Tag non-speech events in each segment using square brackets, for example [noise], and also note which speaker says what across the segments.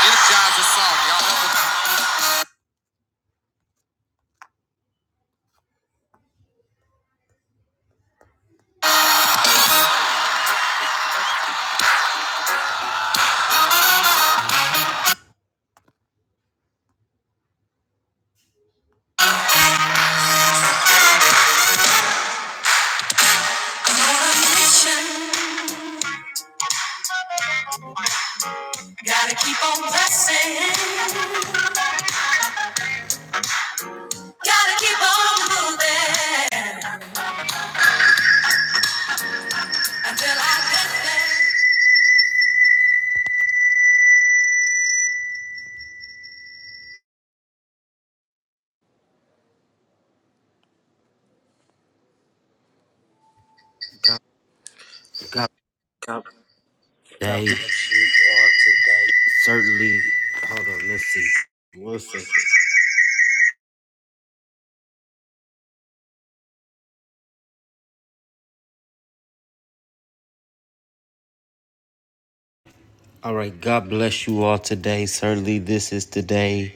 Speaker 1: energize this song, y'all. Gotta keep on pressing, gotta keep on moving until I get there. God, God, they certainly. Hold on, let's see. One second. All right, God bless you all today. Certainly, this is the day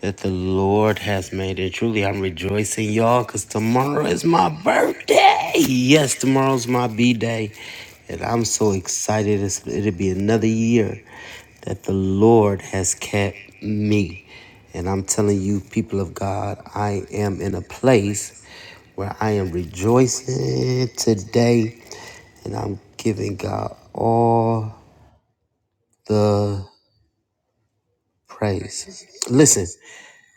Speaker 1: that the Lord has made. And truly, I'm rejoicing, y'all, because tomorrow is my birthday. Yes, tomorrow's my B day. And I'm so excited. It's, it'll be another year that the Lord has kept me. And I'm telling you, people of God, I am in a place where I am rejoicing today. And I'm giving God all the Praise. Listen,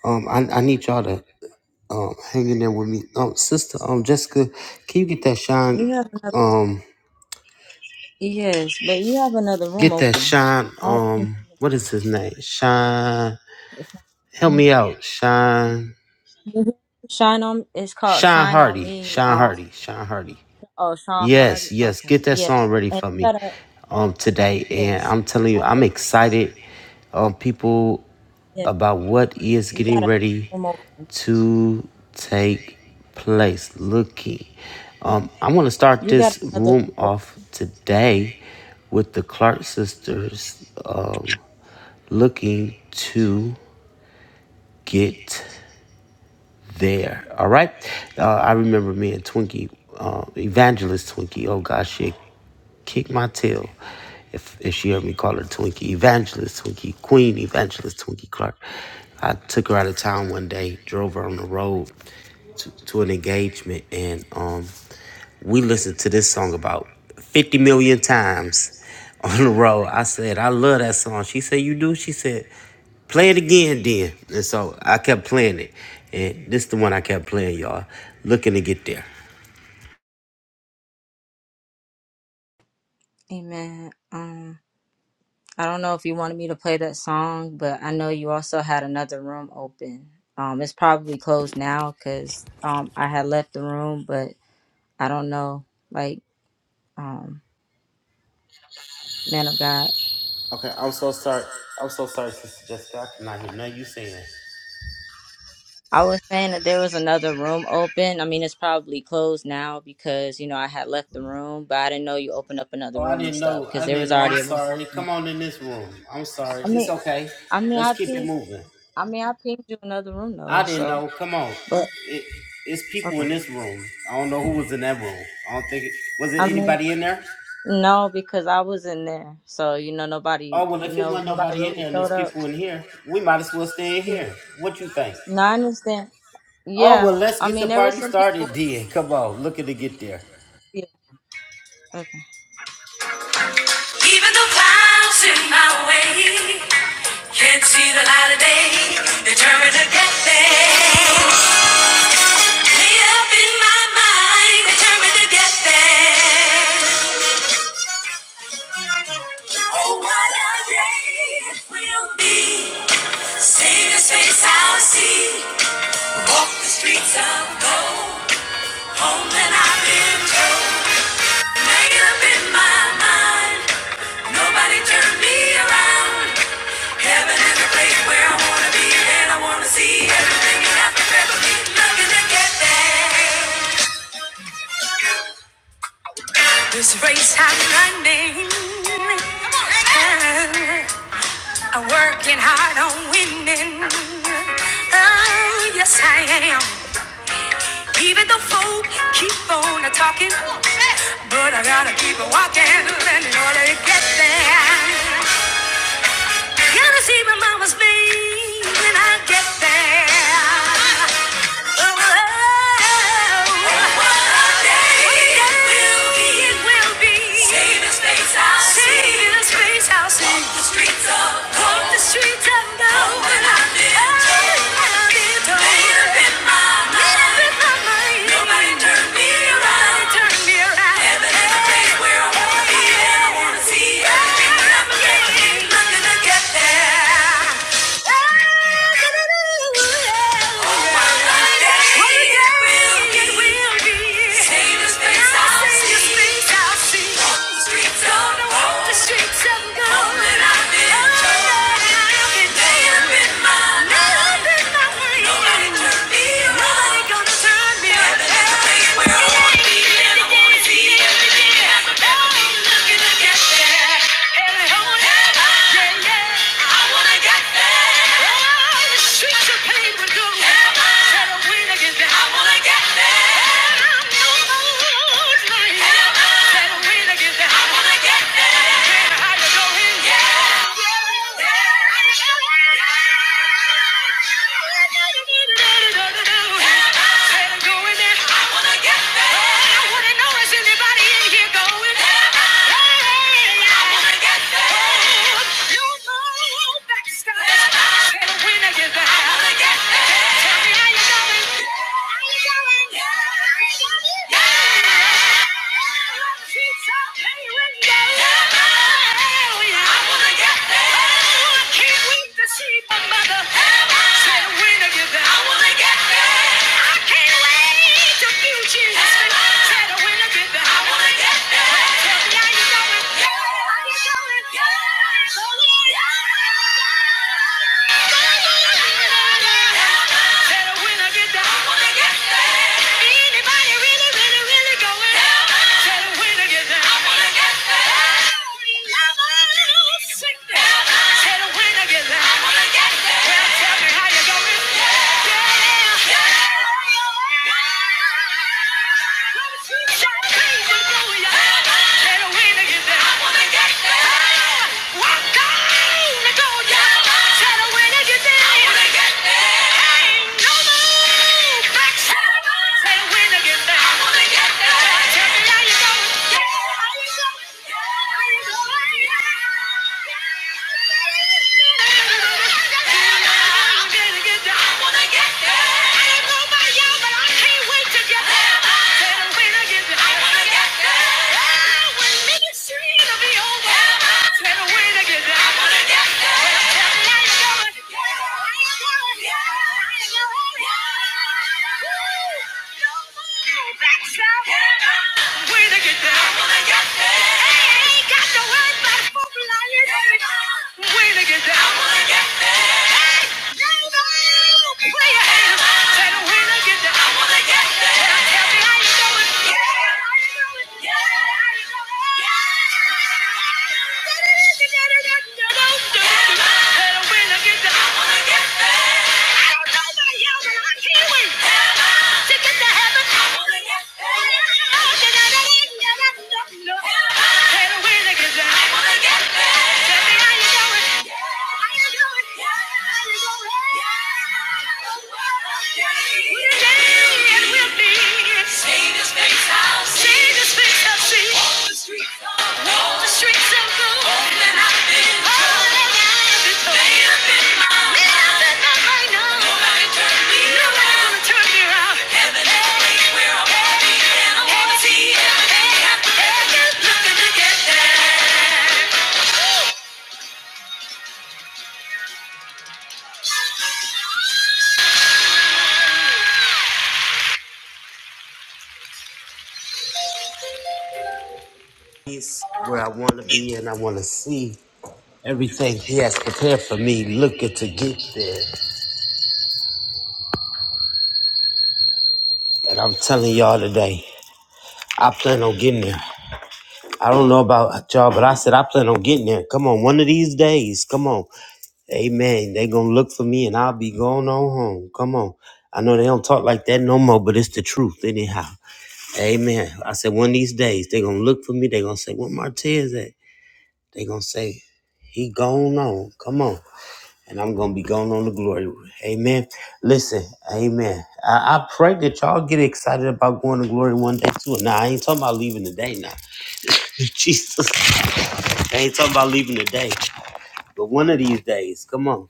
Speaker 1: um, I, I need y'all to um hang in there with me. Um, sister, um, Jessica, can you get that shine?
Speaker 2: You have another
Speaker 1: Um,
Speaker 2: yes, but you have another room
Speaker 1: get that
Speaker 2: open.
Speaker 1: shine.
Speaker 2: I think
Speaker 1: Um, what is his name? Shine.
Speaker 2: it's-
Speaker 1: Help me out. Shine.
Speaker 2: Shine on it's called
Speaker 1: Shine
Speaker 2: Shine on
Speaker 1: Hardy.
Speaker 2: Me.
Speaker 1: Shine
Speaker 2: Um
Speaker 1: Hardy. Shine Hardy.
Speaker 2: oh Sean Hardy.
Speaker 1: Yes, yes.
Speaker 2: Okay.
Speaker 1: Get that
Speaker 2: Yeah.
Speaker 1: song ready
Speaker 2: And you
Speaker 1: for me.
Speaker 2: gotta
Speaker 1: Um, today, and
Speaker 2: yes.
Speaker 1: I'm telling
Speaker 2: I
Speaker 1: you, I'm
Speaker 2: think
Speaker 1: excited. Um, people.
Speaker 2: yeah.
Speaker 1: about what is
Speaker 2: You got
Speaker 1: getting
Speaker 2: another
Speaker 1: ready
Speaker 2: room open.
Speaker 1: to take place. Looking,
Speaker 2: Yeah.
Speaker 1: um, I want to start
Speaker 2: You got
Speaker 1: this
Speaker 2: another
Speaker 1: room
Speaker 2: room
Speaker 1: off today with the Clark
Speaker 2: open.
Speaker 1: sisters um, looking to get there. All right, uh, I remember me and Twinkie, uh, Evangelist Twinkie. Oh gosh, she kick my tail. If, if she heard me call her Twinkie Evangelist, Twinkie Queen Evangelist, Twinkie Clark. I took her out of town one day, drove her on the road to, to an engagement, and um, we listened to this song about 50 million times on the road. I said, I love that song. She said, You do? She said, play it again then. And so I kept playing it. And this is the one I kept playing, y'all. Looking to get there.
Speaker 2: Amen. Um I don't know if you wanted me to play that song, but I know you also had another room open. Um it's probably closed now because um I had left the room, but I don't know. Like um. man of God. I was saying that there was another room open. I mean, it's probably closed now because, you know, I had left the room, but I didn't know you opened up another room and stuff because there was already a room open. I mean, I mean, I pinged, I mean, I pinged you another room though, so, but okay. I mean, no, because I was in there. So, you know, nobody, you know, nobody really showed up. Yeah. No, I understand. Yeah. I mean, there were some people. Yeah. Okay.
Speaker 3: Even the clouds in my way can't see the light of day. Determined to get there. Made up in my mind, determined to get there. Oh, what a day it will be. See this face I'll see. Walk the streets of gold. Home that I've been told. Made up in my mind, nobody turned me around. Heaven is the place where I wanna be, and I wanna see everything you have to ever be. looking to get there. This race I'm running, I'm working hard on winning. Oh, yes I am. Even though fool keep are talking, but I gotta keep on walking in order to get there. Gotta see my mama's face when I get there. Yeah. Yeah. Anybody in here going? You know that's the. Said when I wanna get back. Yeah. Said when I get down, I wanna get down. Anybody really, really, really going down? Said when I get down, I wanna get down. Love sickness. Said when I get down, I wanna get down. Well, tell me how you going? Down. Yeah. Tell me how you doing? Yeah! Kiwi to get to heaven. Oh, did I know it? Now I don't know. Tell me where to get down. Tell me how you doing. How you doing? How you doing? We'll dance, we'll dance. See this big house. See this big house. See. Walk the streets of gold. Walk the streets of gold. Oh, that I've been told. Oh, that I've been told. Made up in my mind. Made up in my mind now. Nobody turned me Nobody around. gonna turn me around.
Speaker 1: place where I want to be and I want to see everything He has prepared for me, looking to get there. And I'm telling y'all today, I plan on getting there. I don't know about y'all, but I said I plan on getting there. Come on, one of these days, come on. Amen. They gonna look for me and I'll be going on home. Come on. I know they don't talk like that no more, but it's the truth anyhow. Amen. I said one of these days they gonna look for me. They gonna say, "Where Martez at?" They gonna say, "He gone on." Come on. and I'm gonna be going on the glory. Amen. Listen, amen. I, I pray that y'all get excited about going to glory one day too. Now I ain't talking about leaving today now. [laughs] Jesus. I ain't talking about leaving today. But one of these days, come on,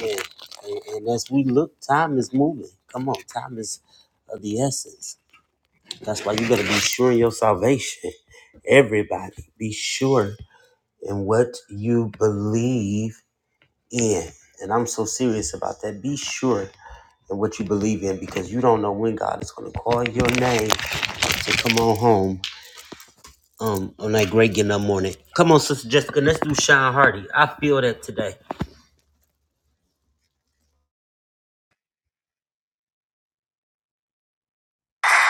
Speaker 1: man. And, and as we look, time is moving. Come on, time is of the essence. That's why you gotta be sure in your salvation. Everybody, be sure in what you believe in. And I'm so serious about that. Be sure and what you believe in because you don't know when God is going to call your name to come on home um, on that great getting up morning. Come on, Sister Jessica, let's do Sean Hardy. I feel that today.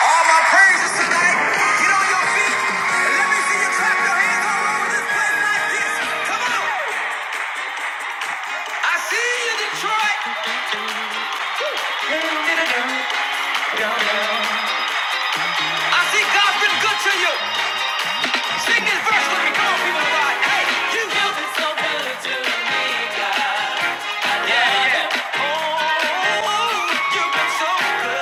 Speaker 2: All my praises tonight. Get on your feet and let me see you clap your hands all over this place like this. Come on. I see you, Detroit. I see god been good to you. Sing this verse with me. Come on, people of Hey, you. have been so good to me. you've been so good.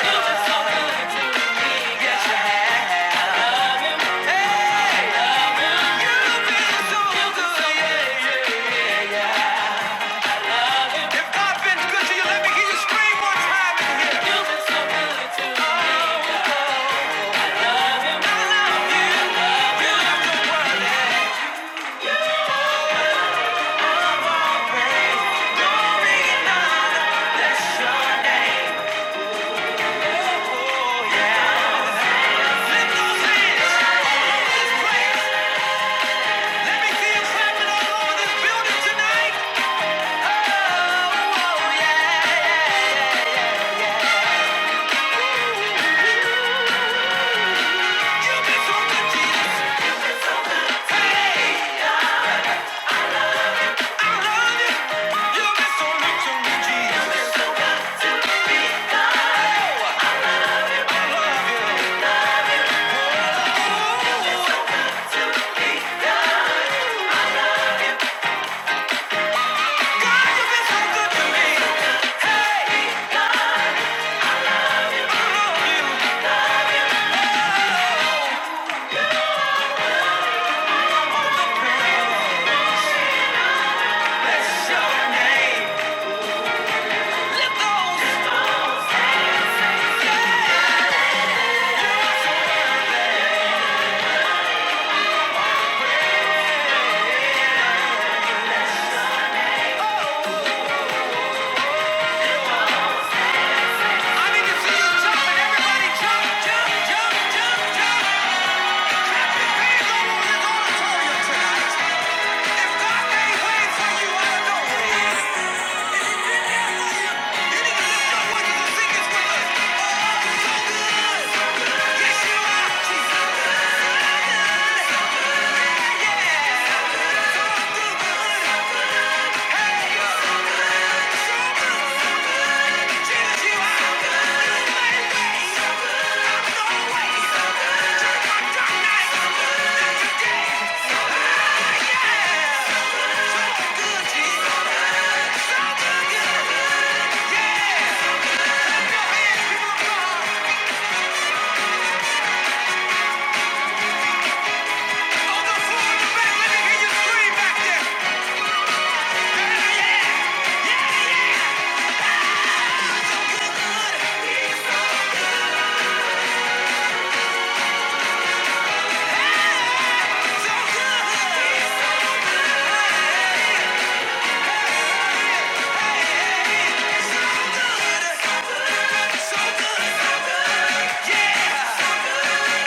Speaker 2: You've been so so good. yeah. If God's been good to you, let me hear you scream one time in here. You've been so good to me. Glory in the sun. Let me see you clapping all over this building tonight. jump, jump, jump, jump, jump, It's on the auditorium Tonight. Yeah!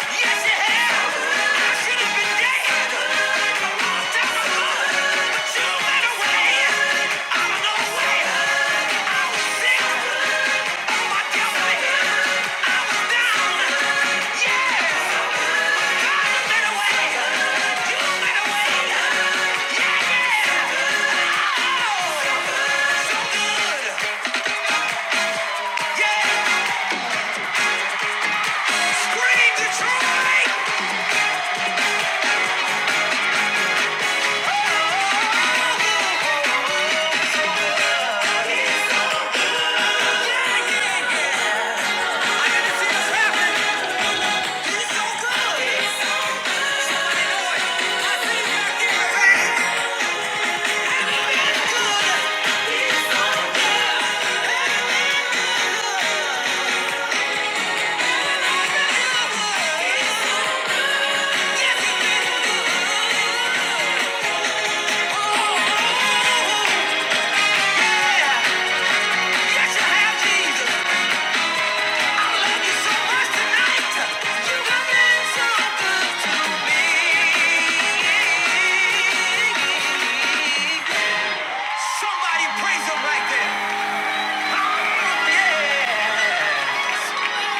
Speaker 2: Yes, you have! Yeah. Somebody praise him right there. Yeah.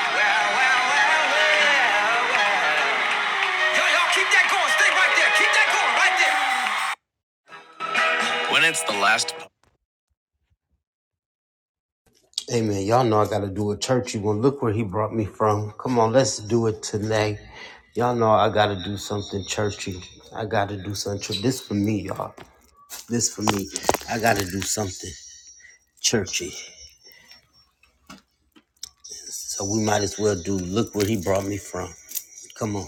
Speaker 2: Well, well, well, well, well. Y'all, y'all keep that going. Stay right there. Keep that going right there. When it's the last.
Speaker 1: Amen. Y'all know I got to do a churchy one. Look where he brought me from. Come on, let's do it today. Y'all know I got to do something churchy. I got to do something. chur- This for me, y'all. This for me. I got to do something churchy. So we might as well do Look Where He Brought Me From. Come on.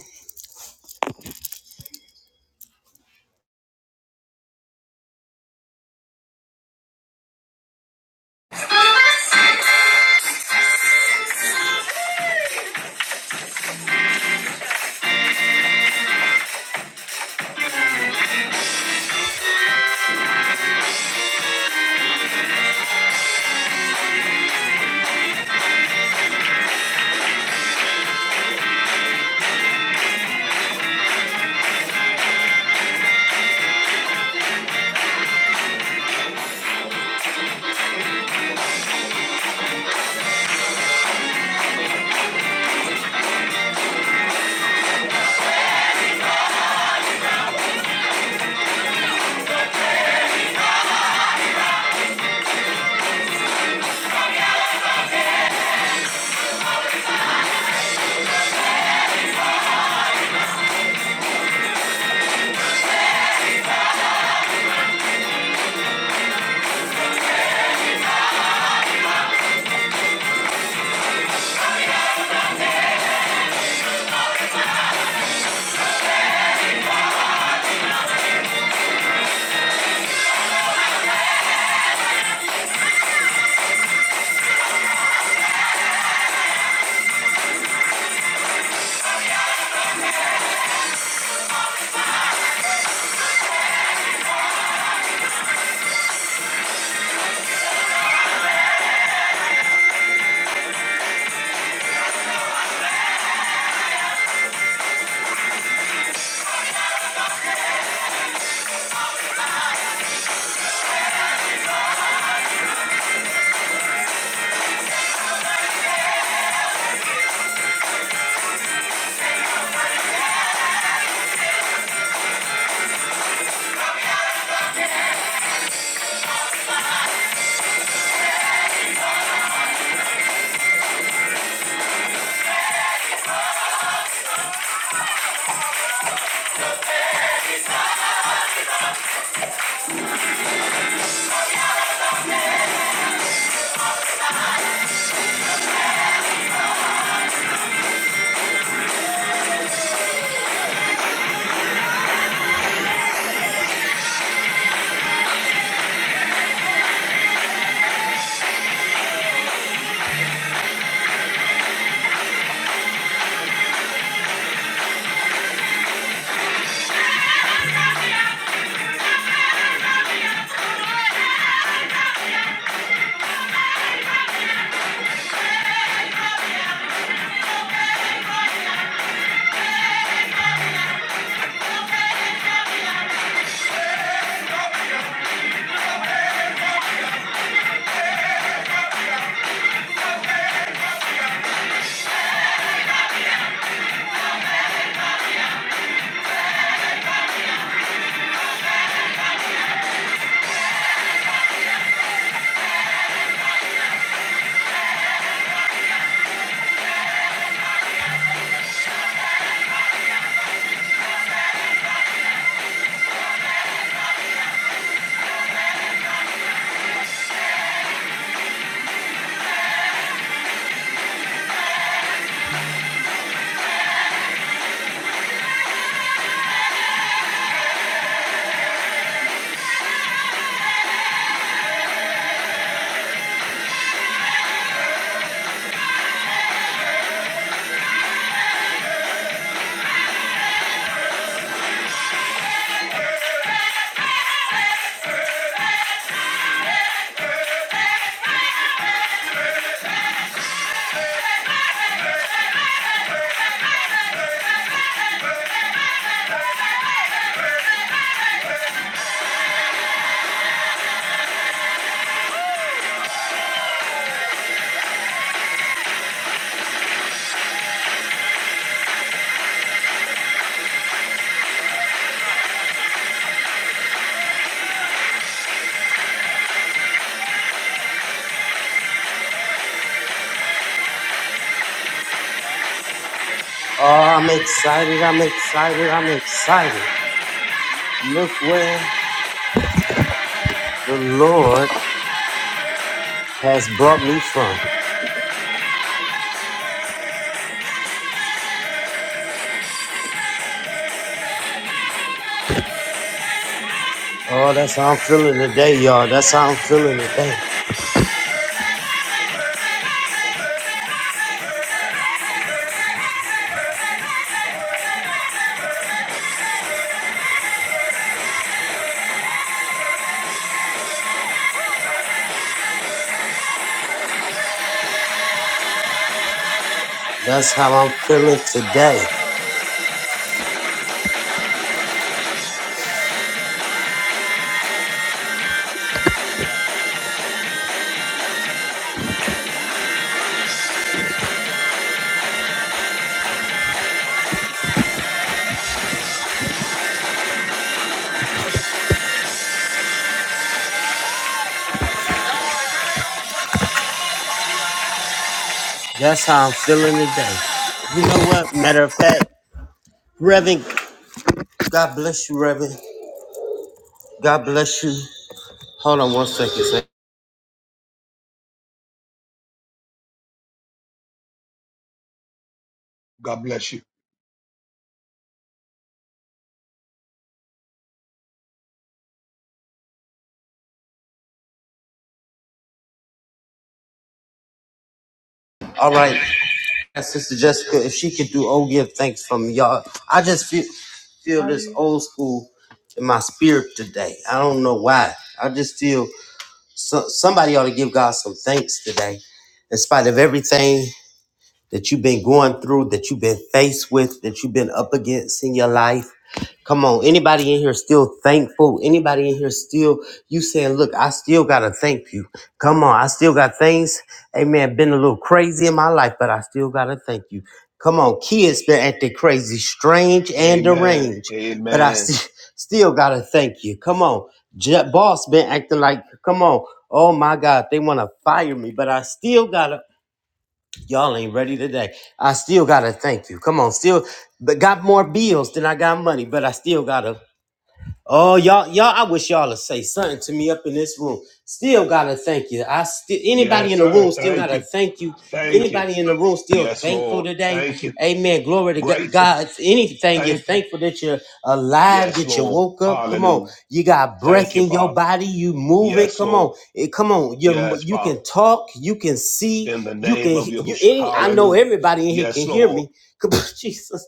Speaker 1: Oh, I'm excited. I'm excited. I'm excited. Look where the Lord has brought me from. Oh, that's how I'm feeling today, y'all. That's how I'm feeling today. That's how I'm feeling today. That's how I'm feeling today. You know what? Matter of fact, Reverend, God bless you, Reverend. God bless you. Hold on one second. sir.
Speaker 4: God bless you.
Speaker 1: All right. And Sister Jessica, if she could do oh give thanks from y'all. I just feel feel this old school in my spirit today. I don't know why. I just feel so, somebody ought to give God some thanks today. In spite of everything that you've been going through, that you've been faced with, that you've been up against in your life. Come on, anybody in here still thankful? Anybody in here still, you saying, look, I still got to thank you. Come on, I still got things, amen, been a little crazy in my life, but I still got to thank you. Come on, kids been acting crazy, strange and
Speaker 4: Amen.
Speaker 1: deranged, but I
Speaker 4: Amen.
Speaker 1: st- still got to thank you. Come on, Je- boss been acting like, come on, oh my God, they want to fire me, but I still got to, y'all ain't ready today. I still got to thank you. Come on, still, but got more bills than I got money, but I still got to. Oh y'all, y'all! I wish y'all would say something to me up in this room. Still gotta thank you. I still anybody
Speaker 4: Yes,
Speaker 1: in the
Speaker 4: sir.
Speaker 1: room still
Speaker 4: Thank
Speaker 1: gotta
Speaker 4: you.
Speaker 1: thank you.
Speaker 4: Thank you.
Speaker 1: Anybody in the room still
Speaker 4: Yes,
Speaker 1: thankful
Speaker 4: Lord.
Speaker 1: today?
Speaker 4: Thank you.
Speaker 1: Amen. Glory to Go-
Speaker 4: Grateful.
Speaker 1: God. If anything, you're
Speaker 4: Thankful.
Speaker 1: thankful that you're alive,
Speaker 4: Yes,
Speaker 1: that you
Speaker 4: Lord.
Speaker 1: woke up. Come on,
Speaker 4: Hallelujah.
Speaker 1: you got breath
Speaker 4: Thank you,
Speaker 1: in your
Speaker 4: Father.
Speaker 1: body. You move it.
Speaker 4: Yes,
Speaker 1: Come on,
Speaker 4: Lord.
Speaker 1: It- come on. You
Speaker 4: Yes,
Speaker 1: you
Speaker 4: Father.
Speaker 1: can talk. You can see.
Speaker 4: In the
Speaker 1: You
Speaker 4: name
Speaker 1: can.
Speaker 4: of
Speaker 1: You.
Speaker 4: Yahushua.
Speaker 1: Any, I know
Speaker 4: Hallelujah.
Speaker 1: everybody in here can
Speaker 4: Yes,
Speaker 1: hear
Speaker 4: Lord.
Speaker 1: me. [laughs] Come on, Jesus.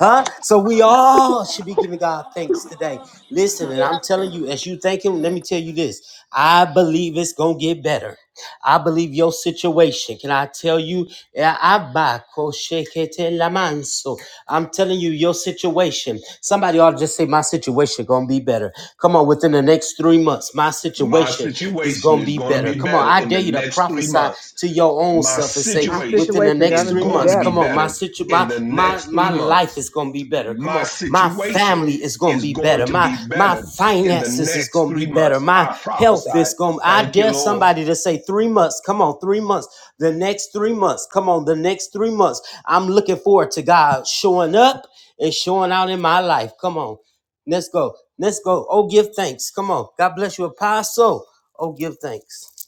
Speaker 1: Huh? So we all should be giving God thanks today. Listen, and I'm telling you, as you thank Him, let me tell you this. I believe it's gonna get better. I believe your situation. Can I tell you? Yeah, Abba, koshekete lamanso. I'm telling you, your situation. Somebody ought to just say, My situation gonna be better. Come on, within the next three months, my
Speaker 4: My
Speaker 1: situation is gonna be
Speaker 4: situation is
Speaker 1: gonna be
Speaker 4: going to
Speaker 1: better.
Speaker 4: be
Speaker 1: Come on,
Speaker 4: better
Speaker 1: I
Speaker 4: in
Speaker 1: dare
Speaker 4: the
Speaker 1: you to
Speaker 4: next three
Speaker 1: prophesy
Speaker 4: months.
Speaker 1: to your own
Speaker 4: My
Speaker 1: self and say,
Speaker 5: My
Speaker 4: situation
Speaker 1: within the
Speaker 5: situation
Speaker 1: next
Speaker 5: gonna
Speaker 4: is
Speaker 1: three
Speaker 5: be
Speaker 4: going
Speaker 1: months,
Speaker 4: to be
Speaker 5: better.
Speaker 1: come on, my
Speaker 4: better
Speaker 1: situ,
Speaker 4: in
Speaker 1: my
Speaker 4: the
Speaker 1: my
Speaker 4: next three
Speaker 1: my
Speaker 4: months.
Speaker 1: life is gonna be better. Come
Speaker 4: my
Speaker 1: on, my
Speaker 4: situation
Speaker 1: family is gonna
Speaker 4: is
Speaker 1: be
Speaker 4: going
Speaker 1: better.
Speaker 4: to
Speaker 1: My
Speaker 4: be
Speaker 1: my
Speaker 4: better in the
Speaker 1: finances is
Speaker 4: next
Speaker 1: gonna be
Speaker 4: three
Speaker 1: better.
Speaker 4: months.
Speaker 1: My
Speaker 4: I
Speaker 1: health is
Speaker 4: prophesied.
Speaker 1: gonna. I
Speaker 4: Thank you,
Speaker 1: dare
Speaker 4: Lord.
Speaker 1: somebody to say three months. Come on, three months. The next three months. Come on, the next three months. I'm looking forward to God showing up and showing out in my life. Come on, let's go. Let's go. Oh, give thanks. Come on. God bless you, Apostle. Oh, give thanks.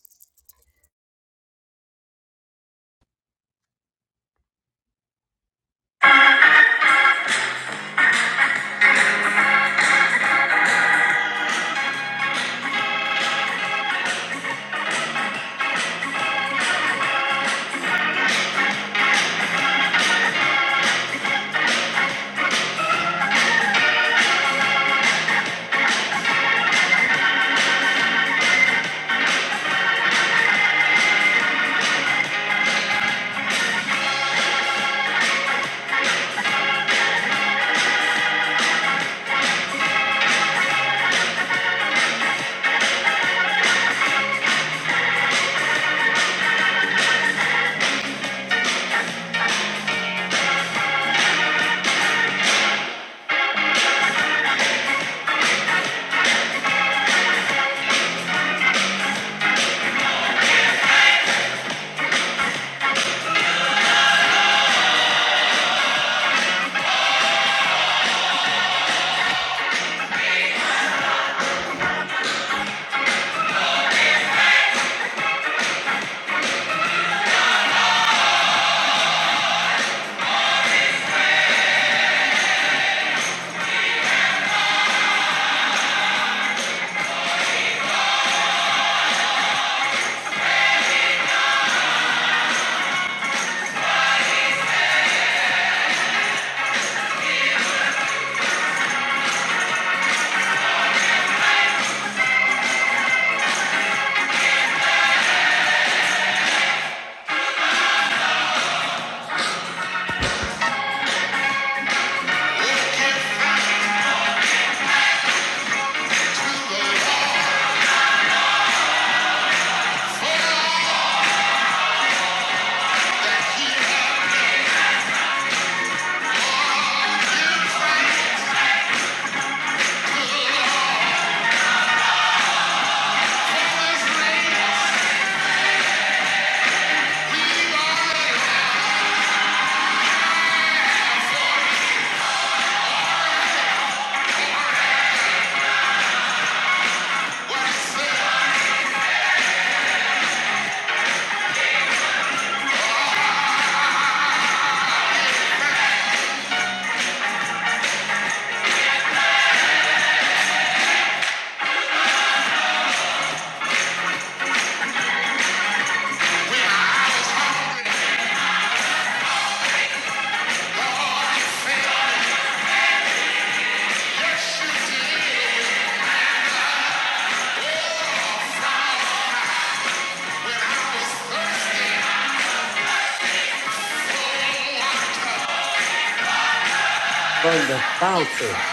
Speaker 1: From the fountain.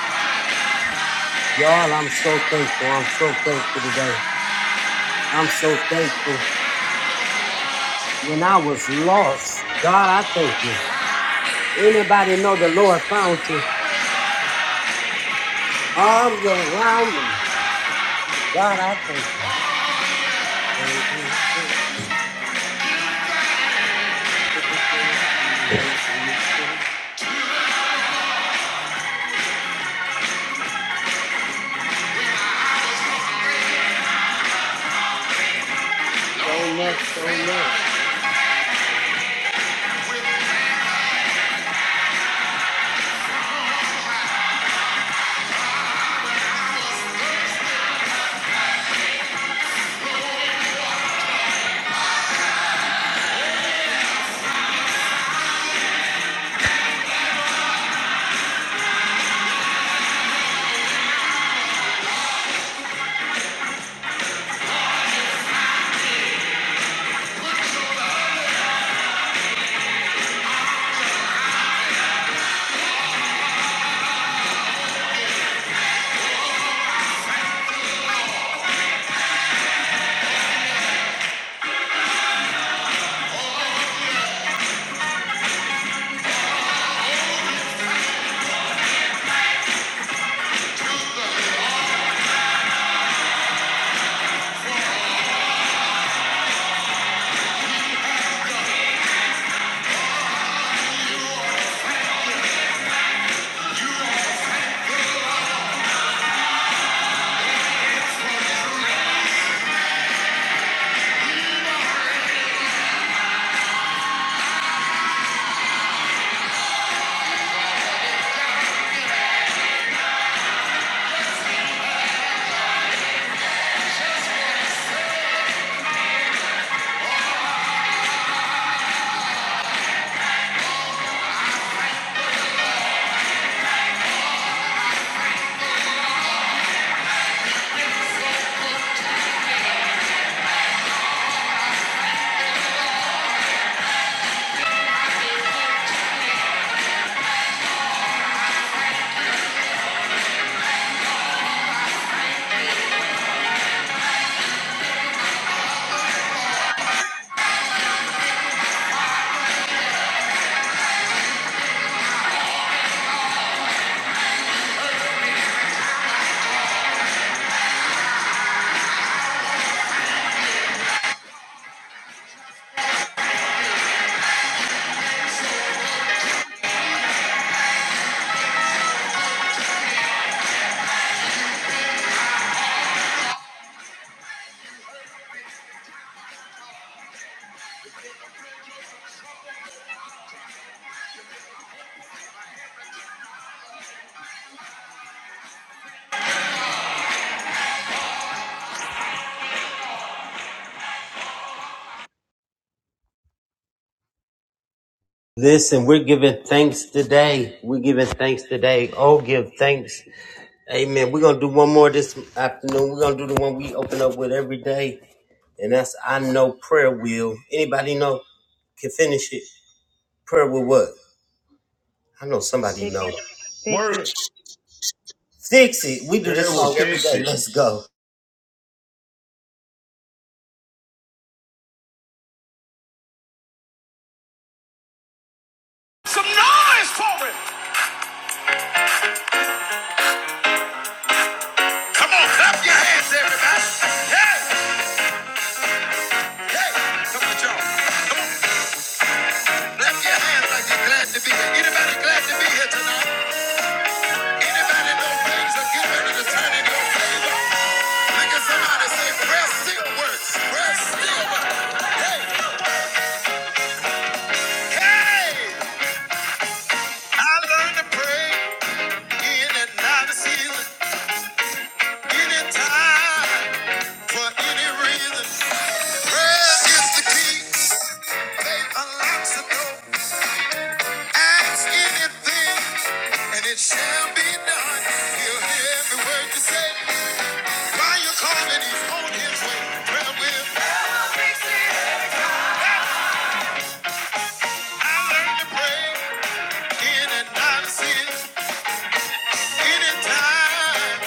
Speaker 1: Y'all, I'm so thankful. I'm so thankful today. I'm so thankful. When I was lost, God, I thank you. Anybody know the Lord found you? Arms around me. God, I thank you. So enough, so enough. Listen, we're giving thanks today. We're giving thanks today. Oh, give thanks Amen. We're gonna do one more this afternoon. We're gonna do the one we open up with every day, and that's I know prayer will. Anybody know can finish it? Prayer will what? I know somebody know.
Speaker 4: Work.
Speaker 1: Fix it. We do
Speaker 4: Here
Speaker 1: this
Speaker 4: will
Speaker 1: song every
Speaker 4: fix
Speaker 1: day.
Speaker 4: it.
Speaker 1: Let's go.
Speaker 2: Some noise for it. Come on, clap your hands, everybody. Hey, hey. Come on, y'all. Clap your hands like you're glad to be here. Anybody glad to be here tonight? Anybody know things are getting ready to turn in your Can somebody say prayer still works? Prayer still works. Hey, hey! I learned to pray in and out of season, anytime, for any reason. Prayer is the key. Faith unlocks the door. Ask anything, and it shall be done. He'll hear every word you say. While you're calling, he's on his way. Prayer will I learned to pray in and out of sin, anytime,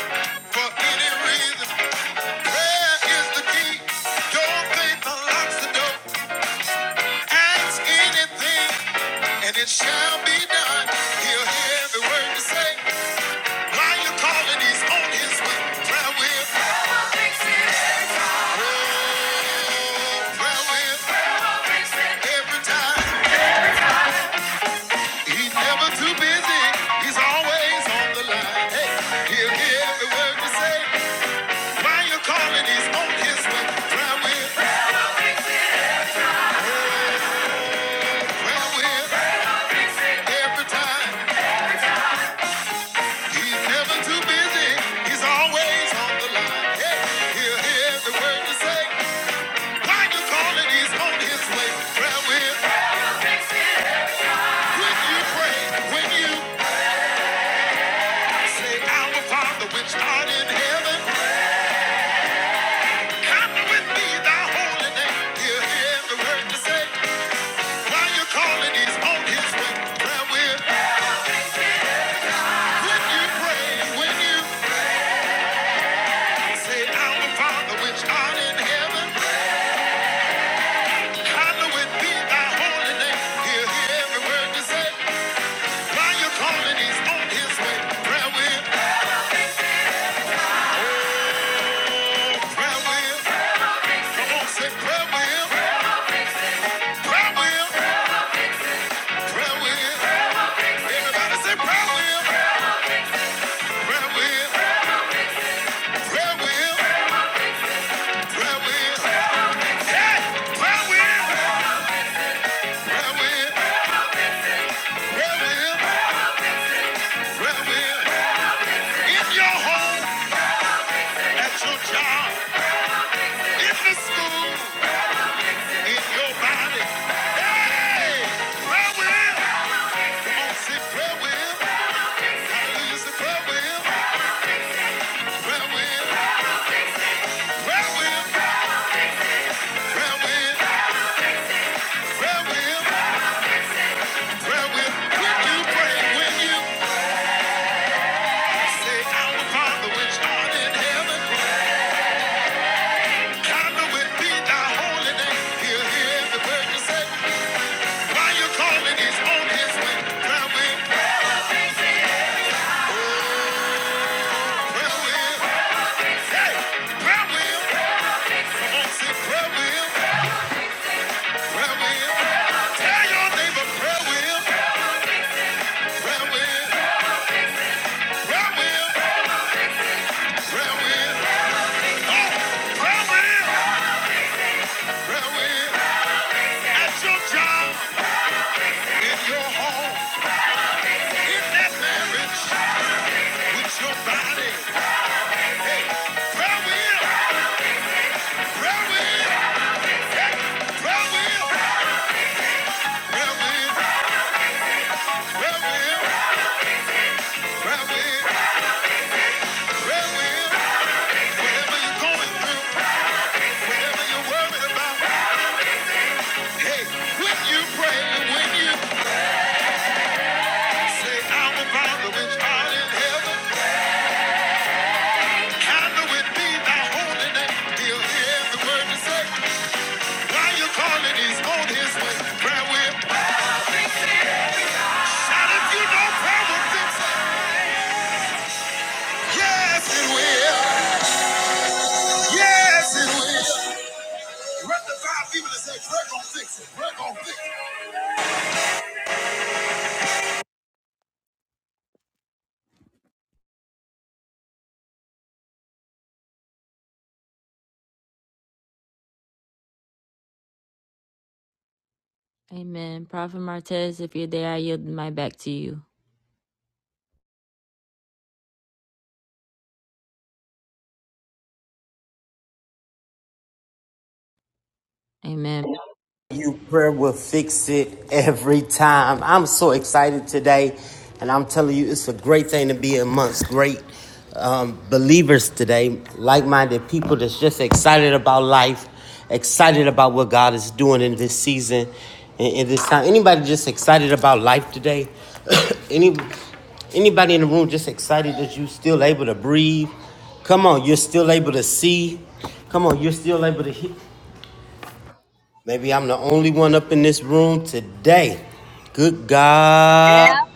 Speaker 2: for any reason. Prayer is the key. Your faith unlocks the door. Ask anything, and it shall be done. He'll hear every word you say. While you're calling, he's on his way. Prayer will, prayer will, every time. He's never too busy. He's always on the line. Hey, he'll hear every word you say. While you're calling, he's on his way. Try with, well with, every time. He's never too busy. He's always on the line. Hey, he'll hear every word you say. While you're calling, he's on his way. Try with, when you pray, when you say, Our Father, which art in heaven. Hallowed be thy holy name. hear every word you say. While you're calling, he's on his way. Prayer will. When you pray, when you say, Our Father which art in heaven, hallowed be thy holy name. hear every word you say. While you're calling, he's on his way. Prayer will. Prayer will. Come on, say prayer will. Prayer will. Prayer will. Everybody say prayer will. Prayer will. Prayer will. When you pray, when you say, Our Father which art in heaven, Father, we be thy holy name. hear every word you say. While you calling, he's on his way. Prayer will, prayer will, hey, prayer will. Come on, say prayer will, prayer will. Tell your neighbor prayer will, prayer will, prayer will, prayer will. Oh, prayer will, prayer will. At your job, in your home, in that marriage, with your body. Hey, prayer wheel, prayer wheel. Why you calling his on his way? Prayer will. Shout if you know prayer will Yes, it will. Yes, it will. Amen. Prophet Martez, if you're there, I yield my back to you. Amen.
Speaker 3: You prayer will fix it every time. I'm so excited today, and I'm telling you, it's a great thing to be amongst great um, believers.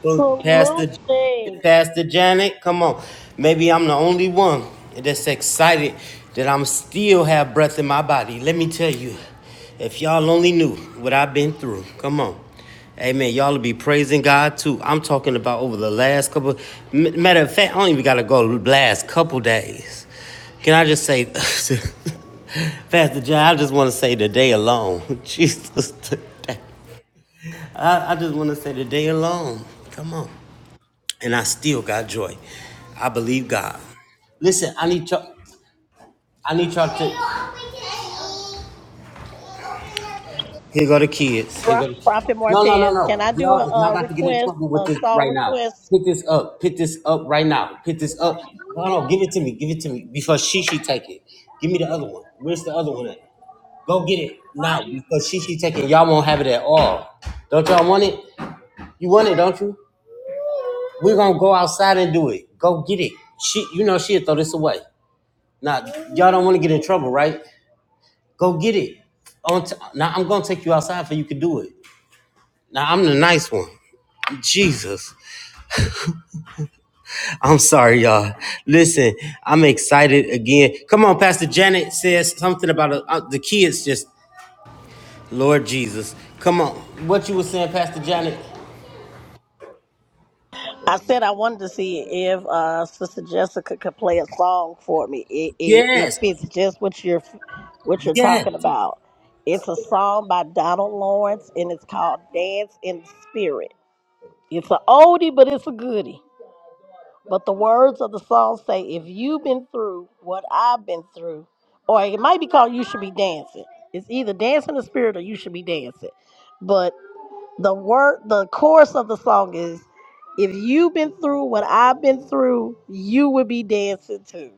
Speaker 6: Absolutely. Pro- Prophet Martez, can I do a, uh request, a song request? I said I wanted to see if uh, Sister Jessica could play a song for me. It, it, it fits just what you're what you're talking about. It's a song by Donald Lawrence, and it's called "Dance in the Spirit." It's a oldie, but it's a goodie. But the words of the song say, if you've been through what I've been through, or it might be called You Should Be Dancing. It's either Dance in the Spirit or You Should Be Dancing. But the word the chorus of the song is if you've been through what I've been through, you will be dancing too.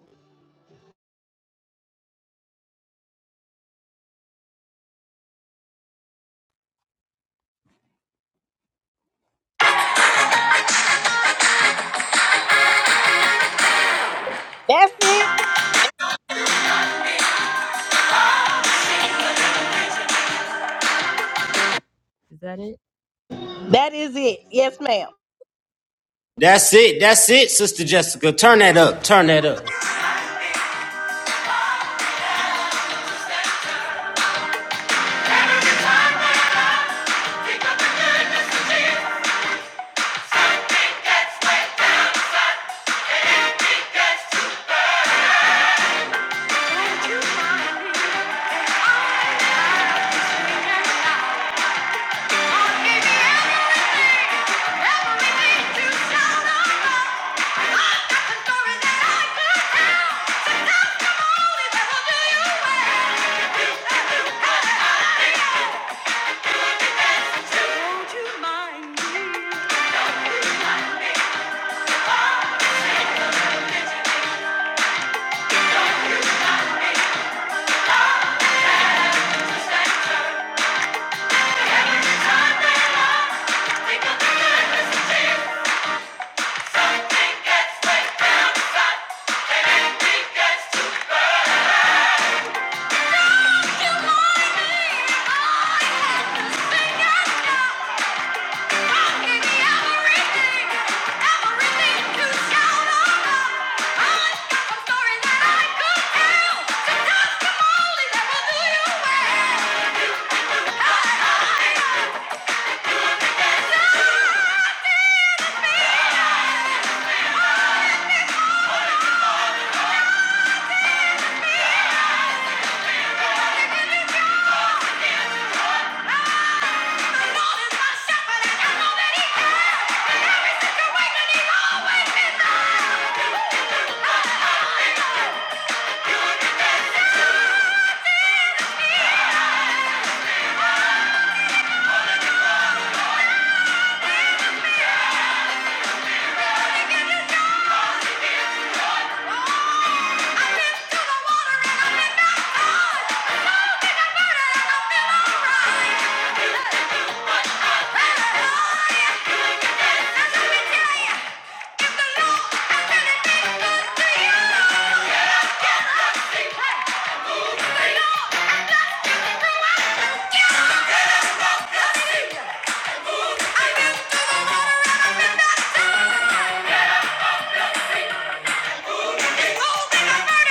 Speaker 6: That's it.
Speaker 2: Is that it?
Speaker 6: That is it. Yes, ma'am.
Speaker 2: Oh, Yeah. You could have been that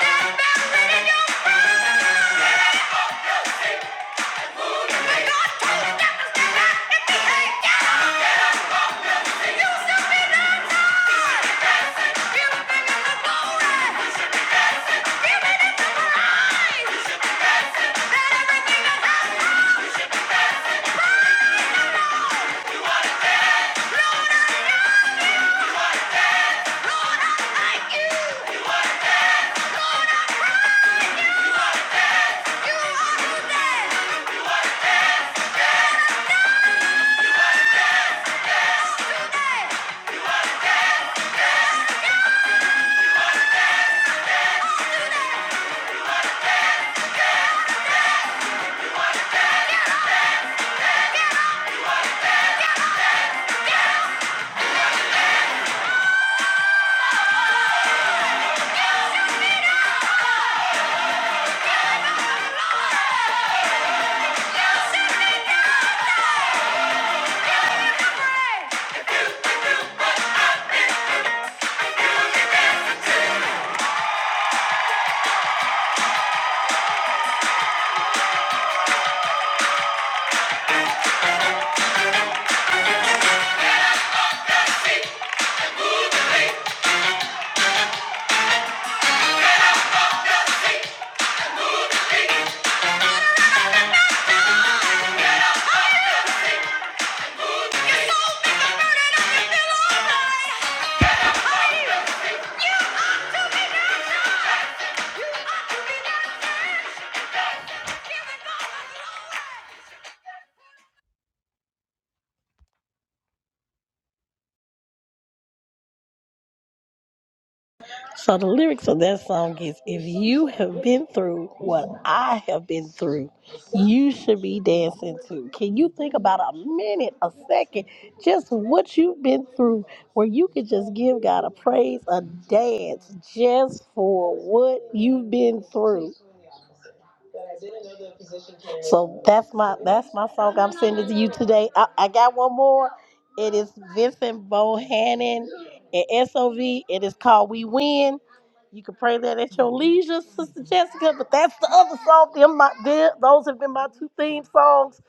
Speaker 2: bad, but in your prime. Yeah!
Speaker 6: So the lyrics of that song is if you have been through what I have been through, you should be dancing too. Can you think about a minute, a second, just what you've been through where you could just give God a praise, a dance just for what you've been through? So that's my that's my song I'm sending to you today. I, I got one more. It is Vincent Bohannon and SOV. It is called We Win. You can pray that at your leisure, Sister Jessica. But that's the other song. Them my, them, those have been my two theme songs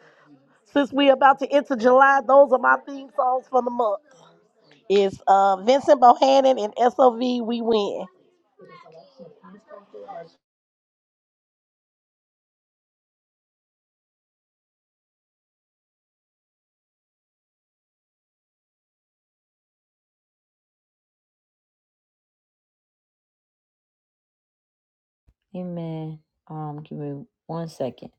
Speaker 6: since we're about to enter July. Those are my theme songs for the month. It's uh, Vincent Bohannon and SOV. We Win.
Speaker 2: Amen. Um, give me one second.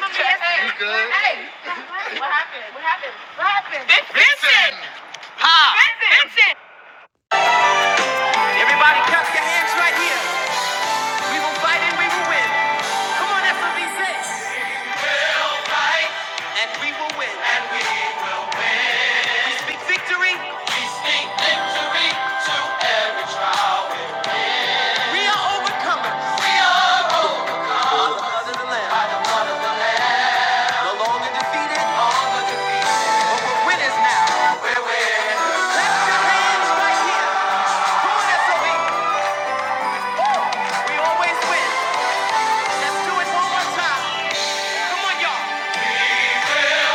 Speaker 2: You good? Listen! Everybody clap your hands right here. We'll fight and we will win. We are overcomers. We are the land. No longer defeated. No longer defeated. We're winners now. We're winners. Hands right here. We always win. Let's do it one more time. Come on, y'all.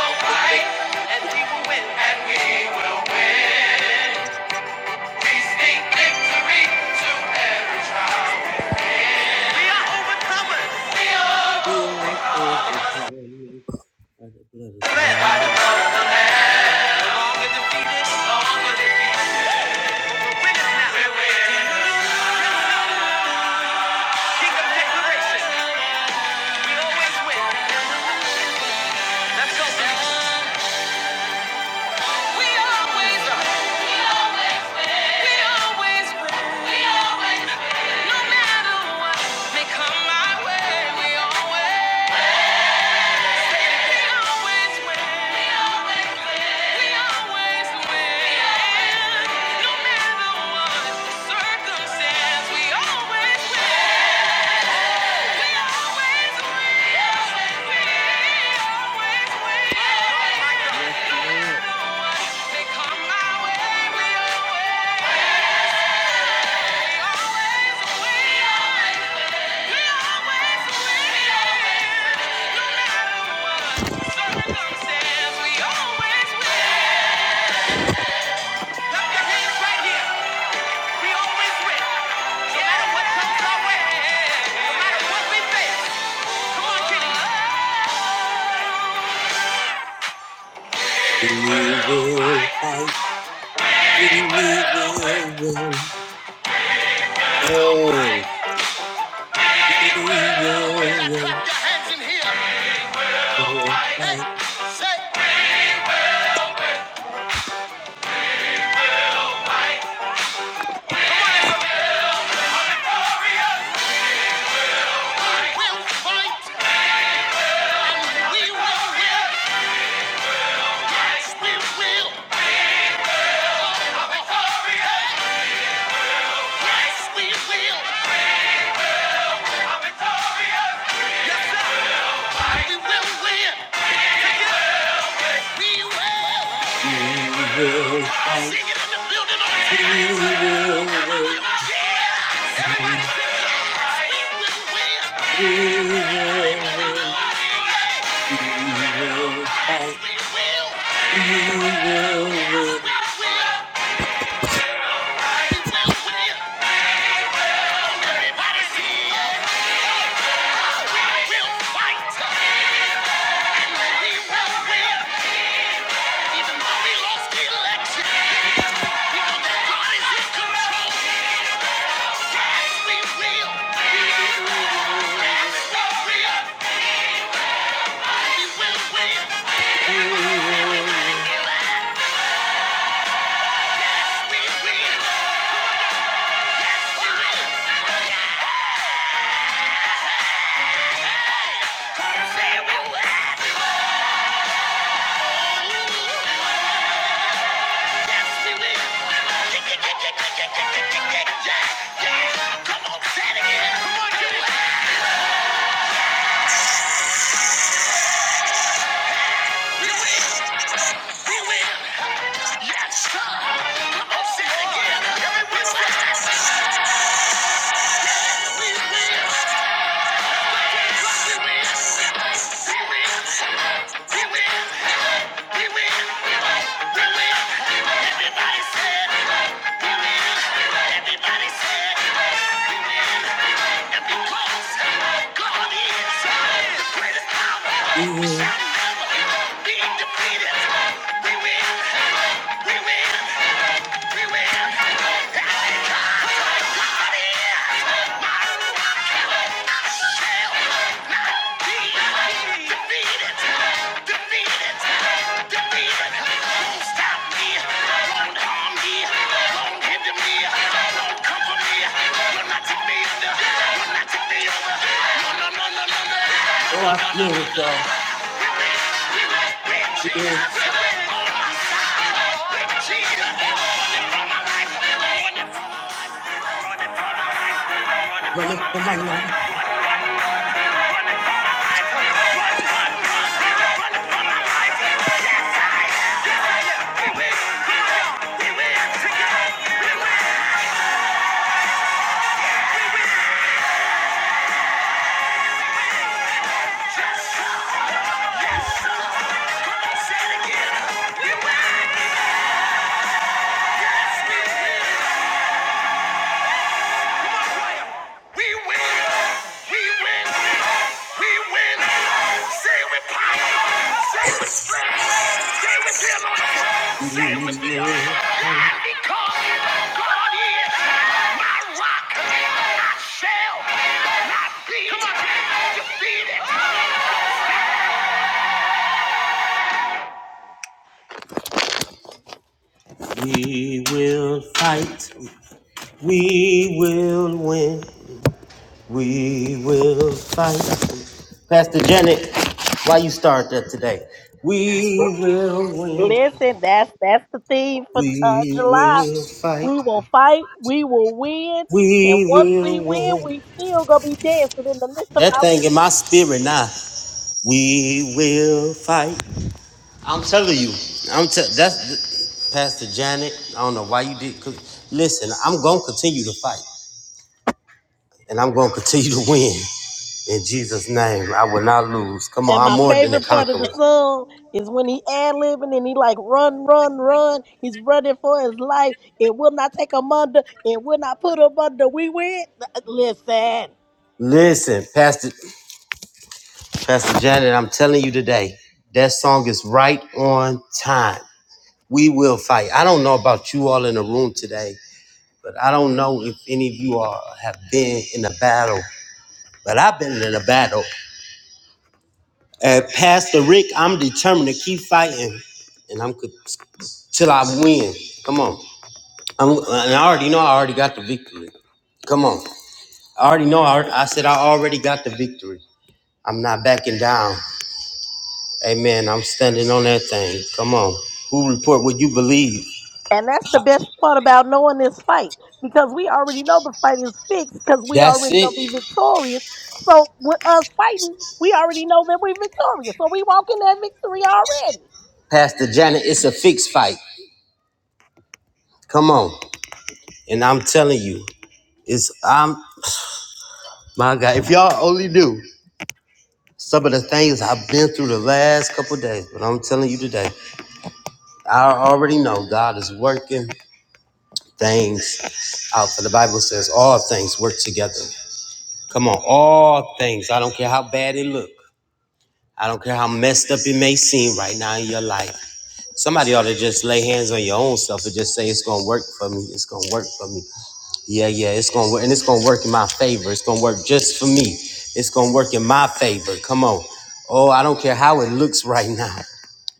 Speaker 2: We'll fight, and we win. And we will win. We speak victory to every We are overcomers. We are
Speaker 1: Here is the covenant of the blood of the Lamb.
Speaker 2: no longer defeated. No longer defeated. We're Kingdom declaration. We always win. Let's go, baby. We always we always win. We always win. No matter what may come my way, we always we always win. We always win. We always win. No matter what the circumstance, we always win. We always win. We always win. We always win. No
Speaker 1: Yes,
Speaker 2: matter what
Speaker 1: Lord.
Speaker 2: may come my way, we always. Yes, sir.
Speaker 1: Hey,
Speaker 2: We will win. We will.
Speaker 1: we will fight. We will.
Speaker 2: Yeah, We will
Speaker 1: win. We will. win. We will
Speaker 2: Yes,
Speaker 1: fight. We will.
Speaker 2: Yes,
Speaker 1: win.
Speaker 2: fight. we will win. Even though we lost the election, we know that God is Yes, we will. Yes, we will. We Yeah. We win, we win, we win. Everybody say it. We win, everybody say it. We win, and because God is the greatest power, we shall never be defeated. We win, we win, we win. And because God is my rock, we
Speaker 1: Oh, I feel it, God. We will, it's come-
Speaker 2: win, we win, we win. Say with power, say with strength.
Speaker 1: We will fight. We will win. We will fight. Pastor Janet, why you start that today? We will win.
Speaker 6: Listen, that's that's the theme for uh,
Speaker 1: We
Speaker 6: July.
Speaker 1: will fight.
Speaker 6: We will fight, we will win, and
Speaker 1: We
Speaker 6: once we
Speaker 1: will
Speaker 6: win,
Speaker 1: win.
Speaker 6: we still gonna be dancing in the midst of
Speaker 1: That
Speaker 6: our
Speaker 1: thing
Speaker 6: winning.
Speaker 1: in my spirit now. We will fight. I'm t- that's Pastor Janet. I don't know why you did. Cause listen, I'm gonna continue to fight, and I'm gonna continue to win. In Jesus' name, I will not lose. Come on,
Speaker 6: And
Speaker 1: I'm
Speaker 6: my
Speaker 1: more than a
Speaker 6: favorite part of
Speaker 1: conqueror.
Speaker 6: the song is when he ad libbing and he like run, run, run. He's running for his life. It will not take him under. It will not put him under. We win. Listen.
Speaker 1: Listen, Pastor Pastor Janet, I'm telling you today, that song is right on time. We will fight. I don't know about you all in the room today, but I don't know if any of you all have been in a battle. But I've been in a battle. Uh, Pastor Rick, I'm determined to keep fighting, and I'm co- till I win. Come on, I'm, and I already know I already got the victory. Come on, I already know. I, alre- I said I already got the victory. I'm not backing down. Amen. I'm standing on that thing. Come on, who report what you believe?
Speaker 6: And that's the best part about knowing this fight because we already know the fight is fixed because we
Speaker 1: That's
Speaker 6: already
Speaker 1: it,
Speaker 6: gonna be victorious. So with us fighting, we already know that we're victorious. So we walk in that victory already.
Speaker 1: Pastor Janet. It's a fixed fight. Come on, and I'm telling you, it's I'm my God. If y'all only knew some of the things I've been through the last couple of days, but I'm telling you today. I already know God is working things out. For the Bible says all things work together. Come on, all things. I don't care how bad it look. I don't care how messed up it may seem right now in your life. Somebody ought to just lay hands on your own self and just say it's gonna work for me. It's gonna work for me. Yeah, yeah, it's gonna work, and it's gonna work in my favor. It's gonna work just for me. It's gonna work in my favor. Come on. Oh, I don't care how it looks right [laughs] now.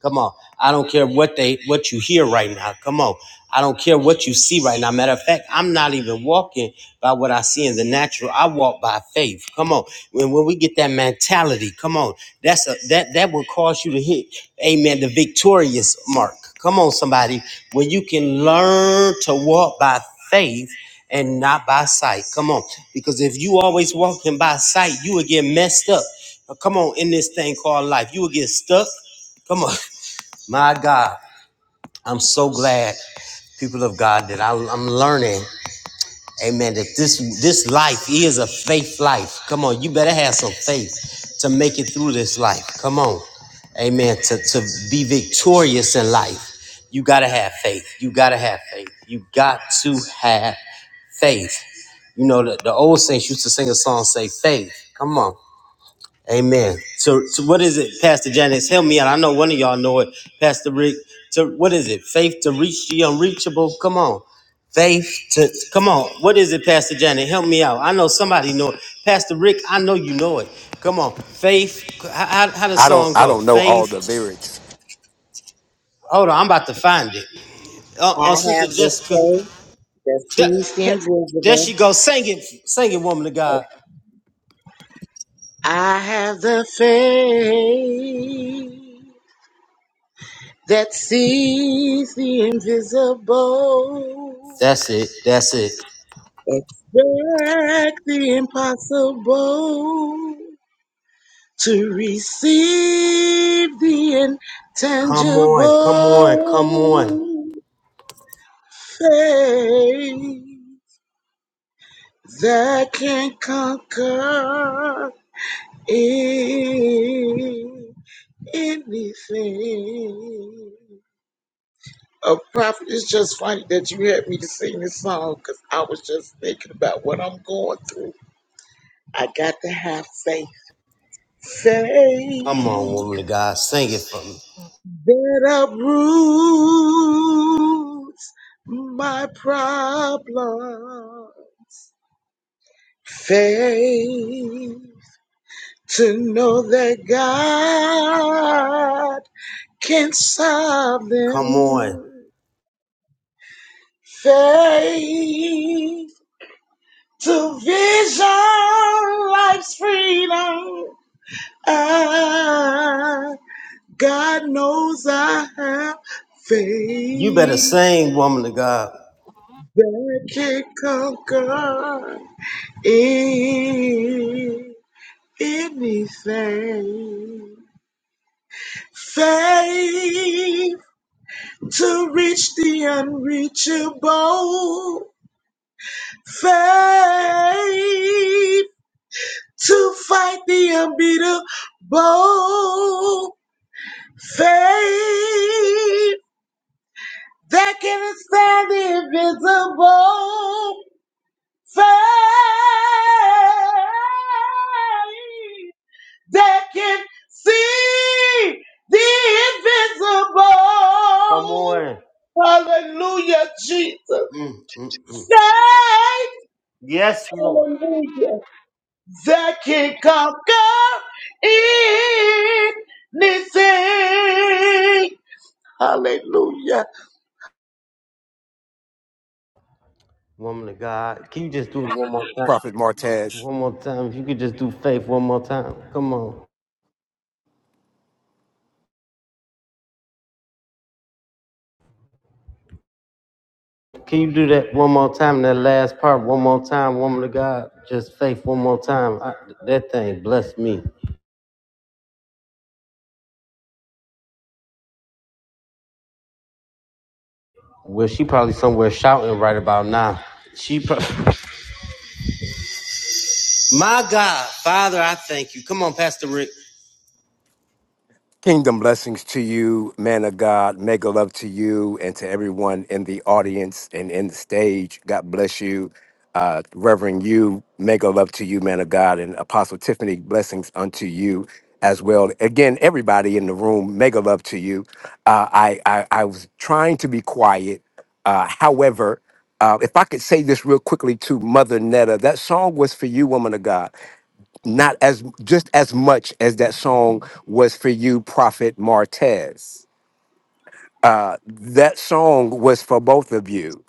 Speaker 1: Come on. I don't care what they what you hear right now. Come on. I don't care what you see right now. Matter of fact, I'm not even walking by what I see in the natural. I walk by faith. Come on. When when we get that mentality, come on. That's a that that will cause you to hit, amen, the victorious mark. Come on, somebody. When you can learn to walk by faith and not by sight. Come on. Because if you always walking by sight, you will get messed up. Come on, in this thing called life. You will get stuck. Come on. [laughs] My God, I'm so glad, people of God, that I, I'm learning, amen, that this, this life is a faith life. Come on, you better have some faith to make it through this life. Come on, amen, to, to be victorious in life. You got to have faith. You got to have faith. You got to have faith. You know, the, the old saints used to sing a song, say, faith. Come on. Amen. So, so what is it, Pastor Janice? Help me out. I know one of y'all know it, Pastor Rick. To what is it? Faith to reach the unreachable. Come on, faith to come on. What is it, Pastor Janice? Help me out. I know somebody know it, Pastor Rick. I know you know it. Come on, faith. How, how, how the
Speaker 7: I don't
Speaker 1: song
Speaker 7: I
Speaker 1: go?
Speaker 7: don't know all the
Speaker 1: Faith.
Speaker 7: lyrics.
Speaker 1: Hold on, I'm about to find it. Uh,
Speaker 8: I
Speaker 1: uh Sister
Speaker 8: have the
Speaker 1: Jessica.
Speaker 8: faith. that sees the
Speaker 1: There, there she
Speaker 8: invisible.
Speaker 1: goes. Sing it, sing it, woman of God.
Speaker 8: I have the faith that sees the invisible.
Speaker 1: That's it. That's it.
Speaker 8: Expect the impossible to receive the
Speaker 1: Come on, come on, come on.
Speaker 8: intangible faith that can conquer it. anything. A prophet, it's just funny that you had me to sing this song because I was just thinking about what I'm going through. I got to have faith.
Speaker 1: Come on,
Speaker 8: Faith
Speaker 1: woman of God, sing it for me.
Speaker 8: that uproots my problem. Faith to know that God can solve
Speaker 1: Come on.
Speaker 8: them. Faith to vision life's freedom. Ah, God knows I have
Speaker 1: You better
Speaker 8: faith
Speaker 1: sing, woman of God.
Speaker 8: that can conquer a- anything. Faith to reach the unreachable. Faith to fight the unbeatable Faith that can stand the invisible. Faith that can see the
Speaker 1: Come
Speaker 8: invisible.
Speaker 1: on.
Speaker 8: Hallelujah, Jesus.
Speaker 1: Mm, mm, mm.
Speaker 8: Faith,
Speaker 1: Yes, Lord.
Speaker 8: hallelujah, that can conquer anything. Hallelujah.
Speaker 1: Woman of God, can you just do it one more time?
Speaker 7: Prophet Martez,
Speaker 1: One more time. If you could just do faith one more time. Come on. Can you do that one more time? That last part, one more time, woman of God. Just faith one more time. I, that thing blessed me. Well, she probably somewhere shouting right about now. She probably. [laughs] My God, Father, I thank you. Come on, Pastor Rick.
Speaker 7: kingdom blessings to you, man of God, mega love to you and to everyone in the audience and in the stage. God bless you. Uh, Reverend you, mega love to you, man of God, and Apostle Tiffany, blessings unto you as well. Again, everybody in the room, mega love to you. Uh, I, I I was trying to be quiet. Uh, however, uh, if I could say this real quickly to Mother Netta, that song was for you, woman of God. not as just as much as that song was for you, Prophet Martez. Uh, that song was for both of you,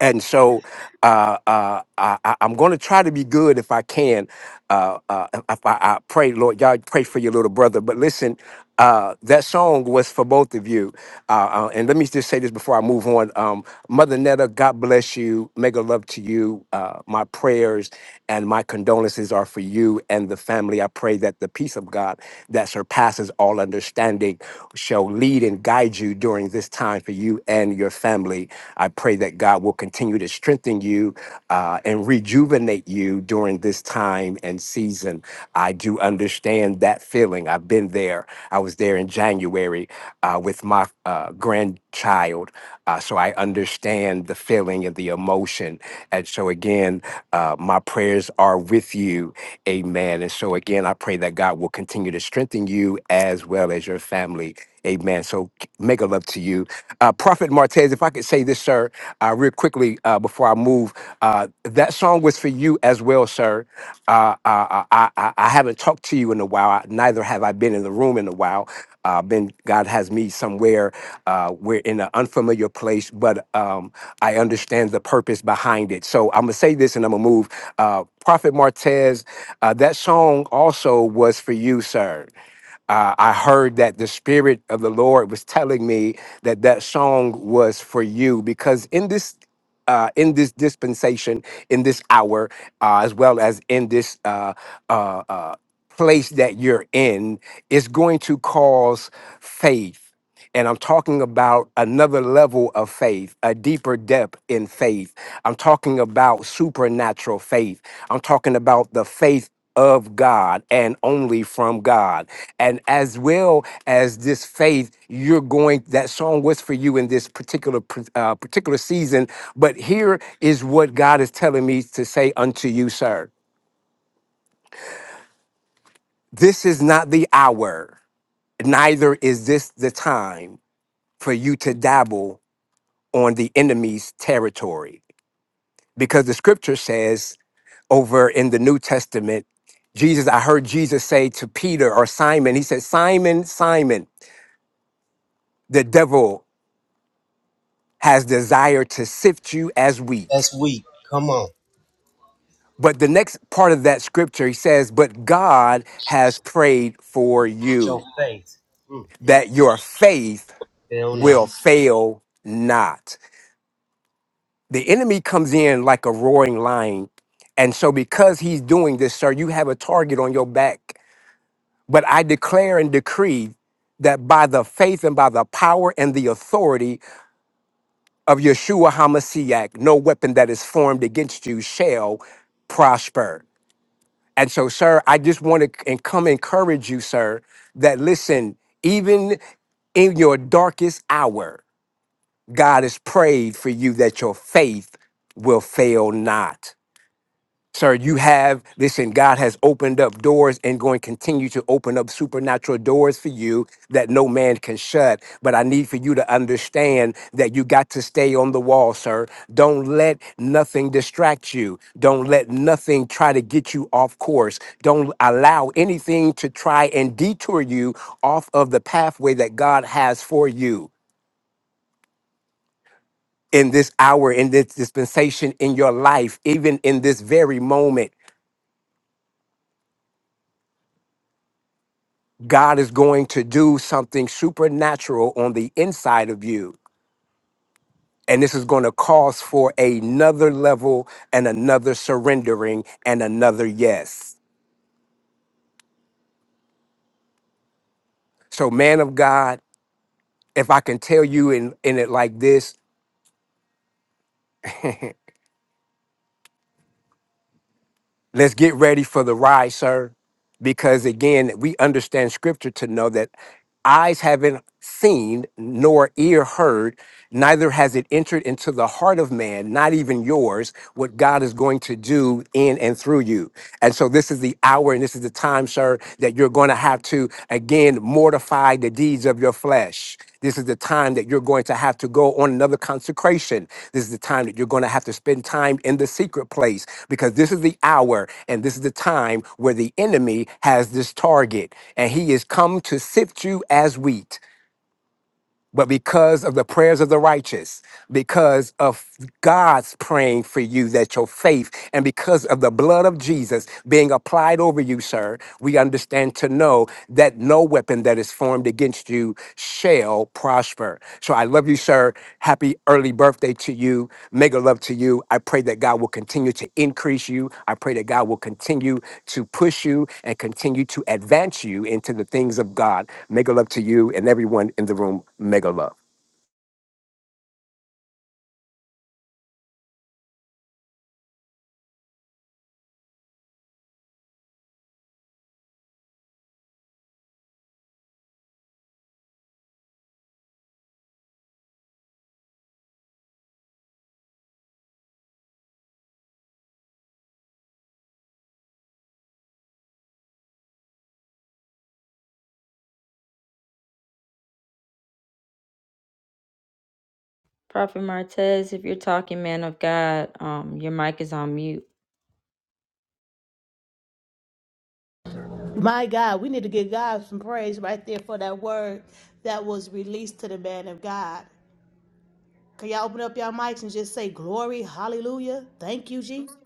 Speaker 7: and so uh, uh, I, I- I'm going to try to be good if I can. Uh, uh, if I, I pray, Lord, y'all pray for your little brother. But listen, uh, that song was for both of you. Uh, uh, and let me just say this before I move on. Um, Mother Netta, God bless you. Mega love to you. Uh, my prayers and my condolences promises are for you and the family. I pray that the peace of God that surpasses all understanding shall lead and guide you during this time for you and your family. I pray that God will continue to strengthen you uh, and rejuvenate you during this time and season. I do understand that feeling. I've been there. I was there in January uh, with my uh, grandchild. Uh, so I understand the feeling and the emotion. And so, again, uh, my prayers are with you. Amen. And so, again, I pray that God will continue to strengthen you as well as your family. Amen. So, make a love to you. Uh, Prophet Martez, if I could say this, sir, uh, real quickly uh, before I move, uh, that song was for you as well, sir. Uh, I, I, I, I haven't talked to you in a while. Neither have I been in the room in a while. Uh, been God has me somewhere. Uh, we're in an unfamiliar place, but um, I understand the purpose behind it. So I'm gonna say this, and I'm gonna move. Uh, Prophet Martez, uh, that song also was for you, sir uh, I heard that the Spirit of the Lord was telling me that that song was for you because in this. Uh, in this dispensation, in this hour, uh, as well as in this uh, uh, uh, place that you're in, is going to cause faith. And I'm talking about another level of faith, a deeper depth in faith. I'm talking about supernatural faith. I'm talking about the faith of God and only from God and as well as this faith you're going that song was for you in this particular uh, particular season but here is what god is telling me to say unto you sir this is not the hour neither is this the time for you to dabble on the enemy's territory because the scripture says over in the new testament jesus i heard jesus say to peter or simon he said simon simon the devil has desired to sift you as wheat.
Speaker 1: That's weak. Come on.
Speaker 7: But the next part of that scripture, he says, But God has prayed for
Speaker 1: your
Speaker 7: you
Speaker 1: faith. Mm,
Speaker 7: that your faith
Speaker 1: fail not.
Speaker 7: will fail not. The enemy comes in like a roaring lion. And so, because he's doing this, sir, you have a target on your back. But I declare and decree that by the faith and by the power and the authority of Yeshua HaMashiach, no weapon that is formed against you shall prosper. And so, sir, I just want to and come encourage you, sir, that listen, even in your darkest hour, God has prayed for you that your faith will fail not. Sir, you have, listen, God has opened up doors and going to continue to open up supernatural doors for you that no man can shut. But I need for you to understand that you got to stay on the wall, sir. Don't let nothing distract you. Don't let nothing try to get you off course. Don't allow anything to try and detour you off of the pathway that God has for you in this hour, in this dispensation, in your life, even in this very moment. God is going to do something supernatural on the inside of you. And this is going to cause for another level and another surrendering and another yes. So, man of God, if I can tell you in, in it like this, Let's get ready for the ride, sir. Because again, we understand scripture to know that eyes haven't seen, nor ear heard, neither has it entered into the heart of man, not even yours, what God is going to do in and through you. And so this is the hour and this is the time, sir, that you're going to have to. Again, mortify the deeds of your flesh. This is the time that you're going to have to go on another consecration. This is the time that you're going to have to spend time in the secret place because this is the hour and this is the time where the enemy has this target and he is come to sift you as wheat but because of the prayers of the righteous, because of God's praying for you that your faith, and because of the blood of Jesus being applied over you, sir, we understand to know that no weapon that is formed against you shall prosper. So I love you, sir. Happy early birthday to you. Mega love to you. I pray that God will continue to increase you. I pray that God will continue to push you and continue to advance you into the things of God. Mega love to you and everyone in the room mega love.
Speaker 2: Prophet Martez, if you're talking, man of God, um, your mic is on mute.
Speaker 9: My God, we need to give God some praise right there for that word that was released to the man of God. Can y'all open up your mics and just say glory, hallelujah? Thank you, Jesus.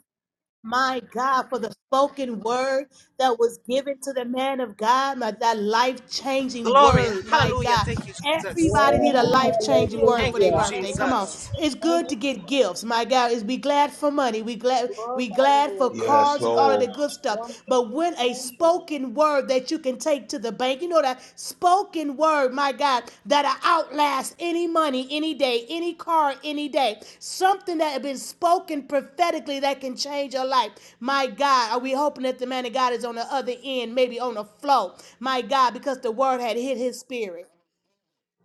Speaker 9: My God, for the spoken word that was given to the man of God, my, that life changing
Speaker 10: Glory.
Speaker 9: word, my
Speaker 10: Hallelujah.
Speaker 9: God.
Speaker 10: Thank you, Jesus.
Speaker 9: Everybody need a
Speaker 2: Amen.
Speaker 9: life
Speaker 2: Thank
Speaker 9: changing
Speaker 2: you, Lord.
Speaker 9: word for
Speaker 10: Thank
Speaker 9: their
Speaker 10: you,
Speaker 8: hallelujah.
Speaker 9: birthday. Come on,
Speaker 2: Hallelujah.
Speaker 10: Jesus.
Speaker 9: it's
Speaker 2: Thank
Speaker 9: good
Speaker 2: you,
Speaker 9: to get gifts. My God, is we glad for money, we glad
Speaker 2: glorify
Speaker 9: we
Speaker 2: you,
Speaker 9: glad for
Speaker 2: Lord. Thank
Speaker 4: Yes,
Speaker 9: cards
Speaker 2: you,
Speaker 9: and
Speaker 2: Father.
Speaker 9: all of
Speaker 4: Lord.
Speaker 9: the good
Speaker 2: Wonderful
Speaker 9: stuff. But when a
Speaker 2: nation.
Speaker 9: spoken word that you can take to the bank. You know that spoken word, my God, that'll outlast any money, any day, any car, any day. Something that had been spoken prophetically that can change your life. My God, are we hoping that the man of God is on the other end, maybe on the flow? My God, because the word had hit his spirit.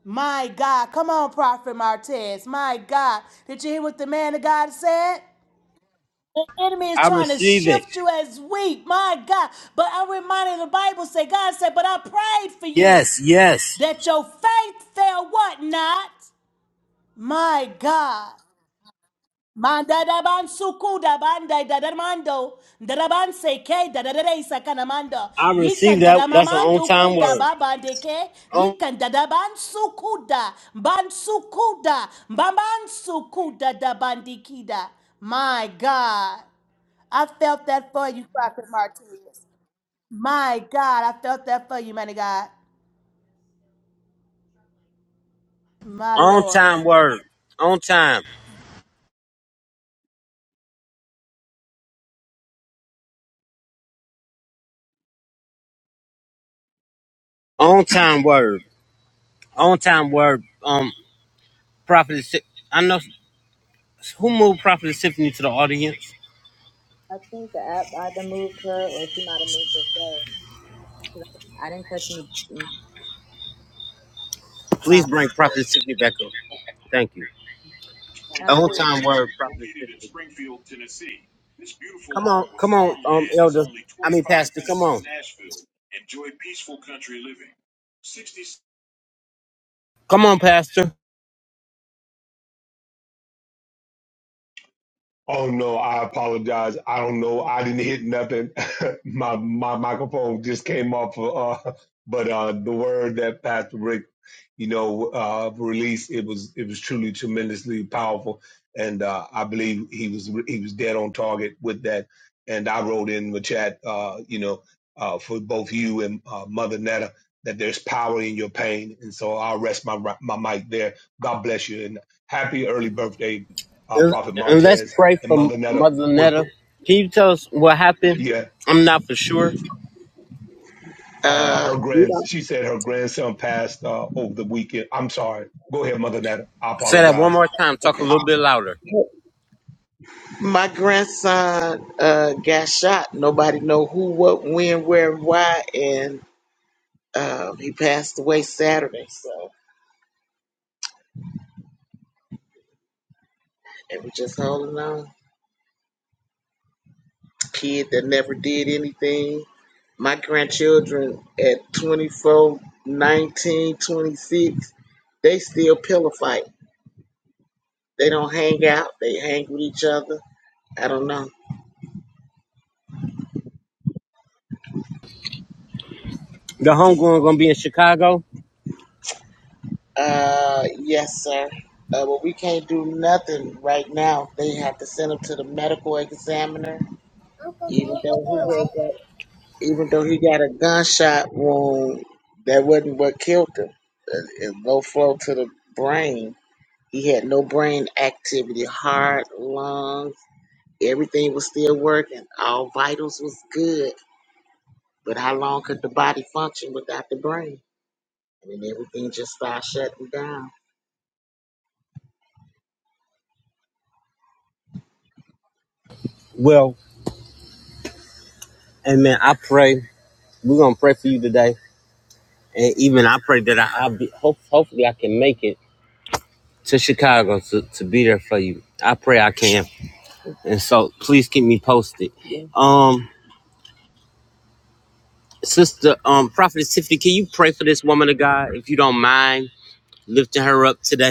Speaker 9: My God, come on, Prophet Martez. My God, did you hear what the man of God said? The enemy is
Speaker 1: I
Speaker 9: trying to
Speaker 1: receive it.
Speaker 9: shift you as weak, my God. But I'm reminded the Bible say, God said, but I prayed for you
Speaker 1: Yes, yes.
Speaker 9: that your faith fail what not? My God. Manda da ban suku da banda da da mando da da ban se ke da da da da isa kana mando
Speaker 1: I receive
Speaker 9: yikan da
Speaker 1: that.
Speaker 9: da
Speaker 1: That's an on
Speaker 9: mamandu
Speaker 1: time
Speaker 9: ku da
Speaker 1: word.
Speaker 9: ba ba de ke
Speaker 1: On,
Speaker 9: yikan da da ban suku da ban suku da ban ban suku da da bandikida my God I felt that for you, Prophet Martinez. My God, I felt that for you, man of God. My
Speaker 1: on
Speaker 9: Lord.
Speaker 1: time word. On time. On time word. On time word. Um, Prophet. Si- I know who moved Prophet Tiffany to the audience.
Speaker 2: I think the app either moved her or she might have moved herself. 'Cause I didn't touch any buttons.
Speaker 1: Please
Speaker 2: Prophet.
Speaker 1: bring Prophet Tiffany back up. Thank you. On
Speaker 2: Absolutely.
Speaker 1: time word, Prophet Tiffany. Come on, come on, um, Elder. I mean, Pastor. Come on, come on, Pastor.
Speaker 4: Oh no, I apologize. I don't know. I didn't hit nothing. [laughs] my my microphone just came off. Uh, but uh, the word that Pastor Rick, you know, uh, released it was it was truly tremendously powerful, and uh, I believe he was he was dead on target with that. And I wrote in the chat, uh, you know, uh, for both you and uh, Mother Netta that there's power in your pain, and so I'll rest my my mic there. God bless you, and happy early birthday, uh,
Speaker 1: And
Speaker 4: Prophet
Speaker 1: and Let's
Speaker 4: Martez
Speaker 1: pray
Speaker 4: and
Speaker 1: for
Speaker 4: Mother Netta
Speaker 1: Mother
Speaker 4: with
Speaker 1: Netta. Can you tell us what happened?
Speaker 4: yeah,
Speaker 1: I'm not for sure.
Speaker 4: uh, her
Speaker 8: Uh, We
Speaker 4: grand.
Speaker 8: don't
Speaker 4: She said her grandson passed uh, over the weekend. I'm sorry. Go ahead, Mother Netta. I
Speaker 1: Say that one
Speaker 4: apologize.
Speaker 1: more time. Talk a little bit louder.
Speaker 8: my grandson uh, got shot. Nobody know who, what, when, where, and why, and um, he passed away Saturday. So it was just holding on. Kid that never did anything. My grandchildren at 24, 19, 26. they still pillow fight. They don't hang out. They hang with each other. I don't know.
Speaker 1: The homegoing gonna be in Chicago.
Speaker 8: Uh, yes, sir. Uh, but we can't do nothing right now. They have to send him to the medical examiner, even though he had got, even though he got a gunshot wound. That wasn't what killed him. It low flow to the brain. He had no brain activity, heart, lungs, everything was still working. All vitals was good. But how long could the body function without the brain? And then everything just started shutting down.
Speaker 1: Well, and man, I pray we're gonna pray for you today, and even I pray that I, I'll be. Hope, hopefully, I can make it to Chicago to, to be there for you. I pray I can, and so please keep me posted. Um, sister, um, Prophet Tiffany, can you pray for this woman of God if you don't mind lifting her up today?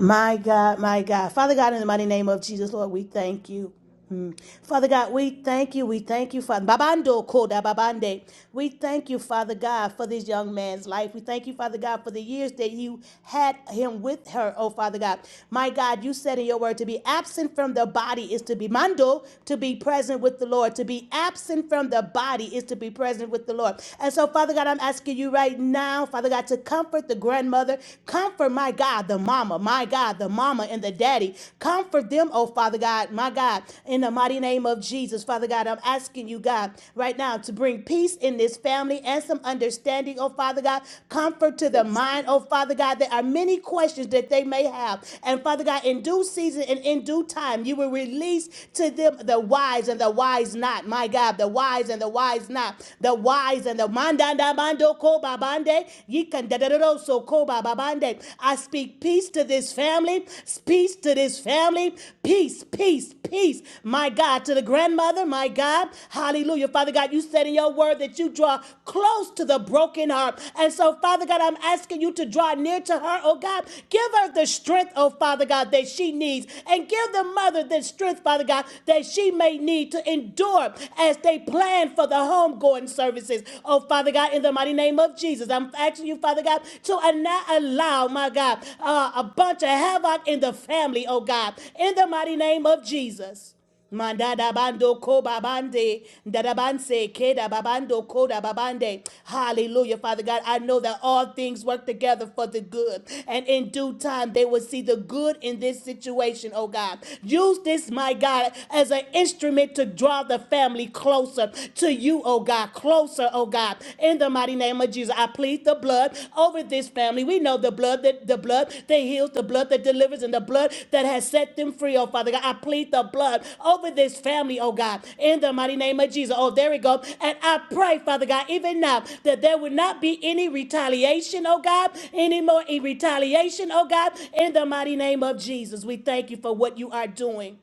Speaker 9: My God, my God. Father God, in the mighty name of Jesus, Lord, we thank you. Mm. Father God, we thank you. We thank you, Father. Babando koda babande. We thank you, Father God, for this young man's life. We thank you, Father God, for the years that you had him with her, oh Father God. My God, you said in your word to be absent from the body is to be mando, to be present with the Lord. To be absent from the body is to be present with the Lord. And so, Father God, I'm asking you right now, Father God, to comfort the grandma grandmother. Comfort, my God, the mama, my God, the mama and the daddy. Comfort them, oh Father God, my God, in the mighty name of Jesus. Father God, I'm asking you, God, right now to bring peace in this family and some understanding, oh Father God. Comfort to the mind, oh Father God. There are many questions that they may have. And Father God, in due season and in due time, you will release to them the wise and the wise not. My God, the wise and the wise not. The wise and the mandanda mando ko babande. Yikandadadadoso ko bababande. I speak peace to this family. Peace to this family. Peace, peace, peace. My God, to the grandmother, my God. Hallelujah. Father God, you said in your word that you draw close to the broken heart. And so, Father God, I'm asking you to draw near to her, oh God. Give her the strength, oh Father God, that she needs. And give the mother the strength, Father God, that she may need to endure as they plan for the home homegoing services. Oh, Father God, in the mighty name of Jesus, I'm asking you, Father God, to not allow, my God, uh, a bunch of havoc in the family, oh God, in the mighty name of Jesus. Mandada bando ko babande, dada keda ke da babando ko da babande. Hallelujah, Father God. I know that all things work together for the good, and in due time they will see the good in this situation. Oh God, use this, my God, as an instrument to draw Draw the family closer to you, oh God, closer, oh God. In the mighty name of Jesus, I plead the blood over this family. We know the blood that the blood that heals, the blood that delivers, and the blood that has set them free, oh Father God. I plead the blood over this family, oh God. In the mighty name of Jesus. Oh, there we go. And I pray, Father God, even now that there would not be any retaliation, oh God, any more in retaliation, oh God. In the mighty name of Jesus, we thank you for what you are doing.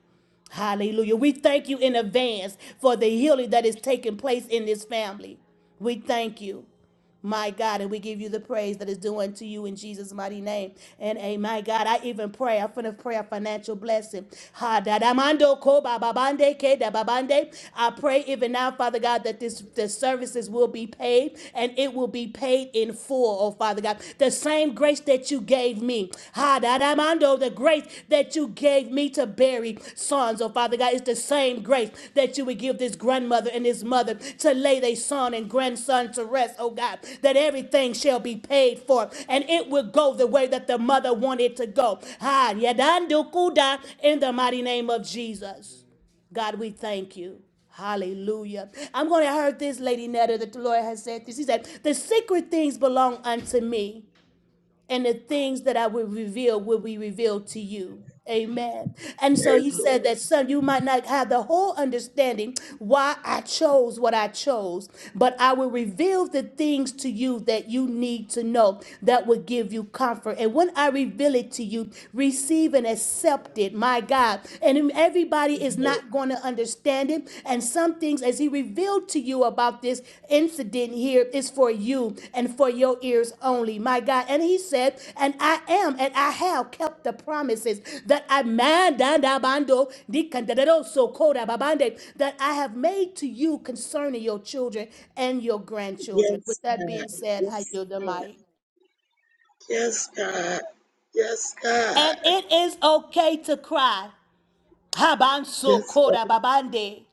Speaker 9: Hallelujah. We thank you in advance for the healing that is taking place in this family. We thank you. My God, and we give you the praise that is due unto you in Jesus' mighty name. And a my God, I even pray. I'm finna pray a financial blessing. Ha da da mando ko ba ba bande ke da ba bande. I pray even now, Father God, that this the services will be paid and it will be paid in full, oh Father God. The same grace that you gave me. Adamando, the grace that you gave me to bury sons. Oh, Father God, it's the same grace that you would give this grandmother and this mother to lay their son and grandson to rest, oh God, that everything shall be paid for and it will go the way that the mother wanted to go. Ha, yadando in the mighty name of Jesus. God, we thank you. Hallelujah. I'm going to heard this lady Netta that the Lord has said this. He said, The secret things belong unto me and the things that I will reveal will be revealed to you. Amen. And so he said that some you might not have the whole understanding why I chose what I chose, but I will reveal the things to you that you need to know that will give you comfort. And when I reveal it to you, receive and accept it, my God. And everybody is not going to understand understanding and some things as he revealed to you about this incident here is for you and for your ears only my god and he said and i am and i have kept the promises that i man da- da- so- that i have made to you concerning your children and your grandchildren
Speaker 8: Yes,
Speaker 9: with that
Speaker 8: God.
Speaker 9: being said i
Speaker 8: Yes,
Speaker 9: yield the mic
Speaker 8: Yes, God. Yes, God.
Speaker 9: and it is okay to cry Habanso
Speaker 8: Yes, God.
Speaker 9: Koda Babande.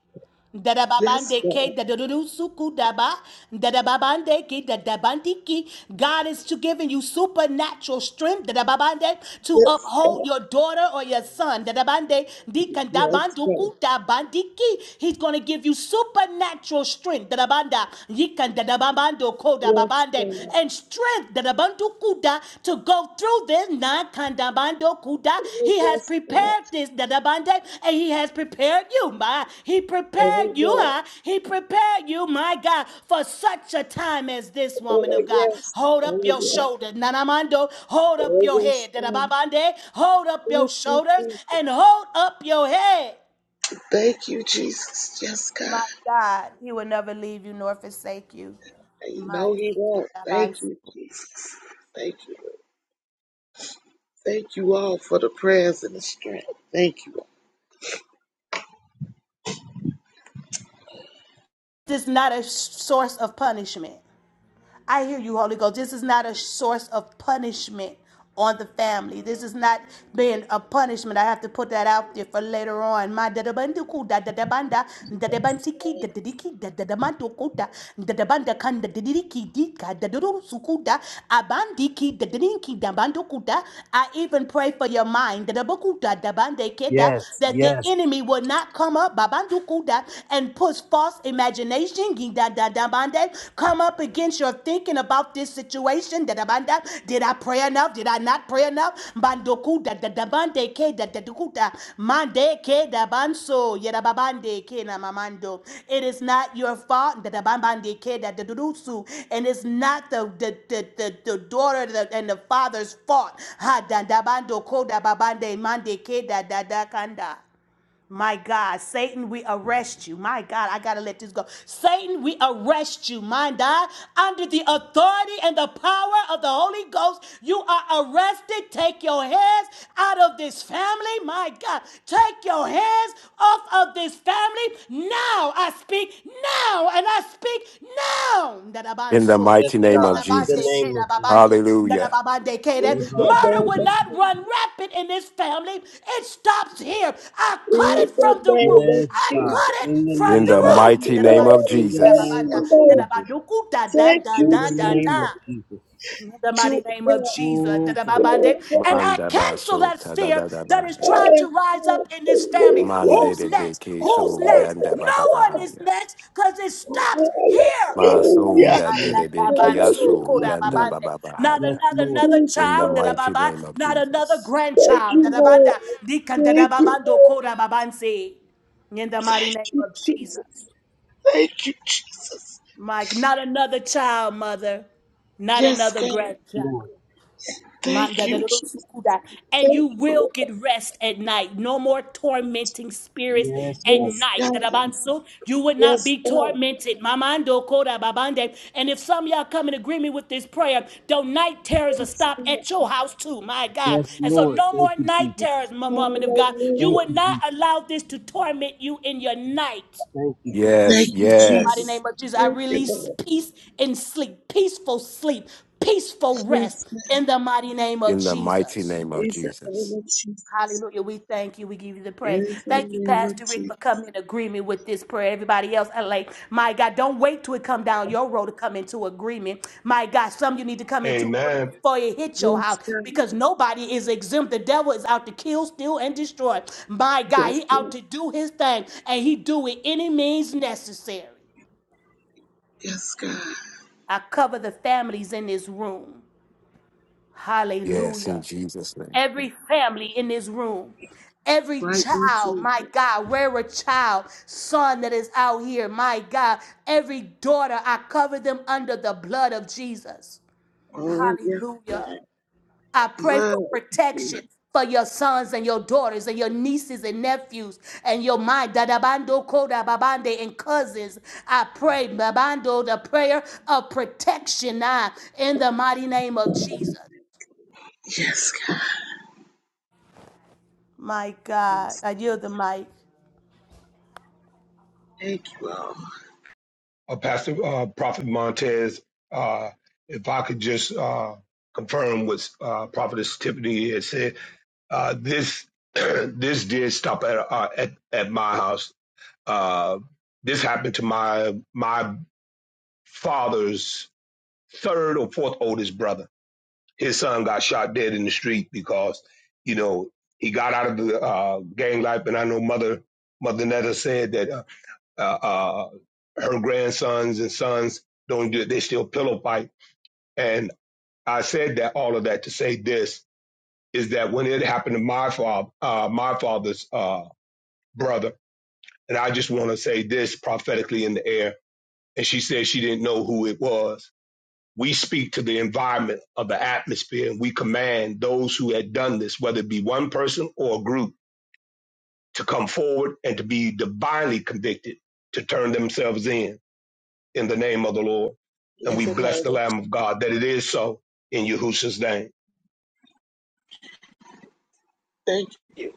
Speaker 9: Dada
Speaker 8: Yes,
Speaker 9: babande
Speaker 8: God.
Speaker 9: ke dada dudu suku daba dada babande ke dada bandi ki. God is to giving you supernatural strength dada babande to
Speaker 8: Yes,
Speaker 9: uphold
Speaker 8: God.
Speaker 9: your daughter or your son dada bande di kanda
Speaker 8: Yes,
Speaker 9: bandu
Speaker 8: God.
Speaker 9: ku da bandi ki. He's gonna give you supernatural strength dada banda yikan dada babando ko dada
Speaker 8: Yes,
Speaker 9: babande
Speaker 8: God.
Speaker 9: and strength dada bandu kuda to go through this non kandabando kuda.
Speaker 8: Oh,
Speaker 9: He has
Speaker 8: yes, God.
Speaker 9: prepared this dadabande and he has prepared you, my. He prepared
Speaker 8: Oh,
Speaker 9: you,
Speaker 8: yeah.
Speaker 9: huh? He prepared you, my God, for such a time as this woman
Speaker 8: Oh,
Speaker 9: of God.
Speaker 8: yes.
Speaker 9: Hold up
Speaker 8: Oh,
Speaker 9: your
Speaker 8: yeah.
Speaker 9: shoulders, nanamando. Hold up
Speaker 8: Oh,
Speaker 9: your
Speaker 8: yes,
Speaker 9: head,
Speaker 8: God.
Speaker 9: dadababande. Hold up your
Speaker 8: Thank you,
Speaker 9: shoulders and
Speaker 8: Jesus.
Speaker 9: hold up your head.
Speaker 8: Thank you, Jesus. Yes, God.
Speaker 9: My God, he will never leave you nor forsake you.
Speaker 8: And you
Speaker 9: My
Speaker 8: know
Speaker 9: dear
Speaker 8: He won't.
Speaker 9: King
Speaker 8: Thank you, Jesus. Thank you. Thank you all for the prayers and the strength. Thank you. all.
Speaker 9: This is not a source of punishment. I hear you, Holy Ghost. This is not a source of punishment on the family. This is not being a punishment. I have to put that out there for later on. I even pray for your mind that the enemy will not come up babandukuta and push false false imagination da- da- da- bande, come up against your thinking about this situation. da- da- banda. Did I pray enough? Did I not pray enough? Bandoku da- da- bande ke da- da- duku mande ke da- banso, yada- ba- bande na mamando. It is not your fault. da- da- bande ke da- da- dudusu. And it's not the, the, the, the, the daughter and the father's fault. Ha da- da- bando ko bande mande ke da- da- da- kanda. My God, Satan, we arrest you. My God, I gotta let this go. Satan, we arrest you. My God, under the authority and the power of the Holy Ghost, you are arrested. Take your hands out of this family. My God, take your hands off of this family. Now I speak now, and I speak now.
Speaker 7: In the
Speaker 9: That Dadabande keda babando,
Speaker 7: Haya,
Speaker 9: dadababande keda. Murder will not run rampant in this family. It stops here. I cut
Speaker 8: In
Speaker 9: it
Speaker 8: the
Speaker 9: from the
Speaker 8: name
Speaker 9: root.
Speaker 8: of
Speaker 9: I
Speaker 8: Jesus.
Speaker 9: cut it from
Speaker 7: in
Speaker 9: the
Speaker 8: Thank
Speaker 9: root.
Speaker 8: you, Lord.
Speaker 9: Dadabande keda
Speaker 8: Thank
Speaker 9: babanda,
Speaker 8: you, Lord.
Speaker 9: dadabaduku da da
Speaker 8: Thank
Speaker 9: da
Speaker 8: you,
Speaker 9: da da
Speaker 8: Jesus.
Speaker 9: da. In the mighty name of Jesus. da da Dadababande. And I
Speaker 7: Manda
Speaker 9: cancel
Speaker 7: Baso,
Speaker 9: that fear that is
Speaker 7: Tadadadabaya,
Speaker 9: trying to rise up
Speaker 8: Hallelujah.
Speaker 9: in this family.
Speaker 7: Manso
Speaker 9: Who's next? Who's next?
Speaker 7: Daba,
Speaker 9: No one is next because it stops here.
Speaker 7: Maso Delebea.
Speaker 9: Bandadabanso
Speaker 8: Hallelujah.
Speaker 9: korababande. Not another, another
Speaker 8: Thank you,
Speaker 7: In-
Speaker 9: child,
Speaker 8: Lord.
Speaker 9: dadababa. not another
Speaker 8: Thank
Speaker 9: grandchild.
Speaker 8: you, Lord.
Speaker 9: dadabanda.
Speaker 8: Thank you,
Speaker 9: Dikandadababando
Speaker 8: Lord.
Speaker 9: korababanse. In the mighty
Speaker 8: Thank
Speaker 9: name
Speaker 8: you,
Speaker 9: of Jesus.
Speaker 8: Jesus. Thank you, Jesus.
Speaker 9: Mike, not another child, mother. Not
Speaker 8: Yes,
Speaker 9: another
Speaker 8: God.
Speaker 9: grandchild.
Speaker 8: Thank
Speaker 9: Manda de
Speaker 8: you,
Speaker 9: lo
Speaker 8: Jesus.
Speaker 9: sukuda. And
Speaker 8: Thank
Speaker 9: you
Speaker 8: you,
Speaker 9: will
Speaker 8: Lord.
Speaker 9: get rest at night. No more tormenting spirits at
Speaker 8: Yes,
Speaker 9: night.
Speaker 8: God.
Speaker 9: Darabanso. You would not
Speaker 8: Yes,
Speaker 9: be
Speaker 8: God.
Speaker 9: tormented. Mamando koda babande. And if some of y'all come in agreement with this prayer, the night terrors will
Speaker 8: Yes,
Speaker 9: stop
Speaker 8: God.
Speaker 9: at your house too. My God. And so no more night terrors, my woman of God.
Speaker 8: Hallelujah.
Speaker 9: You would not allow this to torment you in your night.
Speaker 8: Thank
Speaker 7: Yes,
Speaker 8: you,
Speaker 9: In the
Speaker 8: Jesus.
Speaker 9: mighty
Speaker 7: yes,
Speaker 9: name of Jesus, I
Speaker 8: Thank you,
Speaker 9: release
Speaker 8: Lord.
Speaker 9: peace and sleep, peaceful sleep, peaceful rest
Speaker 8: Yes, God.
Speaker 9: in the mighty name of
Speaker 7: in the mighty
Speaker 9: Jesus.
Speaker 7: name of
Speaker 8: It's the name
Speaker 7: Jesus.
Speaker 8: of Jesus.
Speaker 9: Hallelujah. We thank you. We give you the praise.
Speaker 8: In the
Speaker 9: Thank you,
Speaker 8: name of
Speaker 9: Pastor Rick, for
Speaker 8: Jesus.
Speaker 9: coming in agreement with this prayer. Everybody else, I like, my God, don't wait till it come down your road to come into agreement. My God, some of you need to come into agreement
Speaker 4: Amen.
Speaker 9: before it hit your
Speaker 8: Yes,
Speaker 9: house
Speaker 8: God.
Speaker 9: because nobody is exempt. The devil is out to kill, steal, and destroy. My God,
Speaker 8: Yes,
Speaker 9: he out
Speaker 8: God.
Speaker 9: to do his thing and he do it any means necessary.
Speaker 8: Yes, God.
Speaker 9: I cover the families in this room.
Speaker 7: Yes, in
Speaker 9: Hallelujah.
Speaker 7: Jesus' name.
Speaker 9: Every family in this room. Every
Speaker 8: Right now,
Speaker 9: child, my
Speaker 8: Jesus.
Speaker 9: God, where a child, son that is out here, my God, every daughter, I cover them under the blood of Jesus.
Speaker 8: Oh, yes, God.
Speaker 9: Hallelujah. I pray
Speaker 8: Blood.
Speaker 9: for
Speaker 8: blood.
Speaker 9: protection for your sons and your daughters and your nieces and nephews and your mind, dadabando, koda, babande, and cousins. I pray, babando, the prayer of protection now in the mighty name of Jesus.
Speaker 8: Yes,
Speaker 9: My
Speaker 8: God.
Speaker 9: God, I yield the mic.
Speaker 8: Thank you all.
Speaker 4: Uh, Pastor uh, Prophet Montez, uh, if I could just uh, confirm what uh, Prophetess Tiffany had said, uh, this [clears throat] this did stop at uh, at, at my house. Uh, this happened to my my father's third or fourth oldest brother his son got shot dead in the street because you know he got out of the uh, gang life. And I know mother mother Netta said that uh, uh, uh, her grandsons and sons don't do it; they still pillow fight. And I said that all of that to say this is that when it happened to my father, uh, my father's uh, brother, and I just want to say this prophetically in the air. And she said she didn't know who it was we speak to the environment of the atmosphere and we command those who had done this, whether it be one person or a group, to come forward and to be divinely convicted to turn themselves in in the name of the Lord. And
Speaker 8: In
Speaker 4: we
Speaker 8: the
Speaker 4: bless
Speaker 8: name
Speaker 4: the
Speaker 8: of
Speaker 4: Lamb of God that it is so in Yahushua's name.
Speaker 8: Thank you.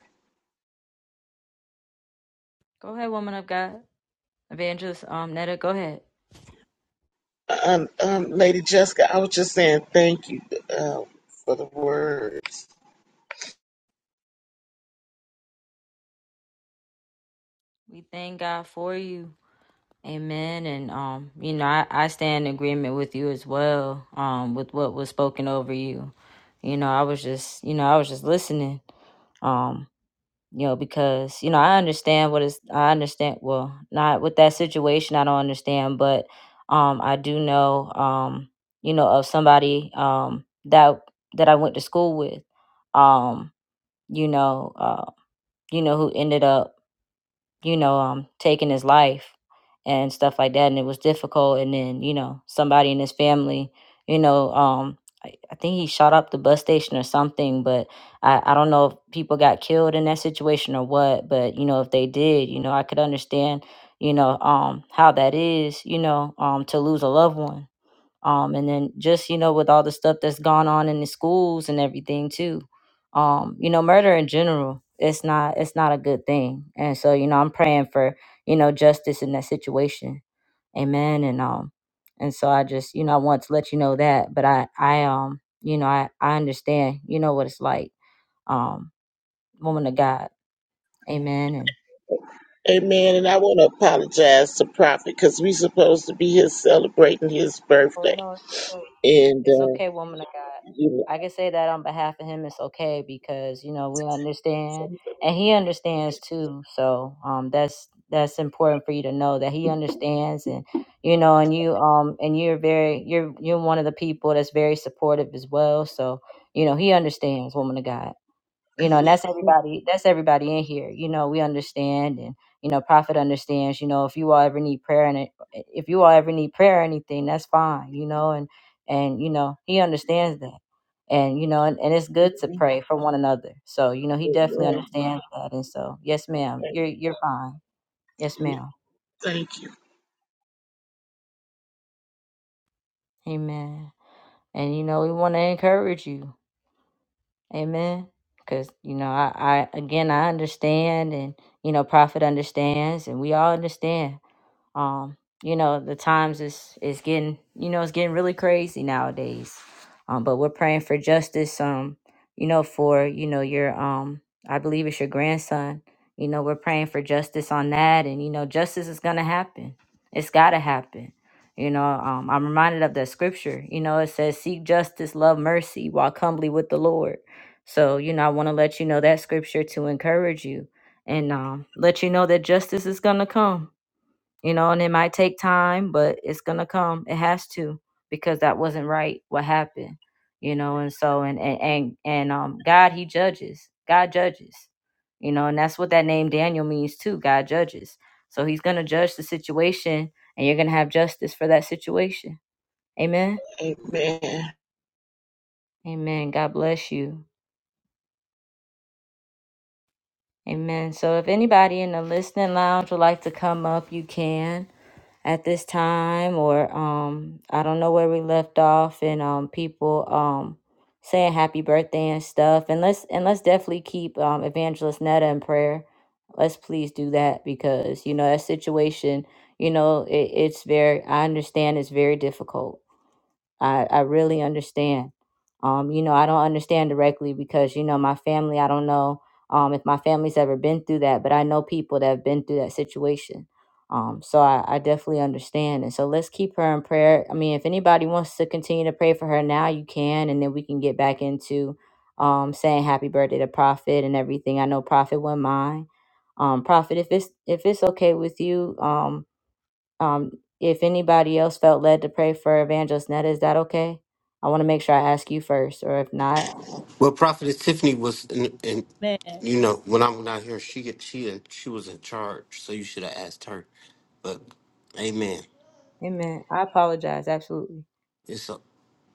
Speaker 2: Go ahead, woman of God. Evangelist um, Netta, go ahead.
Speaker 8: Um, um, Lady Jessica, I was just saying thank you um, for the words.
Speaker 2: We thank God for you. Amen. And um, you know, I, I stand in agreement with you as well, um, with what was spoken over you. You know, I was just you know, I was just listening. Um, you know, because, you know, I understand what is I understand well, not with that situation I don't understand, but um I do know um, you know, of somebody um that that I went to school with. Um, you know, uh, you know, who ended up you know, um, taking his life and stuff like that. And it was difficult. And then, you know, somebody in his family, you know, um, I, I think he shot up the bus station or something, but I, I don't know if people got killed in that situation or what, but you know, if they did, you know, I could understand, you know, um, how that is, you know, um, to lose a loved one um and then just you know with all the stuff that's gone on in the schools and everything too um you know murder in general it's not it's not a good thing and so you know i'm praying for you know justice in that situation amen and um and so i just you know i want to let you know that but i i um you know i i understand you know what it's like um woman of god amen and
Speaker 8: Amen. And I want to apologize to Prophet because we're supposed to be here celebrating his
Speaker 2: Oh
Speaker 8: birthday.
Speaker 2: no.
Speaker 8: And,
Speaker 2: It's
Speaker 8: uh,
Speaker 2: okay, woman of God.
Speaker 8: you
Speaker 2: I can say that on behalf of him. It's okay because you know we understand, and he understands too. So um, that's that's important for you to know that he understands, and you know, and you um, and you're very you're you're one of the people that's very supportive as well. So you know, he understands, woman of God you know and that's everybody that's everybody in here you know we understand and you know prophet understands you know if you all ever need prayer and it, if you all ever need prayer or anything that's fine you know and and you know he understands that and you know and, and it's
Speaker 8: know, [laughs]
Speaker 2: good to pray for one another so you know he definitely
Speaker 8: amen.
Speaker 2: understands that and so yes ma'am you're you're fine yes
Speaker 8: Thank you.
Speaker 2: ma'am
Speaker 8: Thank
Speaker 2: amen and you know we want to encourage you amen because you know I, I again i understand and you know prophet understands and we all understand Um, you know, the times is is getting you know, it's getting really crazy nowadays. Um, but we're praying for justice, um, you know, for, you know, your um I believe it's your grandson. You know, we're praying for justice on that and you know, justice is gonna happen. It's gotta happen. You know, um, I'm reminded of that scripture. You know, it says, Seek justice, love mercy, walk humbly with the Lord. So, you know, I want to let you know that scripture to encourage you and um, let you know that justice is going to come you know, and it might take time, but it's gonna come. It has to because that wasn't right. What happened, you know, and so and and and, and um, God, He judges. God judges, you know, and that's what that name Daniel means too. God judges, so He's gonna judge the situation, and you're gonna have justice for that situation. Amen.
Speaker 8: you. Amen.
Speaker 2: Amen. God bless you. Amen. So if anybody in the listening lounge would like to come up, you can. at this time or um I don't know where we left off and um people um saying happy birthday and stuff and let's and let's definitely keep um evangelist Netta in prayer. Let's please do that because you know that situation, you know, it, it's very I understand it's very difficult I, I really understand. Um, you know, I don't understand directly because, you know, my family, I don't know um, if my family's ever been through that, but I know people that have been through that situation. Um, so I, I definitely understand. And so let's keep her in prayer. I mean, if anybody wants to continue to pray for her now, you can, and then we can get back into um, saying happy birthday to Prophet and everything. I know Prophet wouldn't mind. Um, Prophet, if it's if it's okay with you, um, um, if anybody else felt led to pray for Evangelist Netta, is that okay? I want to make sure I ask you first, or if not,
Speaker 1: Well, Prophetess Tiffany was, in, in,
Speaker 9: Amen.
Speaker 1: you know, when I went out here, she get- she had- she was in charge, so you should have asked her. But, Amen.
Speaker 2: Amen. I apologize. Absolutely.
Speaker 1: It's o-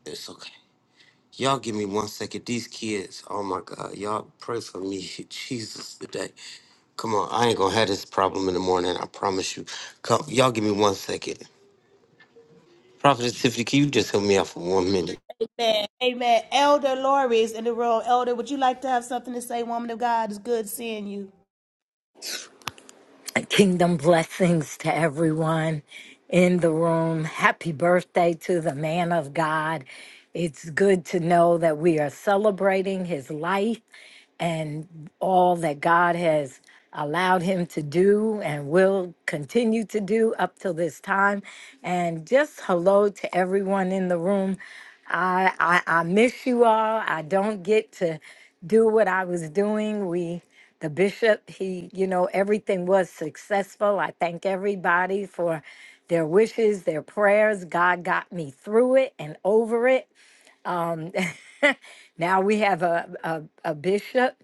Speaker 1: it's okay. Y'all give me one second. These kids, oh my God, y'all pray for me, [laughs] Jesus, today. Come on, I ain't gonna have this problem in the morning. I promise you. Come, y'all give me one second. Prophetess Tiffany, can you just help me out for one minute?
Speaker 9: Amen. Amen. Elder Lori is in the room. Elder, would you like to have something to say, woman of God? It's good seeing you.
Speaker 11: Kingdom blessings to everyone in the room. Happy birthday to the man of God. It's good to know that we are celebrating his life and all that God has allowed him to do and will continue to do up till this time. And just hello to everyone in the room. I, I, I miss you all. I don't get to do what I was doing. We the bishop he you know everything was successful i thank everybody for their wishes their prayers god got me through it and over it um [laughs] now we have a a, a bishop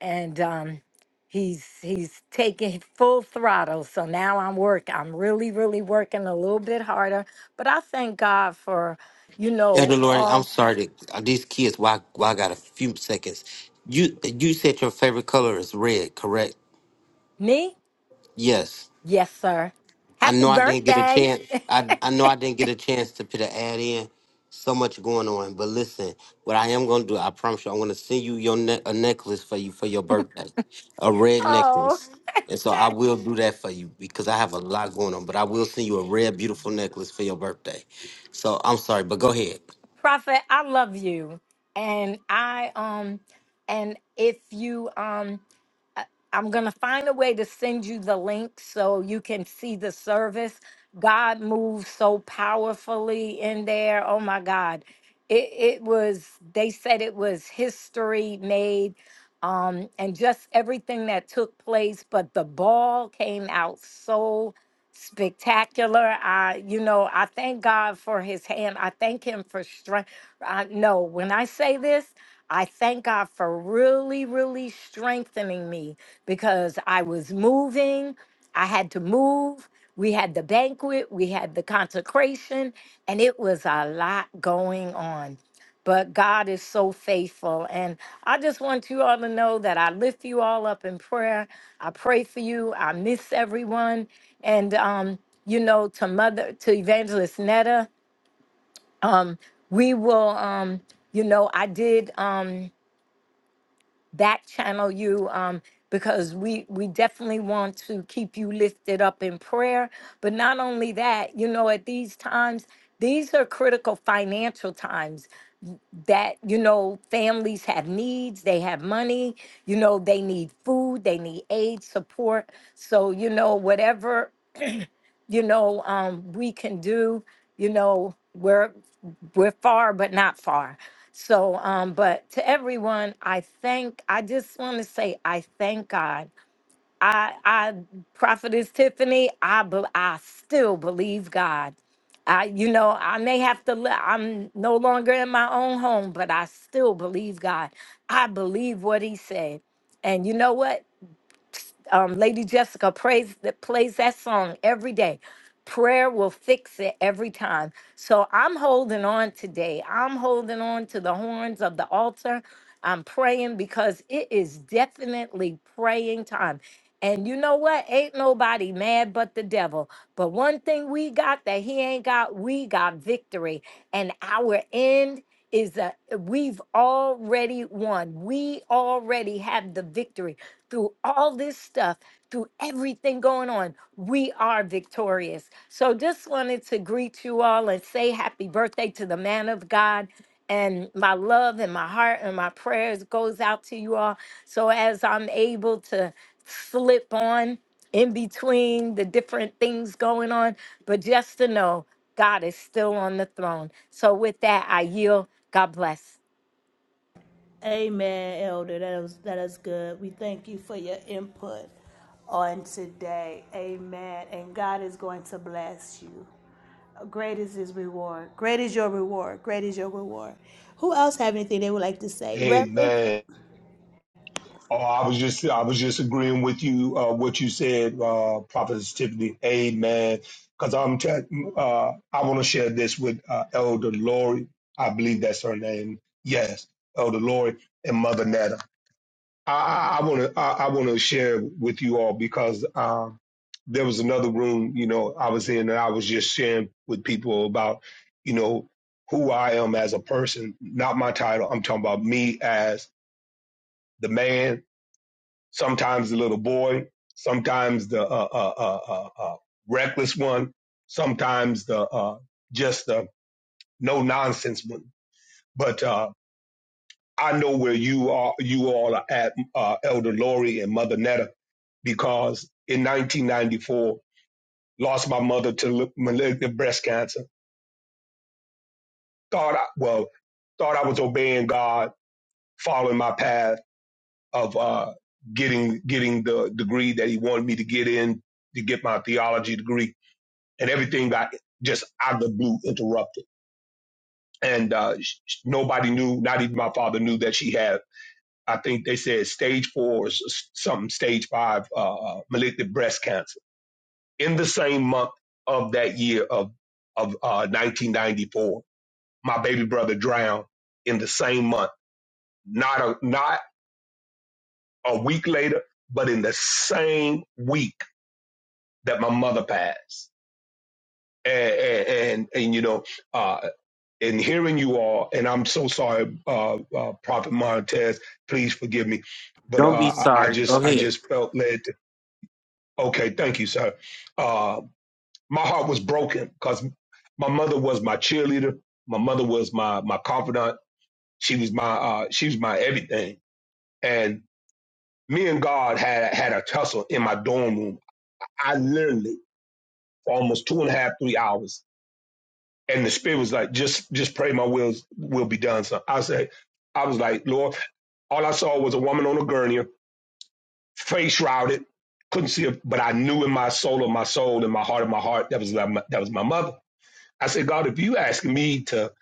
Speaker 11: and um he's he's taking full throttle so now i'm work i'm really really working a little bit harder but i thank god for you know
Speaker 1: Elder Lord, I'm
Speaker 11: all
Speaker 1: sorry. To, uh, these kids, why? Why I got a few seconds? You you said your favorite color is red, correct?
Speaker 11: me
Speaker 1: Yes,
Speaker 11: yes sir
Speaker 1: I
Speaker 11: happy
Speaker 1: know I didn't get a
Speaker 11: birthday
Speaker 1: chance. I I know I didn't get a chance to put an ad in. So much going on, but listen, what I am gonna do, I promise you, I'm gonna send you your ne- a necklace for you for your birthday, a red
Speaker 11: Oh.
Speaker 1: necklace, and so I will do that for you because I have a lot going on. But I will send you a red, beautiful necklace for your birthday. So I'm sorry, but go ahead.
Speaker 11: Prophet, I love you. And I um and if you um I- I'm going to find a way to send you the link so you can see the service. God moved so powerfully in there. Oh my God. It, it was, they said it was history made um, and just everything that took place, but the ball came out so spectacular. I, you know, I thank God for his hand. I thank him for strength. I know when I say this, I thank God for really, really strengthening me because I was moving. I had to move. We had the banquet, we had the consecration, and it was a lot going on. But God is so faithful. And I just want you all to know that I lift you all up in prayer. I pray for you. I miss everyone. And, um, you know, to Mother, to Evangelist Netta, um, we will, um, you know, I did. Um, that channel you um because we we definitely want to keep you lifted up in prayer but not only that you know at these times these are critical financial times that you know families have needs they have money you know they need food they need aid support so you know whatever you know, um, we can do, you know, we're we're far but not far. So, um, but to everyone, I thank. I just want to say I thank God. I, I, prophetess Tiffany. I, be, I still believe God. I, you know, I may have to. Li- I'm no longer in my own home, but I still believe God. I believe what He said, and you know what? um, Lady Jessica prays that plays that song every day. Prayer will fix it every time. So I'm holding on today. I'm holding on to the horns of the altar. I'm praying because it is definitely praying time. And you know what? Ain't nobody mad but the devil. But one thing we got that he ain't got, we got victory. And our end is that we've already won. We already have the victory through all this stuff, through everything going on, we are victorious. So just wanted to greet you all and say happy birthday to the man of God. And my love and my heart and my prayers goes out to you all. So as I'm able to slip on in between the different things going on, but just to know God is still on the throne. So with that, I yield. God bless.
Speaker 9: Amen, Elder. That is that is good. We thank you for your input on today. Amen. And God is going to bless you. Great is his reward. Great is your reward. Great is your reward. Who else have anything they would like to say? Reverend?
Speaker 4: Amen. Oh, I was just I was just agreeing with you uh, what you said, uh, Prophetess Tiffany. Amen. Because I'm t- uh, I want to share this with uh, Elder Lori. I believe that's her name. Yes, Elder Lori and Mother Netta. I want to I want to share with you all because um, there was another room you know I was in and I was just sharing with people about you know who I am as a person, not my title. I'm talking about me as the man sometimes the little boy, sometimes the uh, uh, uh, uh, uh, uh, reckless one, sometimes the uh, just the no nonsense one. But uh, I know where you are. You all are at uh, Elder Lori and Mother Netta because in 1994, lost my mother to malignant breast cancer. Thought I, well, thought I was obeying God, following my path of uh, getting getting the degree that He wanted me to get in to get my theology degree and everything got just out of the blue interrupted. And uh, sh- sh- nobody knew, not even my father knew that she had. I think they said stage four or s- s- something, stage five uh, uh, malignant breast cancer. In the same month of that year of of uh, 1994, my baby brother drowned in the same month. Not a not a week later, but in the same week that my mother passed. And and, and, and you know, uh, and hearing you all, and I'm so sorry, uh, uh, Prophet Montez, please forgive me, but uh,
Speaker 1: Don't be
Speaker 4: I I
Speaker 1: sorry. Go
Speaker 4: just I
Speaker 1: ahead.
Speaker 4: just felt led. To, okay, thank you, sir. Uh, my heart was broken because my mother was my cheerleader. My mother was my my confidant. She was my uh, she was my everything. And me and God had had a tussle in my dorm room. I literally for almost two and a half three hours. And the spirit was like, just just pray my wills will be done. So I said, I was like, Lord. All I saw was a woman on a gurney, face shrouded, couldn't see her, but I knew in my soul of my soul, in my heart of my heart, that was that was my mother. I said, God, if you ask me to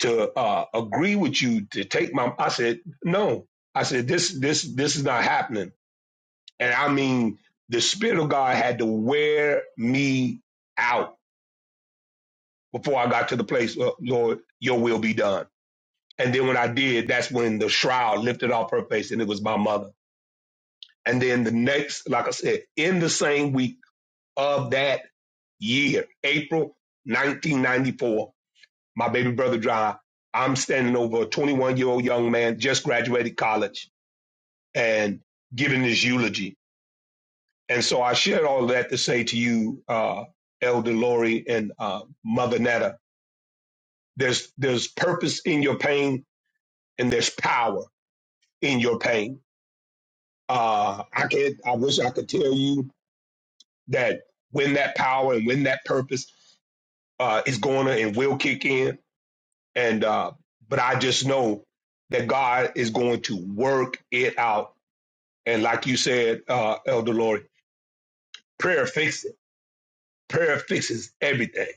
Speaker 4: to uh, agree with you to take my, I said, no. I said, this this this is not happening. And I mean, the spirit of God had to wear me out before I got to the place, "Uh, Lord, Your will be done. And then when I did, that's when the shroud lifted off her face, and it was my mother And then the next, like I said, in the same week of that year, April 1994, my baby brother died. I'm standing over a 21 year old young man, just graduated college, and giving his eulogy. And so I shared all of that to say to you, uh, Elder Lori and uh, Mother Netta, there's, there's purpose in your pain and there's power in your pain. Uh, I, can't, I wish I could tell you that when that power and when that purpose uh, is going to and will kick in. And uh, but I just know that God is going to work it out. And like you said, uh, Elder Lord, prayer fixes it. Prayer fixes everything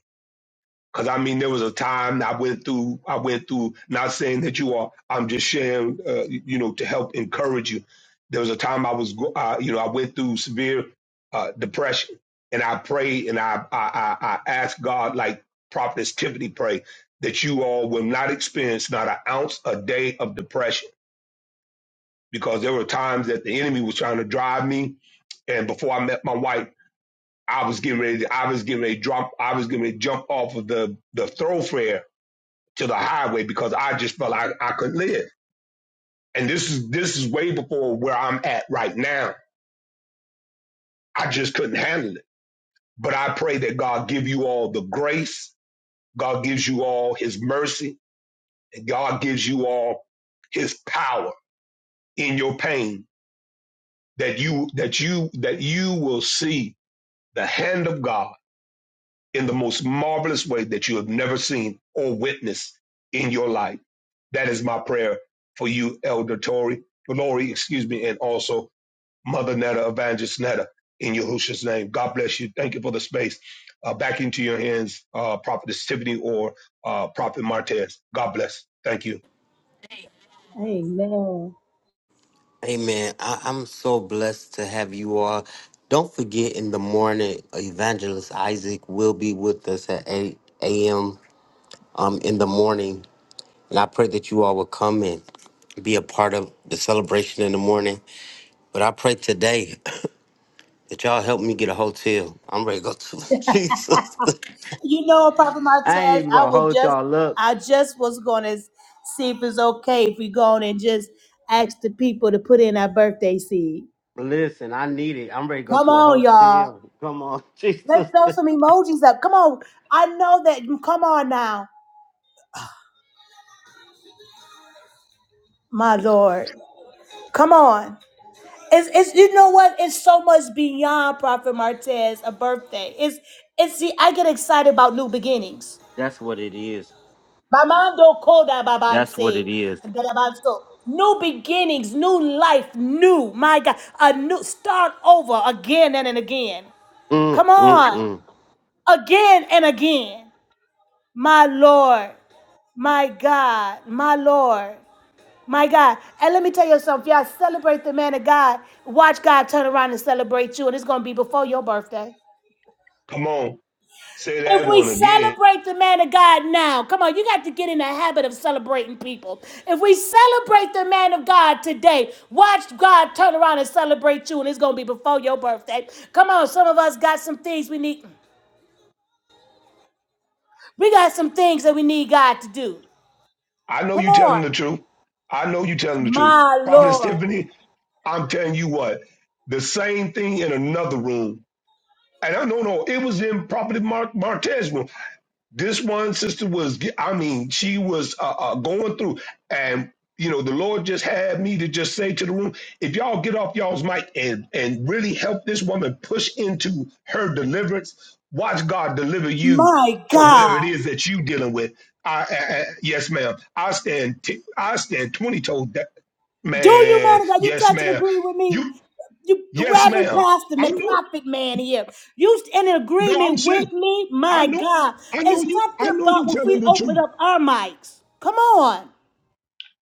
Speaker 4: Cause I mean, there was a time I went through. I went through. Not saying that you are. I'm just sharing. Uh, you know, to help encourage you. There was a time I was. Uh, you know, I went through severe uh, depression, and I prayed and I I I, I asked God, like Prophetess Tiffany prayed, that you all will not experience not an ounce a day of depression. Because there were times that the enemy was trying to drive me, and before I met my wife, I was getting ready. I was getting ready to drop. I was getting ready to jump off of the the thoroughfare to the highway because I just felt like I, I couldn't live. And this is this is way before where I'm at right now. I just couldn't handle it. But I pray that God give you all the grace, God gives you all his mercy, and God gives you all his power in your pain that you that you that you will see the hand of God in the most marvelous way that you have never seen or witnessed in your life. That is my prayer for you, Elder Tory, Lori, excuse me, and also Mother Netta, Evangelist Netta, in Yahushua's name. God bless you. Thank you for the space. Uh, back into your hands, uh, Prophetess Tiffany or uh, Prophet Martez. God bless. Thank you.
Speaker 9: Amen.
Speaker 1: Amen. I, I'm so blessed to have you all. Don't forget in the morning, Evangelist Isaac will be with us at 8 a.m. Um, in the morning. And I pray that you all will come and be a part of the celebration in the morning. But I pray today [clears throat] that y'all help me get a hotel. I'm ready to go to [laughs] Jesus.
Speaker 9: You know, Papa
Speaker 1: I ain't
Speaker 9: Martez,
Speaker 1: even
Speaker 9: I
Speaker 1: gonna
Speaker 9: would
Speaker 1: hold
Speaker 9: just
Speaker 1: y'all up.
Speaker 9: I just was gonna see if it's okay if we go on and just ask the people to put in our birthday seed.
Speaker 1: Listen, I need it. I'm ready to go
Speaker 9: Come
Speaker 1: to a
Speaker 9: on, y'all.
Speaker 1: hotel. Come on, [laughs]
Speaker 9: Let's
Speaker 1: Jesus.
Speaker 9: throw some emojis up. Come on. I know that. Come on now, my Lord. Come on. It's, it's you know what? It's so much beyond Prophet Martez a birthday. It's it's see, I get excited about new beginnings.
Speaker 1: That's what it is.
Speaker 9: Bamando koda
Speaker 1: That's what
Speaker 9: babanse.
Speaker 1: it is.
Speaker 9: Dalabanso. New beginnings, new life, new, my God, a new start over again and, and again.
Speaker 1: Mm,
Speaker 9: Come
Speaker 1: mm,
Speaker 9: on,
Speaker 1: mm.
Speaker 9: again and again. My Lord, my God, my Lord. My God. And let me tell you something. If y'all celebrate the man of God, watch God turn around and celebrate you. And it's going to be before your birthday.
Speaker 4: Come on, say
Speaker 9: If
Speaker 4: that
Speaker 9: we
Speaker 4: one again.
Speaker 9: celebrate the man of God now, come on, you got to get in the habit of celebrating people. If we celebrate the man of God today, watch God turn around and celebrate you, and it's going to be before your birthday. Come on, some of us got some things we need. We got some things that we need God to do.
Speaker 4: I know
Speaker 9: Come
Speaker 4: you telling
Speaker 9: on.
Speaker 4: the truth. I know you telling the truth.
Speaker 9: My
Speaker 4: Prophetess
Speaker 9: Lord.
Speaker 4: Tiffany, I'm telling you what, the same thing in another room. And I don't know, no, it was in Prophet Mar- Martez's room. this one sister was ge- i mean she was uh, uh, going through and you know the lord just had me to just say to the room if y'all get off y'all's mic and and really help this woman push into her deliverance watch god deliver you
Speaker 9: My
Speaker 4: from whatever it
Speaker 9: God.
Speaker 4: is that you dealing with i, I, I yes ma'am i stand t- i stand 20 told that
Speaker 9: Do you
Speaker 4: man
Speaker 9: man Are you
Speaker 4: yes
Speaker 9: touch and
Speaker 4: ma'am
Speaker 9: agree with me?
Speaker 4: you
Speaker 9: You
Speaker 4: yes
Speaker 9: Reverend
Speaker 4: ma'am
Speaker 9: Pastor,
Speaker 4: i
Speaker 9: man,
Speaker 4: know
Speaker 9: prophet man here. You in
Speaker 4: no i'm
Speaker 9: agreement
Speaker 4: serious
Speaker 9: with me?
Speaker 4: i
Speaker 9: My
Speaker 4: know
Speaker 9: God.
Speaker 4: i know
Speaker 9: It's
Speaker 4: you i
Speaker 9: something
Speaker 4: know
Speaker 9: about
Speaker 4: you
Speaker 9: if
Speaker 4: telling
Speaker 9: we
Speaker 4: the truth
Speaker 9: open up our mics. Come on.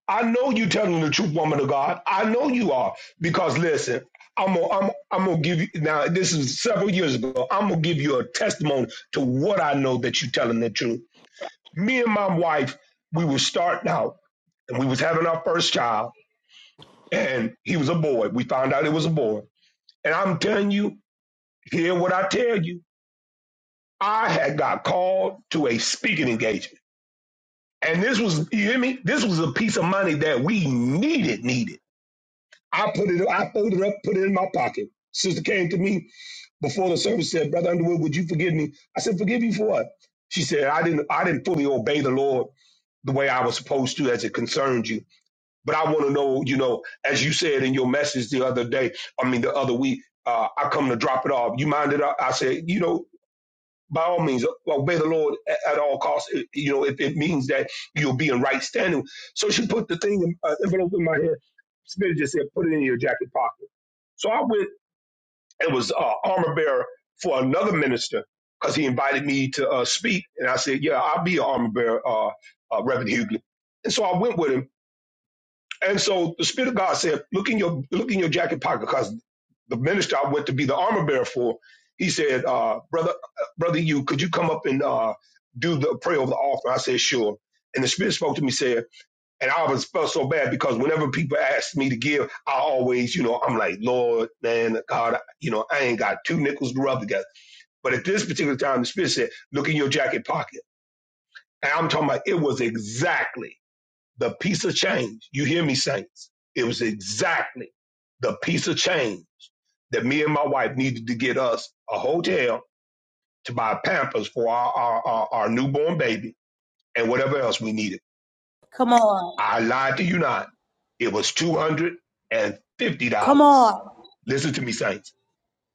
Speaker 4: I know you telling the truth, woman of God. I know you are. Because listen, I'm gonna I'm, I'm gonna give you now this is several years ago. I'm gonna give you a testimony to what I know that you are telling the truth. Me and my wife, we were starting out and we was having our first child, and he was a boy. We found out it was a boy. And I'm telling you, hear what I tell you. I had got called to a speaking engagement. And this was, you hear me? This was a piece of money that we needed, needed. I put it, I folded it up, put it in my pocket. Sister came to me before the service said, "Brother Underwood, would you forgive me?" I said, "Forgive you for what?" She said, "I didn't, I didn't fully obey the Lord the way I was supposed to as it concerns you, but I want to know, you know, as you said in your message the other day, I mean the other week, uh, I come to drop it off. You mind it? I I said, you know." By all means, obey the Lord a- at all costs. It- You know, if it means that you'll be in right standing. So she put the thing, in, uh, envelope in my hand. Spirit just said, put it in your jacket pocket. So I went and was uh, armor bearer for another minister because he invited me to uh, speak. And I said, yeah, I'll be an armor bearer, uh, uh, Reverend Hughley. And so I went with him. And so the Spirit of God said, look in your look in your jacket pocket because the minister I went to be the armor bearer for, he said, uh, brother, brother, you could you come up and uh, do the prayer over the altar? I said, sure. And the Spirit spoke to me, said and I always felt so bad because whenever people asked me to give, I always, you know, I'm like, Lord, man, God, I- you know, I ain't got two nickels to rub together. But at this particular time, the Spirit said, look in your jacket pocket. And I'm talking about it was exactly the piece of change. You hear me, saints? It was exactly the piece of change that me and my wife needed to get us a hotel to buy Pampers for our, our, our, our newborn baby and whatever else we needed
Speaker 9: Come on.
Speaker 4: I lied to you not. It was $250.
Speaker 9: Come on.
Speaker 4: Listen to me, saints.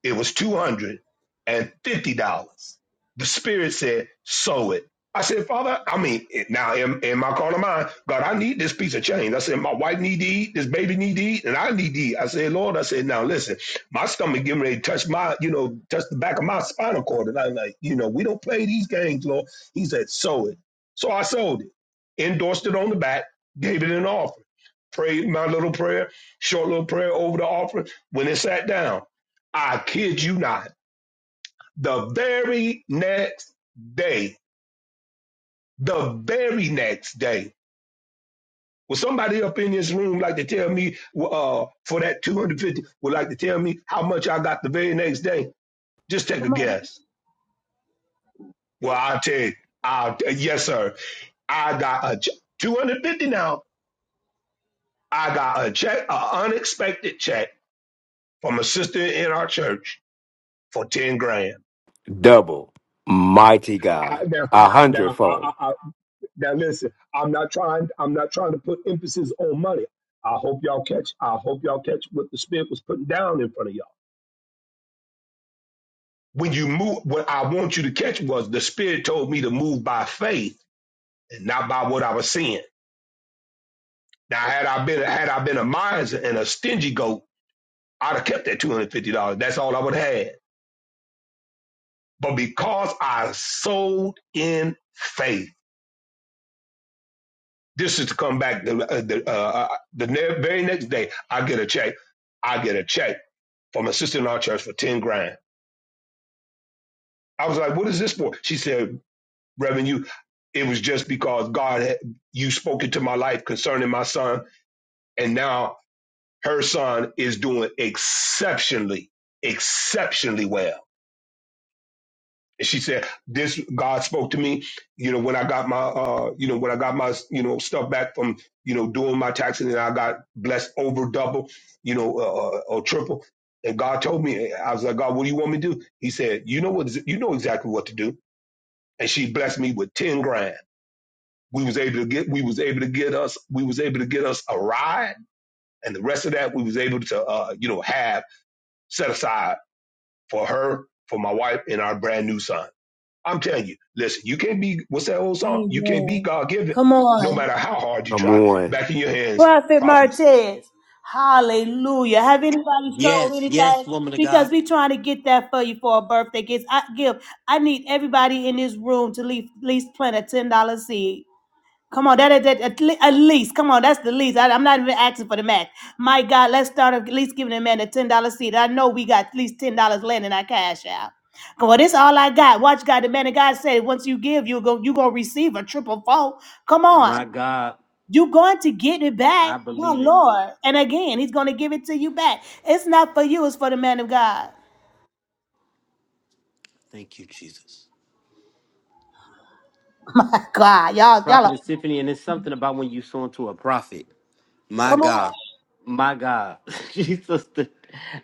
Speaker 4: It was two hundred and fifty dollars. The Spirit said, "Sow it." I said, "Father, I mean, now in, in my corner of mind, God, I need this piece of change." I said, "My wife need to eat, this baby need to eat, and I need to eat." I said, "Lord," I said, "Now listen, my stomach getting ready to touch my, you know, touch the back of my spinal cord," and I'm like, "You know, we don't play these games, Lord." He said, "Sow it." So I sold it, endorsed it on the back, gave it an offering, prayed my little prayer, short little prayer over the offering. When it sat down. I kid you not. The very next day, the very next day, was somebody up in this room like to tell me uh, for that 250 would like to tell me how much I got the very next day? Just take a guess. Well, I'll tell you. I'll t- yes, sir. I got a ch- 250 now. I got a check, an unexpected check from a sister in our church for 10 grand.
Speaker 7: Double, mighty
Speaker 4: I,
Speaker 7: God,
Speaker 4: now,
Speaker 7: a
Speaker 4: now I,
Speaker 7: hundredfold.
Speaker 4: I, Now listen, I'm not trying. I'm not trying to put emphasis on money. I hope y'all catch. I hope y'all catch what the spirit was putting down in front of y'all. When you move, what I want you to catch was the spirit told me to move by faith and not by what I was seeing. Now, had I been had I been a miser and a stingy goat, I'd have kept that two hundred fifty dollars. That's all I would have had. But because I sold in faith, this is to come back the uh, the, uh, uh, the very next day. I get a check. I get a check from a sister in our church for 10 grand. I was like, what is this for? She said, Reverend, you, it was just because God, had, you spoke into my life concerning my son. And now her son is doing exceptionally, exceptionally well. And she said, this God spoke to me, you know, when I got my, uh, you know, when I got my, you know, stuff back from, you know, doing my taxes and I got blessed over double, you know, uh, uh, or triple. And God told me, I was like, God, what do you want me to do? He said, you know what, you know exactly what to do and she blessed me with 10 grand. We was able to get, we was able to get us, we was able to get us a ride. And the rest of that we was able to, uh, you know, have set aside for her, for my wife and our brand new son. I'm telling you, listen, you can't be, what's that old song? You can't be
Speaker 9: Amen.
Speaker 4: God given
Speaker 9: Come
Speaker 4: no
Speaker 9: on.
Speaker 4: matter how hard you
Speaker 7: Come
Speaker 4: try.
Speaker 7: on.
Speaker 4: Back in your hands,
Speaker 9: Prophet
Speaker 4: prophetess.
Speaker 9: Martez. Hallelujah. Have anybody sold
Speaker 1: Yes,
Speaker 9: anything?
Speaker 1: yes, woman of
Speaker 9: Because
Speaker 1: God.
Speaker 9: we trying to get that for you for a birthday gift. I give. I need everybody in this room to leave, at least plant a $10 seed. Come on, that, that, that at, le- at least, come on, that's the least. I, am not even asking for the max. My God, let's start at least giving a man a ten dollar seed. I know we got at least ten dollars landing our cash out. Come on, this all I got. Watch God, the man of God said, once you give, you go, you gonna receive a triple fold. Come
Speaker 1: My
Speaker 9: on,
Speaker 1: God,
Speaker 9: you going to get it back,
Speaker 1: I
Speaker 9: my
Speaker 1: believe it.
Speaker 9: Lord. And again, He's gonna give it to you back. It's not for you; it's for the man of God.
Speaker 1: Thank you, Jesus.
Speaker 9: [laughs] My God, y'all, y'all, are,
Speaker 1: Prophetess Tiffany, and it's something about when you sow into a prophet. My
Speaker 9: come on.
Speaker 1: God. My God. [laughs] Jesus. the-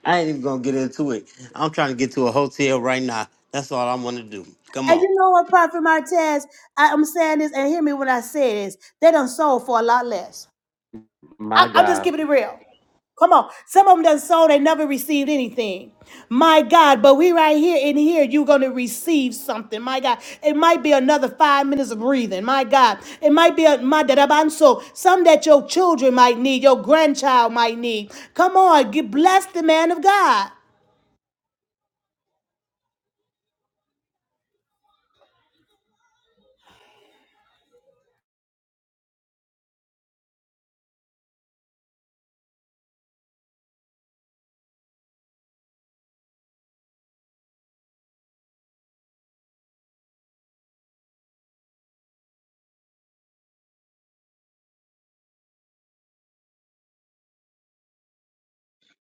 Speaker 1: I ain't even gonna get into it. I'm trying to get to a hotel right now. That's all I wanna do. Come
Speaker 9: And
Speaker 1: on.
Speaker 9: you know what, Prophet Martez, I, I'm saying this, and hear me when I say this. They done sold for a lot less.
Speaker 1: My
Speaker 9: I, I'm just
Speaker 1: God.
Speaker 9: keeping it real. Come on. Some of them done sold, they never received anything. My God, but we right here in here, you're gonna receive something. My God. It might be another five minutes of breathing. My God. It might be a my dadabanso. Some that your children might need, your grandchild might need. Come on, get bless the man of God.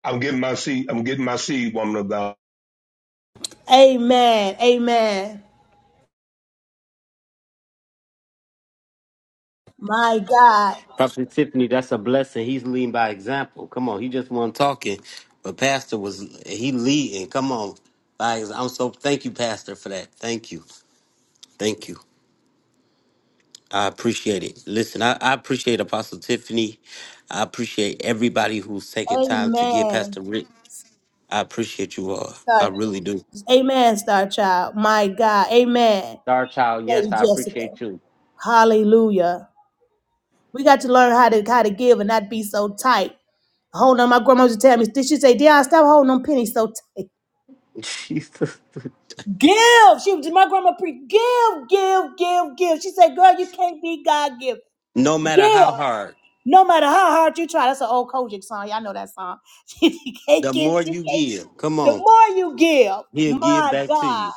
Speaker 4: I'm getting my seed. I'm getting my seed, woman of God.
Speaker 9: Amen. Amen. My God.
Speaker 1: Pastor Tiffany, that's a blessing. He's leading by example. Come on, he just wasn't talking, but Pastor was he leading. Come on, by ex- I'm so thank you, Pastor, for that. Thank you, thank you. I appreciate it. Listen, I, I appreciate Apostle Tiffany. I appreciate everybody who's taking time to get
Speaker 9: Amen.
Speaker 1: Pastor Rick. I appreciate you all. I
Speaker 9: God.
Speaker 1: really do.
Speaker 9: Amen, Star Child. My God. Amen.
Speaker 1: Star Child,
Speaker 9: Lady
Speaker 1: yes, I
Speaker 9: Jessica.
Speaker 1: appreciate you.
Speaker 9: Hallelujah. We got to learn how to how to give and not be so tight. Hold on, my grandma used to tell me, did she say, Dion, stop holding them pennies so tight.
Speaker 1: [laughs] Jesus.
Speaker 9: Give. She was my grandma pre give, give, give, give. She said, girl, you can't be God give.
Speaker 1: No matter
Speaker 9: Give.
Speaker 1: how hard,
Speaker 9: No matter how hard you try. That's an old Kojic song. Y'all know that song. [laughs] you can't
Speaker 1: the
Speaker 9: give,
Speaker 1: more
Speaker 9: you
Speaker 1: you
Speaker 9: can't.
Speaker 1: give, come
Speaker 9: The
Speaker 1: on,
Speaker 9: more you give,
Speaker 1: he'll give
Speaker 9: my
Speaker 1: back to
Speaker 9: God.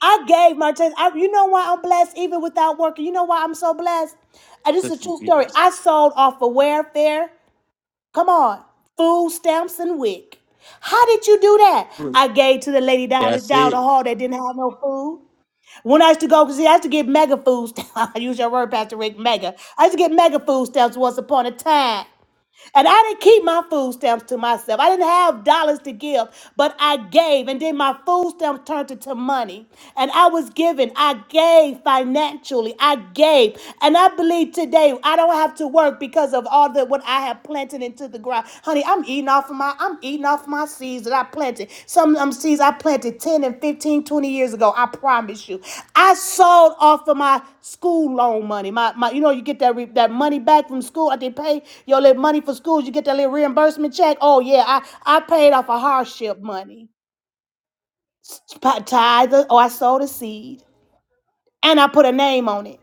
Speaker 9: I gave my test. I, you know why I'm blessed even without working? You know why I'm so blessed? And this is a true
Speaker 1: you.
Speaker 9: story. I sold off of welfare. Come on. Food stamps and wick. How did you do that? I gave to the lady down,
Speaker 1: That's
Speaker 9: down the
Speaker 1: it.
Speaker 9: hall that didn't have no food. When I used to go, because I used to get mega food stamps. [laughs] I use your word, Pastor Rick, mega. I used to get mega food stamps once upon a time. And I didn't keep my food stamps to myself. I didn't have dollars to give, but I gave. And then my food stamps turned into money. And I was giving. I gave financially. I gave. And I believe today I don't have to work because of all the what I have planted into the ground. Honey, I'm eating off of my I'm eating off my seeds that I planted. Some of them seeds I planted 10 and 15, 20 years ago. I promise you. I sold off of my school loan money. My, my you know, you get that re- that money back from school. I did pay your little money for school. You get that little reimbursement check. Oh yeah, I, I paid off a hardship money. Pa- Tithe. Oh, I sold a seed. And I put a name on it.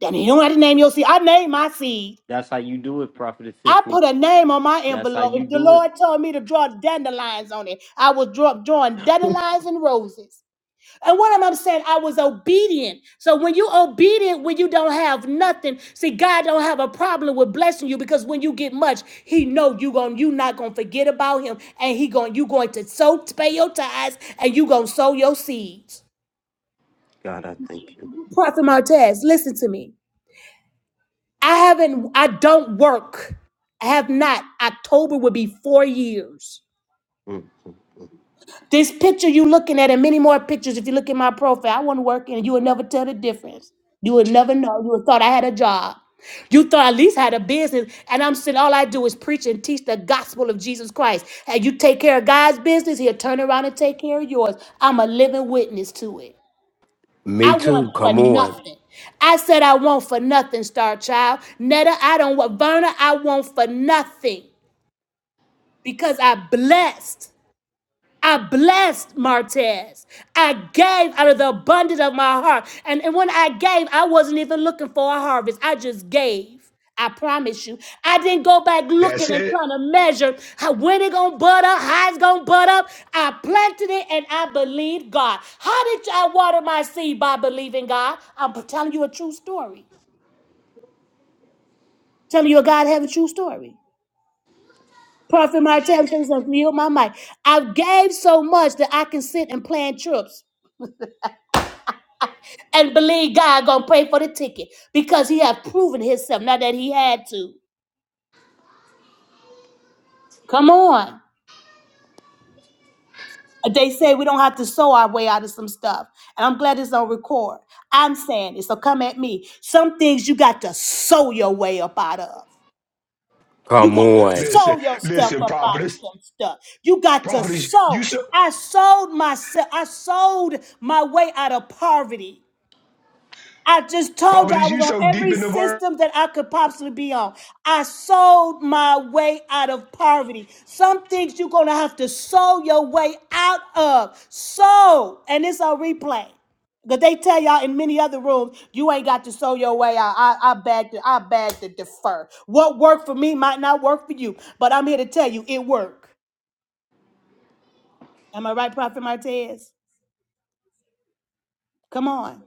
Speaker 9: Then you don't have to name your seed. I named my seed.
Speaker 1: That's how you do it, Prophet
Speaker 9: I
Speaker 1: Tiffany.
Speaker 9: put a name on my
Speaker 1: That's how
Speaker 9: envelope.
Speaker 1: you
Speaker 9: If the
Speaker 1: do it.
Speaker 9: Lord told me to draw dandelions on it, I was draw, drawing dandelions and roses. And what am I saying? I was obedient. So when you obedient, when you don't have nothing, see, God don't have a problem with blessing you because when you get much, He know you going you not gonna forget about Him, and He going you going to sow pay your tithes and you gonna sow your seeds.
Speaker 1: God, I thank you.
Speaker 9: Prophet Martez, listen to me. I haven't. I don't work. I have not. October will be four years.
Speaker 1: Mm.
Speaker 9: This picture you looking at and many more pictures, if you look at my profile, I wasn't working and you would never tell the difference. You would never know. You would thought I had a job. You thought I at least had a business. And I'm saying all I do is preach and teach the gospel of Jesus Christ. And you take care of God's business, he'll turn around and take care of yours. I'm a living witness to it.
Speaker 7: Me
Speaker 9: I want
Speaker 7: too.
Speaker 9: for
Speaker 7: Come on.
Speaker 9: nothing. I said I want for nothing, Star Child. Netta, I don't want Verna, I want for nothing because I blessed. I blessed Martez. I gave out of the abundance of my heart. And, and when I gave, I wasn't even looking for a harvest. I just gave. I promise you. I didn't go back
Speaker 4: That's
Speaker 9: looking and
Speaker 4: it.
Speaker 9: trying to measure how, when it gonna bud up, how it's gonna bud up. I planted it and I believed God. How did I water my seed by believing God? I'm telling you a true story. Telling you a God have a true story. Prophet Martez says, "Yield my mic." I gave so much that I can sit and plan trips. and believe God gonna pay for the ticket because he have proven himself. Not that he had to. Come on. They say we don't have to sew our way out of some stuff. And I'm glad it's on record. I'm saying it, so come at me. Some things you got to sew your way up out of. You
Speaker 7: Come
Speaker 9: got to
Speaker 7: on.
Speaker 4: Listen,
Speaker 9: sew your stuff
Speaker 4: listen,
Speaker 9: up out of
Speaker 4: prophetess,
Speaker 9: some stuff. You got to
Speaker 4: prophetess, you
Speaker 9: sew.
Speaker 4: so,
Speaker 9: I sold myself. I sold my way out of poverty. I just told you I
Speaker 4: prophetess, you
Speaker 9: was on
Speaker 4: so deep
Speaker 9: every
Speaker 4: in the word.
Speaker 9: system that I could possibly be on. I sold my way out of poverty. Some things you're going to have to sow your way out of. Sow. And it's on replay. Because they tell y'all in many other rooms, you ain't got to sow your way out. I, I beg to, I beg to defer. What worked for me might not work for you. But I'm here to tell you, it worked. Am I right, Prophet Martez? Come on.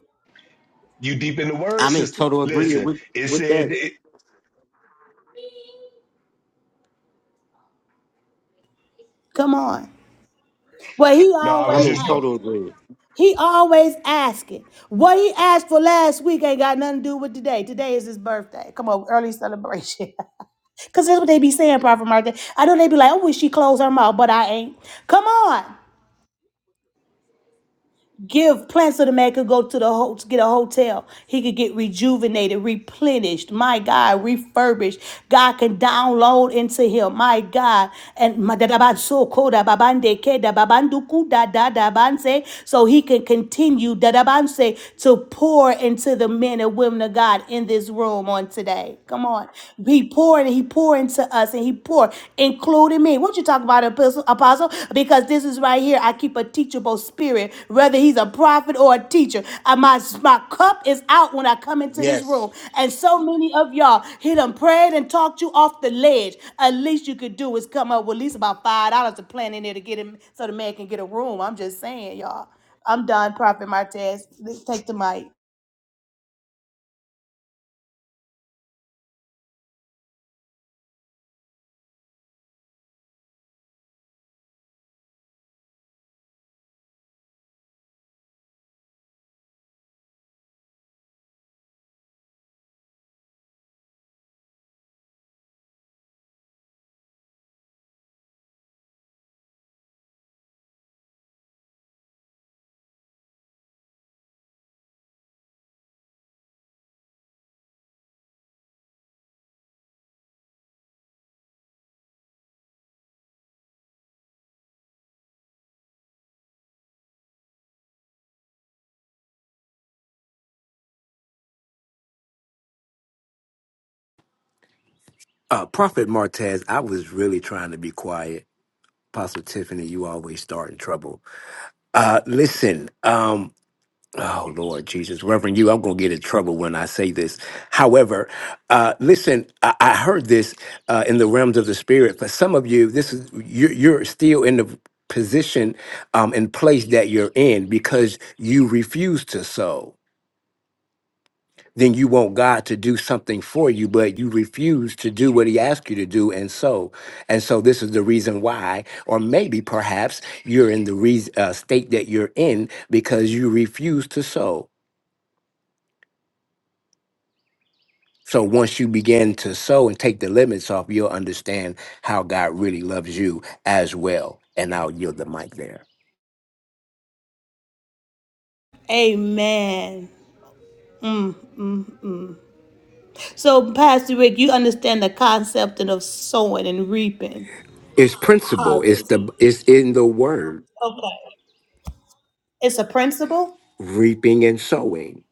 Speaker 4: You deep in the word,
Speaker 1: I'm in
Speaker 4: sister.
Speaker 1: total agreement
Speaker 4: Listen,
Speaker 1: with,
Speaker 4: it
Speaker 1: with
Speaker 4: said,
Speaker 1: that.
Speaker 4: it,
Speaker 9: Come on. Well, he
Speaker 4: no, I was
Speaker 1: I'm in
Speaker 4: just,
Speaker 9: always
Speaker 1: total agreement.
Speaker 9: He always asking. What he asked for last week ain't got nothing to do with today. Today is his birthday. Come on, early celebration. [laughs] Cause that's what they be saying, Prophet Martha. I know they be like, I wish she closed her mouth, but I ain't. Come on give plans so the man could go to the ho- get a hotel. He could get rejuvenated, replenished. My God, refurbished. God can download into him. My God, and ma- da- da- ba- so ko- da- ba- ban- de- da- da- da- so he can continue da- da- ban- to pour into the men and women of God in this room on today. Come on, he poured. He poured into us, and he poor, including me. What you talk about, apostle? apostle? Because this is right here. I keep a teachable spirit, whether he's a prophet or a teacher. Uh, My, my cup is out when I come into this
Speaker 1: Yes.
Speaker 9: room. And so many of y'all, he done prayed and talked you off the ledge. At least you could do is come up with at least about $5 to plan in there to get him so the man can get a room. I'm just saying, y'all. I'm done, Prophet Martez. Let's take the mic.
Speaker 7: Uh, Prophet Martez, I was really trying to be quiet. Apostle Tiffany, you always start in trouble. Uh, listen, um, Oh Lord Jesus, Reverend, you, I'm gonna get in trouble when I say this. However, uh, listen, I, I heard this uh, in the realms of the spirit. For some of you, this is you're, you're still in the position um, and place that you're in because you refuse to sow. Then you want God to do something for you, but you refuse to do what He asked you to do, and so, and so, this is the reason why, or maybe perhaps you're in the re- uh, state that you're in because you refuse to sow. So once you begin to sow and take the limits off, you'll understand how God really loves you as well. And I'll yield the mic there.
Speaker 9: Amen. So, Pastor Rick, you understand the concept of sowing and reaping.
Speaker 7: It's principle. It's
Speaker 9: harvest.
Speaker 7: the it's in the word,
Speaker 9: Okay. It's a principle.
Speaker 7: reaping and sowing.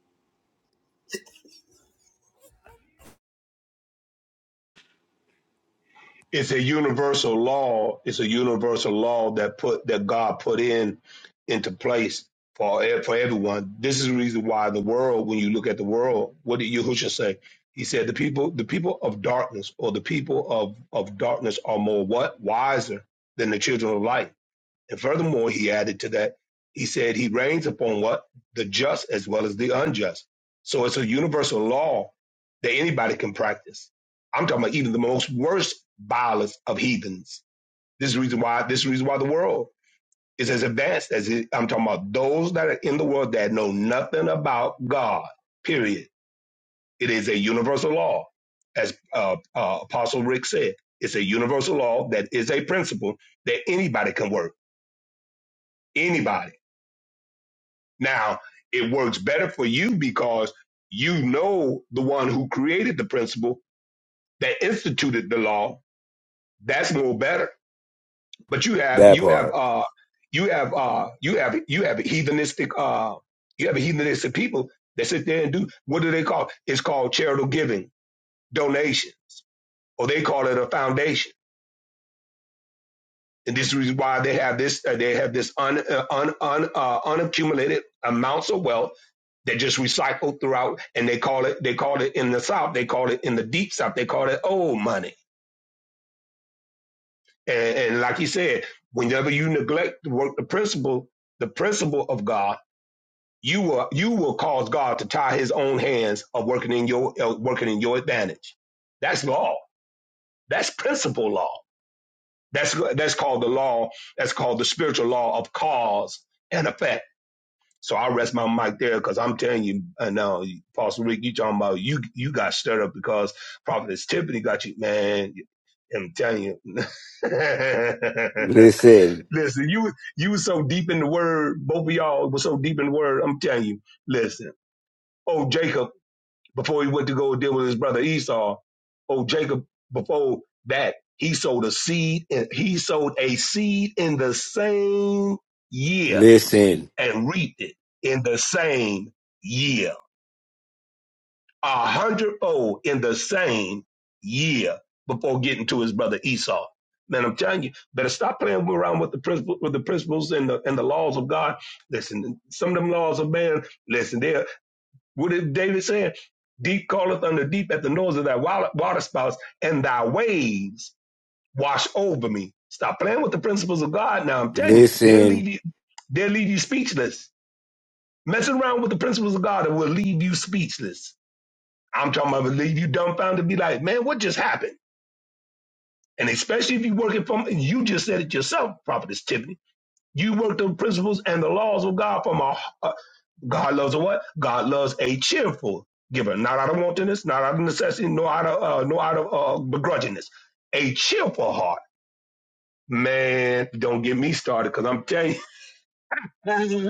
Speaker 4: it's a universal law. It's a universal law that put, that God put in, into place for, e- for everyone. This is the reason why the world, when you look at the world, what did Yahushua say? He said, the people, the people of darkness or the people of, of darkness are more what? Wiser than the children of light. And furthermore, he added to that, he said he reigns upon what? The just as well as the unjust. So it's a universal law that anybody can practice. I'm talking about even the most worst, vilest of heathens. This is the reason why this is the reason why the world is as advanced as it, I'm talking about those that are in the world that know nothing about God. Period. It is a universal law, as uh, uh, Apostle Rick said. It's a universal law that is a principle that anybody can work. Anybody. Now, it works better for you because you know the one who created the principle that instituted the law. That's more better. But you have
Speaker 7: That
Speaker 4: you have
Speaker 7: part.
Speaker 4: uh you have uh you have you have heathenistic uh you have heathenistic people that sit there and do what do they call it? It's called charitable giving, donation, or they call it a foundation. and this is why they have this uh, they have this un, uh, un, un, uh, unaccumulated amounts of wealth that just recycle throughout and they call it they call it in the south they call it in the deep south they call it old money and, and like you said whenever you neglect to work the principle the principle of god you will you will cause god to tie his own hands of working in your uh, working in your advantage that's law that's principle law that's that's called the law that's called the spiritual law of cause and effect So I'll rest my mic there because I'm telling you, uh, now, Pastor Rick, you talking about you you got stirred up because Prophetess Tiffany got you, man. I'm telling you. [laughs]
Speaker 7: Listen,
Speaker 4: listen, you you was so deep in the word, both of y'all was so deep in the word. I'm telling you, listen. Oh Jacob, before he went to go deal with his brother Esau, oh Jacob, before that, he sowed a seed and he sowed a seed in the same year
Speaker 7: listen,
Speaker 4: and reaped it in the same year, a hundredfold in the same year before getting to his brother Esau. Man, I'm telling you, better stop playing around with the principles, with the principles and the and the laws of God. Listen, some of them laws of man. Listen, there. What did David say? Deep calleth unto deep at the noise of thy water spouts, and thy waves wash over me. Stop playing with the principles of God. Now I'm telling you, they'll
Speaker 7: listen,
Speaker 4: leave you, they'll leave you speechless Messing around with the principles of God that will leave you speechless. I'm talking about will leave you dumbfounded, be like, man, what just happened? And especially if you're working from, and you just said it yourself, Prophetess Tiffany, you work the principles and the laws of God from a, uh, God loves a what? God loves a cheerful giver, not out of wantonness, not out of necessity, nor out of, uh, nor out of uh, begrudgingness. A cheerful heart. Man, don't get me started because I'm telling you. [laughs]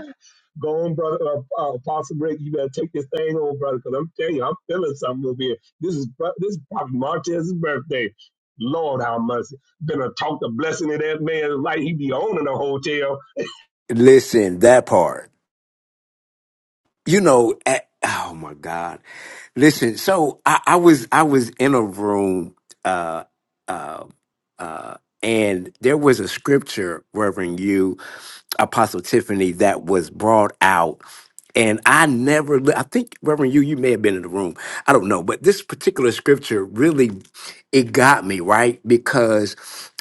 Speaker 4: Go on, brother, uh, uh, Apostle Rick. You better take this thing on, brother, because I'm telling you, I'm feeling something over here. This is bro- this is Prophet Martez's birthday. Lord, how much been a talk the blessing of that man's life. He be owning a hotel.
Speaker 7: listen. That part. you know, at, oh my God. Listen, so I, I was I was in a room uh uh uh and there was a scripture, Reverend you, Apostle Tiffany, that was brought out and I never, li- I think, Reverend, you, you may have been in the room. I don't know. But this particular scripture really, it got me, right? Because,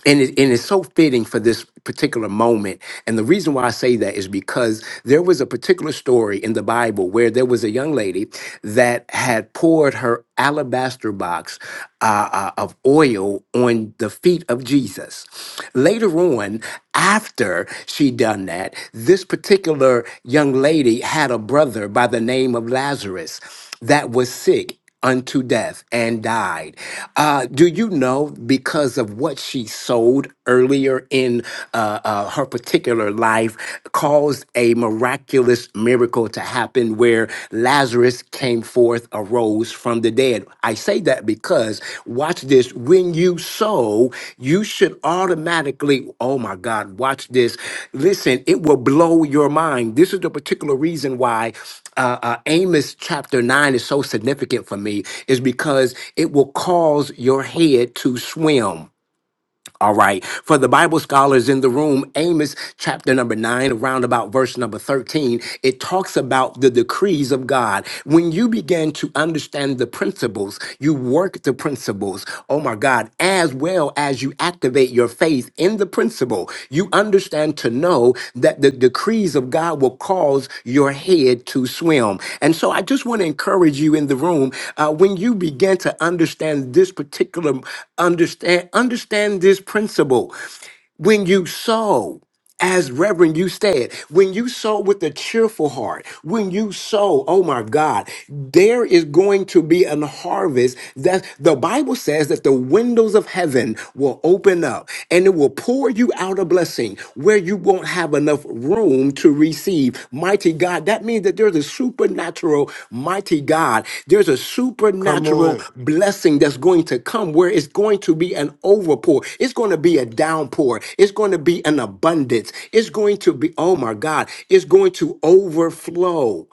Speaker 7: and, it, and it's so fitting for this particular moment. And the reason why I say that is because there was a particular story in the Bible where there was a young lady that had poured her alabaster box uh, uh, of oil on to the feet of Jesus. Later on, after she done that, this particular young lady had a brother by the name of Lazarus that was sick unto death and died. Uh, do you know because of what she sold earlier in uh, uh, her particular life caused a miraculous miracle to to happen where Lazarus came forth, arose from the dead. I say that because, watch this, when you sow, you should automatically, oh my God, watch this. Listen, it will blow your mind. This is the particular reason why uh, uh, Amos chapter 9 is so significant for me, is because it will cause your head to swim. All right. For the Bible scholars in the room, Amos chapter number nine, around about verse number 13, it talks about the decrees of God. When you begin to understand the principles, you work the principles, oh my God, as well as you activate your faith faith in the principle, you understand to know that the decrees of God will cause your head to swim. And so I just want to encourage you in the room uh, when you begin to understand this particular understand understand this principle when you sow, as Reverend you said, when you sow with a cheerful heart, when you sow, oh my God, there is going to be an harvest that the Bible says that the windows of heaven will open up and it will pour you out a blessing where you won't have enough room room to receive. Mighty God, that means that there's a supernatural, mighty God, there's a
Speaker 1: Come
Speaker 7: supernatural
Speaker 1: on.
Speaker 7: blessing that's going to come where it's going to be an overpour. It's going to be a downpour. It's going to be an abundance. It's going to be, oh my God, it's going to overflow.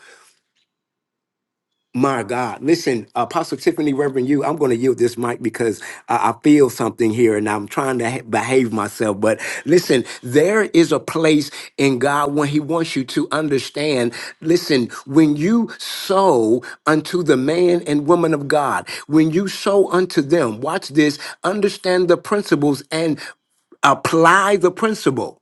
Speaker 7: My God. Listen, Apostle Tiffany, Reverend you, I'm going to yield this mic because I, I feel something here and I'm trying to ha- behave myself. But listen, there is a place in God when He wants you to understand. Listen, when you sow unto the man and woman of God, when you sow unto them, watch this, understand the principles and apply the principle.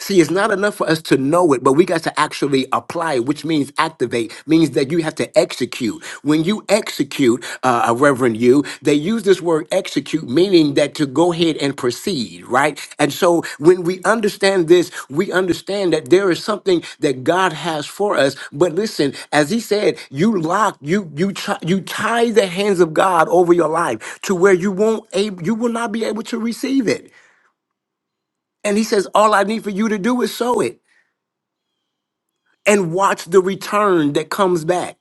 Speaker 7: See, it's not enough for us to know it, but we got to actually apply, which means activate, means that you have to execute. When you execute, uh, uh, Reverend you, they use this word execute, meaning that to go ahead and proceed, right? And so when we understand this, we understand that there is something that God has for us. But listen, as he said, you lock, you you try, you tie the hands of God over your life to where you won't able, you will not be able to receive it. And he says, all I need for you to do is sow it and watch the return that comes back.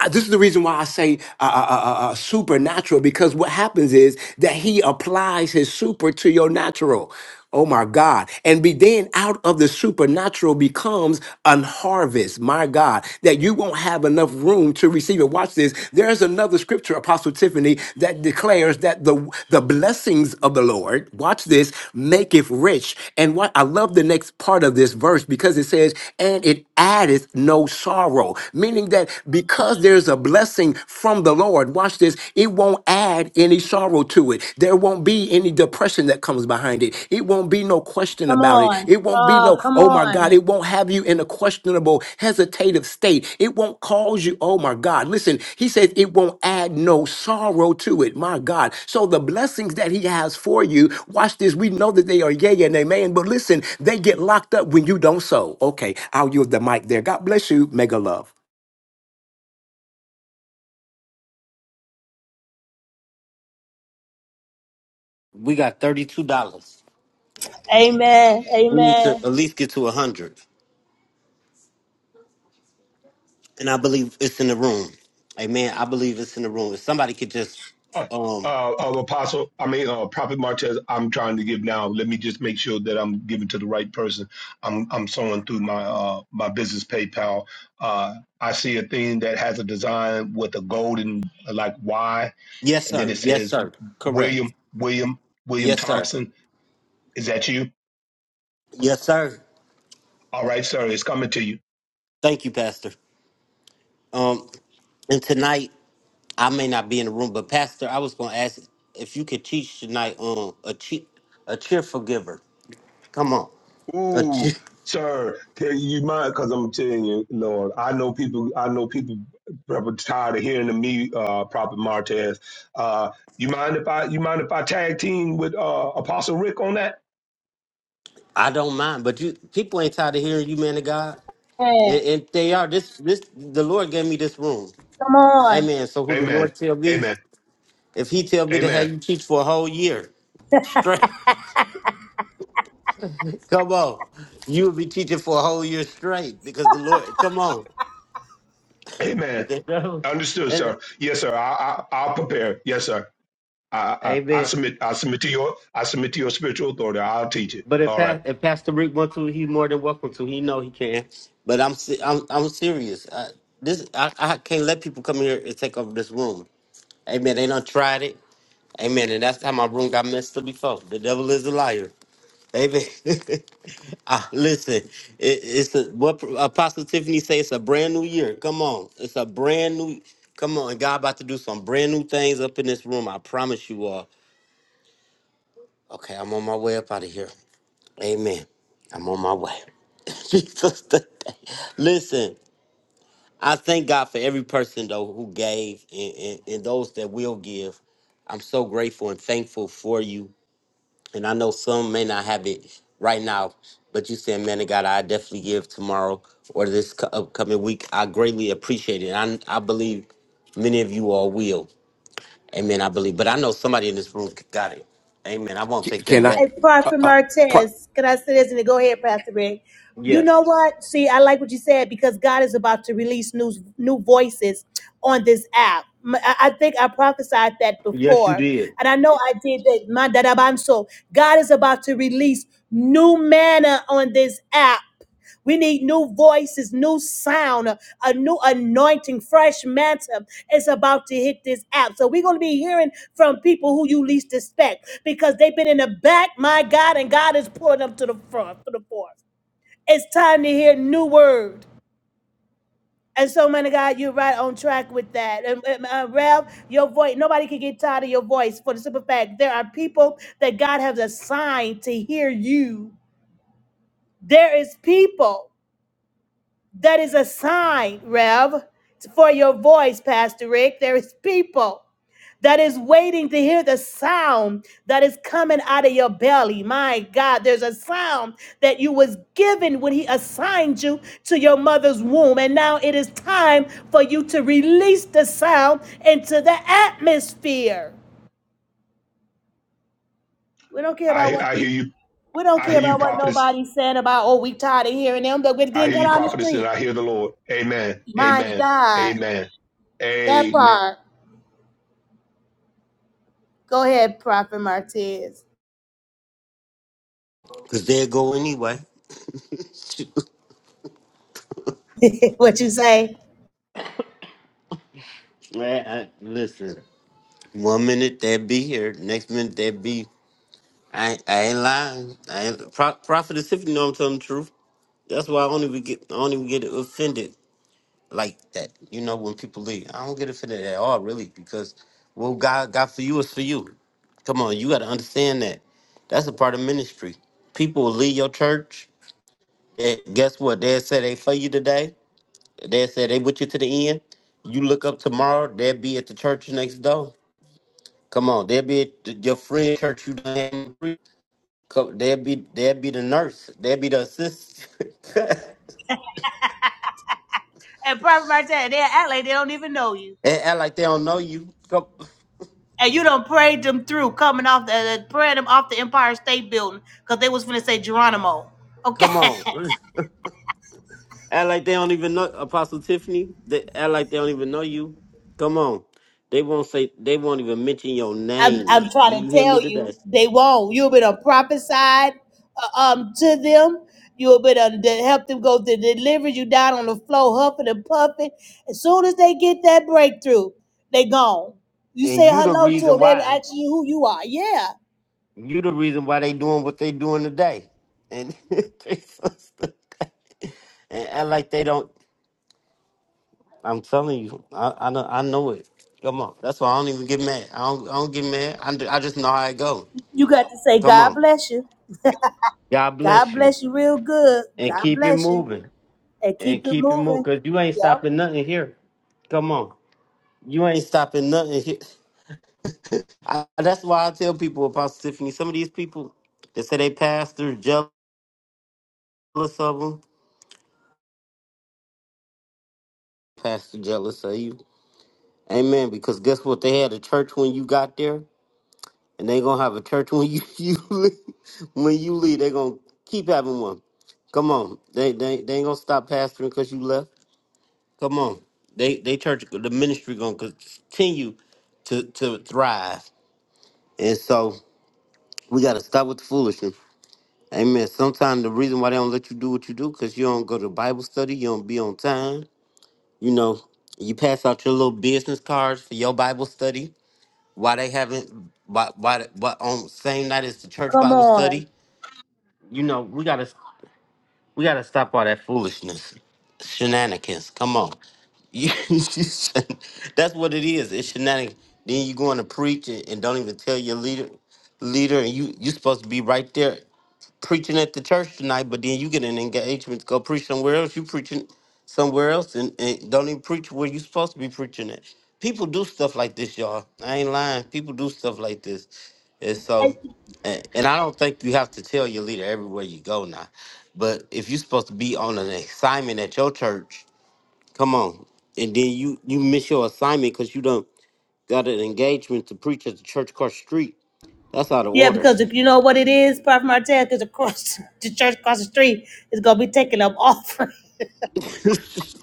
Speaker 7: I- this is the reason why I say uh, uh, uh, uh, uh, supernatural because what happens is that he applies his super to your natural. Oh my God. And be then out of the supernatural becomes an harvest, my God, that you won't have enough room to receive it. Watch this. There's another scripture, Apostle Tiffany, that declares that the, the blessings of the Lord, watch this, maketh rich. And what I love the next part of this verse because it says, and it addeth no sorrow, meaning that that because there's a blessing from the Lord, watch this, it won't add any sorrow to it. There won't be any depression that comes behind it. It won't be no question
Speaker 9: Come
Speaker 7: about it.
Speaker 9: on.
Speaker 7: It won't be
Speaker 9: Oh,
Speaker 7: no,
Speaker 9: come
Speaker 7: oh my God,
Speaker 9: on.
Speaker 7: it won't have you in a questionable, hesitative state. It won't cause you, oh my God. Listen, he says it won't add no sorrow to it, my God. So the blessings that he has for you, watch this, we know that they are yea and amen, but listen, they get locked up when you don't sow. Okay, I'll use the mic there. God bless you. Mega love.
Speaker 1: We got $32.
Speaker 9: Amen.
Speaker 1: We need to at
Speaker 9: Amen.
Speaker 1: least get to 100 And I believe it's in the room. Amen. I believe it's in the room. If somebody could just,
Speaker 4: Uh,
Speaker 1: um,
Speaker 4: uh, uh, Apostle, I mean, uh, Prophet Martez. I'm trying to give now. Let me just make sure that I'm giving to the right person. I'm I'm sewing through my uh my business PayPal. Uh, I see a thing that has a design with a golden like Y
Speaker 1: yes,
Speaker 4: And then
Speaker 1: sir.
Speaker 4: it
Speaker 1: Yes,
Speaker 4: says,
Speaker 1: sir. Correct.
Speaker 4: William, William, William
Speaker 1: Yes, sir.
Speaker 4: Thompson, is that you?
Speaker 1: Yes, sir.
Speaker 4: All right, sir, it's coming to you.
Speaker 1: Thank you, Pastor. Um, and tonight I may not be in the room, but Pastor, I was gonna ask if you could teach tonight on a cheer, a cheerful giver. Come on, a cheer.
Speaker 4: Ooh, sir, can you mind? Because I'm telling you, Lord, I know people. I know people probably tired of hearing me, uh, Prophet Martez. Uh, you mind if I? You mind if I tag team with uh, Apostle Rick on that?
Speaker 1: I don't mind, but you people ain't tired of hearing you, man of God, and,
Speaker 9: Amen.
Speaker 1: and they are. This this the Lord gave me this room,
Speaker 9: Come on.
Speaker 1: Amen. So who the
Speaker 4: Amen.
Speaker 1: Lord tell me?
Speaker 4: Amen.
Speaker 1: If He tell me to have
Speaker 4: Amen.
Speaker 1: you teach for a whole year straight, [laughs] come on, you will be teaching for a whole year straight because the Lord. Come on,
Speaker 4: Amen.
Speaker 1: [laughs]
Speaker 4: Understood,
Speaker 1: and,
Speaker 4: sir. Yes, sir. I, I, I'll prepare. Yes, sir. I, I, I
Speaker 1: Amen.
Speaker 4: submit. I submit to your. I submit to your spiritual authority. I'll teach it.
Speaker 1: But if
Speaker 4: All right.
Speaker 1: that if Pastor Rick wants to, he's more than welcome to. He know he can. But I'm se- I'm I'm serious. I, this I, I can't let people come here and take over this room. Amen. They done tried it. Amen. And that's how my room got messed up before. The devil is a liar. Amen. [laughs] Ah, listen, it, it's a, what Apostle Tiffany say. It's a brand new year. Come on, it's a brand new. Come on, God about to do some brand new things up in this room. I promise you all. Okay, I'm on my way up out of here. Amen. I'm on my way. [laughs] Jesus today. Listen, I thank God for every person though who gave and, and, and those that will give. I'm so grateful and thankful for you. And I know some may not have it right now, but you said, man of God, I definitely give tomorrow or this co- upcoming week. I greatly appreciate it. I, I believe many of you all will. Amen. I believe. But I know somebody in this room got it. Amen. I won't
Speaker 7: C-
Speaker 1: take
Speaker 7: Can
Speaker 1: that
Speaker 7: I,
Speaker 1: back.
Speaker 9: Hey,
Speaker 7: uh,
Speaker 9: Prophet
Speaker 7: uh, Pro,
Speaker 9: Martez, can I say this? And then go ahead, Pastor Rick. You
Speaker 1: Yes.
Speaker 9: know what? See, I like what you said because God is about to release new, new voices on this app. M- I I think I prophesied that
Speaker 1: Yes, you
Speaker 9: before.
Speaker 1: did.
Speaker 9: And I know I did that. My dadabanso. God is about to release new manna on this app. We need new voices, new sound, a new anointing, fresh mantle is about to hit this app. So we're going to be hearing from people who you least expect because they've been in the back, my God, and God is pulling them to the front, to the forth. It's time to hear new word. And so, man of God, you're right on track with that. Um, um, uh, Rev, your voice, nobody can get tired of your voice for the simple fact there are people that God has assigned to hear you. There is people. That is a sign, Rev, for your voice, Pastor Rick. There is people that is waiting to hear the sound that is coming out of your belly. My God, there's a sound that you was given when he assigned you to your mother's womb. And now it is time for you to release the sound into the atmosphere. We don't care about
Speaker 4: I
Speaker 9: what
Speaker 4: I hear
Speaker 9: people
Speaker 4: you.
Speaker 9: we don't
Speaker 4: I
Speaker 9: care
Speaker 4: hear you,
Speaker 9: about what
Speaker 4: prophetess.
Speaker 9: nobody's saying about, oh, we tired of hearing them, but we
Speaker 4: I
Speaker 9: didn't
Speaker 4: hear
Speaker 9: go
Speaker 4: you,
Speaker 9: down the
Speaker 4: prophetess, and
Speaker 9: street.
Speaker 4: I hear the Lord. Amen.
Speaker 9: My
Speaker 4: Amen.
Speaker 9: God,
Speaker 4: Amen.
Speaker 9: that
Speaker 4: Amen.
Speaker 9: part. Go ahead, Prophet Martez.
Speaker 1: Because they'll go anyway.
Speaker 9: [laughs] what you say?
Speaker 1: Man, I, listen, One minute they'll be here, next minute they'll be. I ain't, I ain't lying. I ain't, Pro, Prophet is if you know I'm telling the truth. That's why I don't even get I don't even get offended like that. You know when people leave, I don't get offended at all, really, because what God got for you is for you. Come on, you got to understand that. That's a part of ministry. People will leave your church. And guess what? They'll say they for you today. They said they with you to the end. You look up tomorrow, they'll be at the church next door. Come on, they'll be at the, your friend church you done had. Come- They'll be they'll be the nurse, they'll be the assistant. [laughs] and
Speaker 9: And Prophet Martez, they act like they don't even know you.
Speaker 1: act like they don't know you. Come,
Speaker 9: And you done prayed them through coming off the uh, praying them off the Empire State Building because they was finna say Geronimo. Okay.
Speaker 1: come
Speaker 9: [laughs]
Speaker 1: on, [laughs] act like they don't even know Apostle Tiffany. They act like they don't even know you. Come on, they won't say they won't even mention your
Speaker 9: I'm
Speaker 1: name.
Speaker 9: I'm
Speaker 1: Do
Speaker 9: trying to
Speaker 1: you hear me
Speaker 9: tell
Speaker 1: today?
Speaker 9: you, they won't. You'll be done prophesied uh, um to them. You'll be done to help them go to deliverance. You down on the floor huffing and puffing. As soon as they get that breakthrough, they gone. You
Speaker 1: And
Speaker 9: say
Speaker 1: you the
Speaker 9: hello
Speaker 1: reason
Speaker 9: to them. They
Speaker 1: why.
Speaker 9: ask you who you are. Yeah,
Speaker 1: You the reason why they doing what they doing today, and [laughs] they so stupid. [laughs] and act like they don't. I'm telling you, I I know, I know it. Come on, that's why I don't even get mad. I don't I don't get mad. I ju- I just know how it go.
Speaker 9: You got to say,
Speaker 1: Come
Speaker 9: God
Speaker 1: on,
Speaker 9: bless you.
Speaker 1: God
Speaker 9: God
Speaker 1: bless you,
Speaker 9: bless you real good.
Speaker 1: and
Speaker 9: God
Speaker 1: keep it
Speaker 9: bless you.
Speaker 1: moving,
Speaker 9: And keep
Speaker 1: and
Speaker 9: it
Speaker 1: keep it moving,
Speaker 9: moving.
Speaker 1: cause you ain't stopping
Speaker 9: Yep.
Speaker 1: nothing here. Come on, you ain't stopping nothing here. I, that's why I tell people about Tiffany. Some of these people that say they pastor jealous of them. Pastor jealous of you Amen. Because guess what? They had a church when you got there, and they gonna have a church when you, [laughs] you leave. when you leave. They gonna keep having one. Come on, they they they ain't gonna stop pastoring because you left. Come on, they they church the ministry gonna continue to to thrive, and so we gotta stop with the foolishness. Amen. Sometimes the reason why they don't let you do what you do because you don't go to Bible study, you don't be on time. You know, you pass out your little business cards for your Bible study why they haven't why why why on same night as the church
Speaker 9: Come
Speaker 1: Bible
Speaker 9: on.
Speaker 1: study? You know, we gotta we gotta stop all that foolishness. Shenanigans. Come on. You- [laughs] That's what it is. It's shenanigans. Then you going to preach and, and don't even tell your leader leader and you you supposed to be right there preaching at the church tonight, but then you get an engagement to go preach somewhere else. You preaching somewhere else and, and don't even preach where you're supposed to be preaching at. People do stuff like this, y'all. I ain't lying. People do stuff like this. And so, and, and I don't think you have to tell your leader everywhere you go now. But if you're supposed to be on an assignment at your church, come on. And then you you miss your assignment because you don't got an engagement to preach at the church across the street. That's out of
Speaker 9: Yeah,
Speaker 1: order.
Speaker 9: because if you know what it is, Prophet Martel, because across [laughs] the church across the street is gonna be taking up all. [laughs]
Speaker 1: [laughs] it's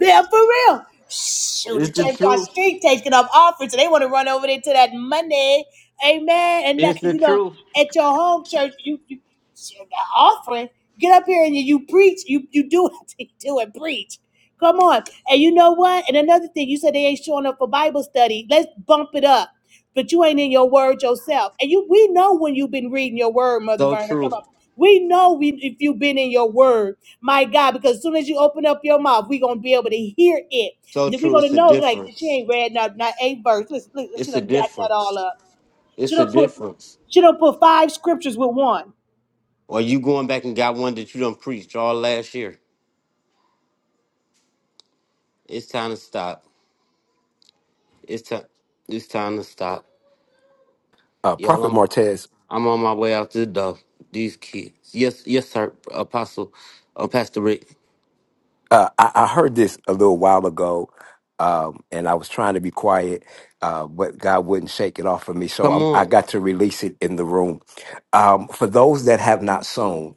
Speaker 9: Yeah, for real. Shoot, the
Speaker 1: the
Speaker 9: church across the
Speaker 1: truth.
Speaker 9: street taking up offering. so they want to run over there to that Monday, amen. And that,
Speaker 1: It's
Speaker 9: cause
Speaker 1: the
Speaker 9: you know,
Speaker 1: truth.
Speaker 9: at your home church, you you shoot, that offering. Get up here and you, you preach, you you do it, [laughs] you do and preach. Come on, and you know what? And another thing, you said they ain't showing up for Bible study. Let's bump it up, but you ain't in your word yourself. And you, we know when you've been reading your word, Mother
Speaker 1: So
Speaker 9: Verna. Come
Speaker 1: true.
Speaker 9: on, we know we, if you've been in your word. My God, because as soon as you open up your mouth, we're gonna be able to hear it.
Speaker 1: So
Speaker 9: Then we're
Speaker 1: true.
Speaker 9: gonna
Speaker 1: It's a
Speaker 9: know like she
Speaker 1: difference.
Speaker 9: ain't read not not eight verse. Listen, listen, she
Speaker 1: It's a
Speaker 9: done jacked that all
Speaker 1: difference.
Speaker 9: up. She
Speaker 1: It's a
Speaker 9: done put
Speaker 1: difference.
Speaker 9: she done put five scriptures with one.
Speaker 1: Or you going back and got one that you done preached all last year. It's time to stop. It's time. It's time to stop.
Speaker 7: uh,
Speaker 1: Y'all,
Speaker 7: Prophet
Speaker 1: I'm
Speaker 7: Martez?
Speaker 1: I'm on my way out the door. These kids. Yes, yes, sir. Apostle, uh, Pastor Rick.
Speaker 7: Uh, I, I heard this a little while ago, um, and I was trying to be quiet, uh, but God wouldn't shake it off of me,
Speaker 1: Come
Speaker 7: so I, I
Speaker 1: on.
Speaker 7: got to release it in the room. Um, for those that have not sown,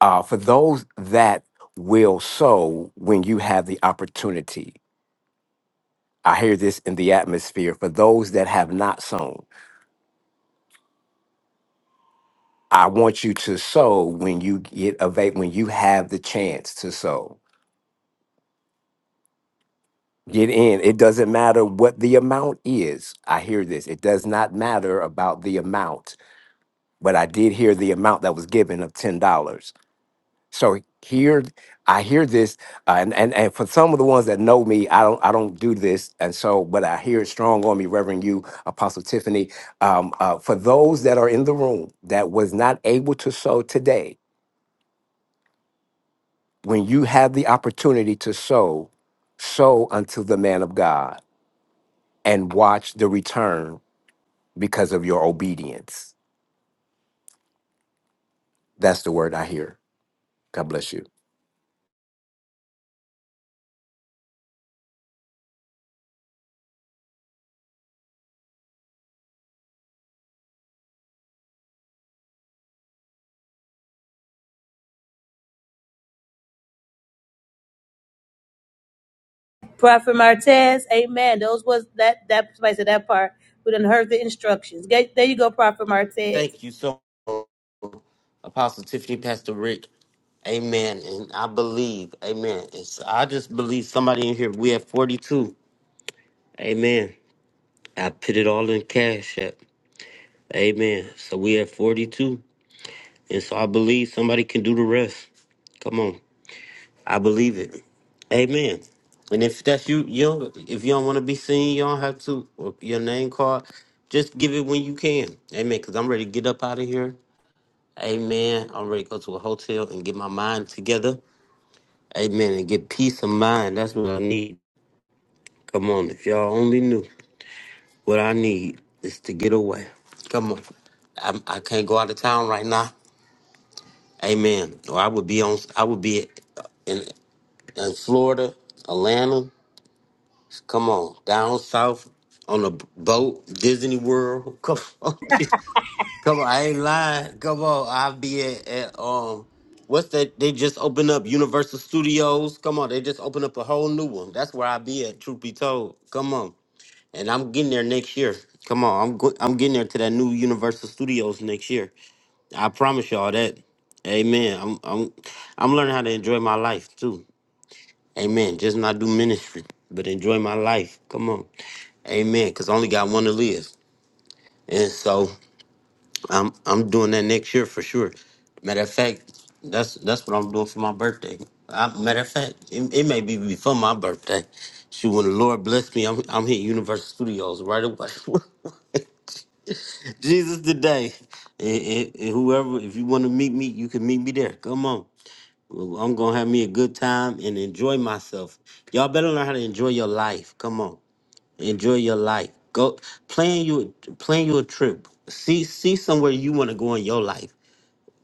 Speaker 7: uh, for those that will sow when you have the opportunity, I hear this in the atmosphere. For those that have not sown, I want you to sow when you get available, when you have the chance to sow. Get in. It doesn't matter what the amount is. I hear this. It does not matter about the amount, but I did hear the amount that was given of ten dollars. So here, I hear this, uh, and, and and for some of the ones that know me, I don't I don't do this, and so but I hear it strong on me, Reverend you, Apostle Tiffany. Um, uh, for those that are in the room that was not able to sow today, when you have the opportunity to sow, sow unto the man of God and watch the return because of your obedience. That's the word I hear. God bless you.
Speaker 9: Prophet Martez, amen. Those was that that somebody said that part. We done heard the instructions. Get- There you go, Prophet Martez.
Speaker 1: Thank you so, Apostle Tiffany, Pastor Rick. Amen. And I believe. Amen. It's, I just believe somebody in here. We have 42. Amen. I put it all in Cash App. Amen. So we at 42. And so I believe somebody can do the rest. Come on. I believe it. Amen. And if that's you, you don't, if you don't want to be seen, you don't have to. Or your name card, just give it when you can. Amen. Because I'm ready to get up out of here. Amen. I'm ready to go to a hotel and get my mind together. Amen. And get peace of mind. That's what I need. Come on. If y'all only knew. What I need is to get away. Come on. I'm, I can't go out of town right now. Amen. Or I would be on. I would be in in Florida, Atlanta. Come on, down south on a boat, Disney World. [laughs] Come on, come on. I ain't lying. Come on, I'll be at, at um. What's that? They just opened up Universal Studios. Come on, they just opened up a whole new one. That's where I be at. Truth be told, come on and I'm getting there next year. Come on, I'm go- I'm getting there to that new Universal Studios next year. I promise y'all that. Amen. I'm I'm I'm learning how to enjoy my life too. Amen. Just not do ministry, but enjoy my life. Come on. Amen. Cause I only got one to live, and so I'm I'm doing that next year for sure. Matter of fact, that's that's what I'm doing for my birthday. I, matter of fact, it, it may be before my birthday. Shoot, when the Lord bless me, I'm I'm hitting Universal Studios right away. [laughs] Jesus today. And, and- and whoever, if you want to meet me, you can meet me there. Come on. Well, I'm going to have me a good time and enjoy myself. Y'all better learn how to enjoy your life. Come on. Enjoy your life. Go plan you plan you a trip. See see somewhere you want to go in your life.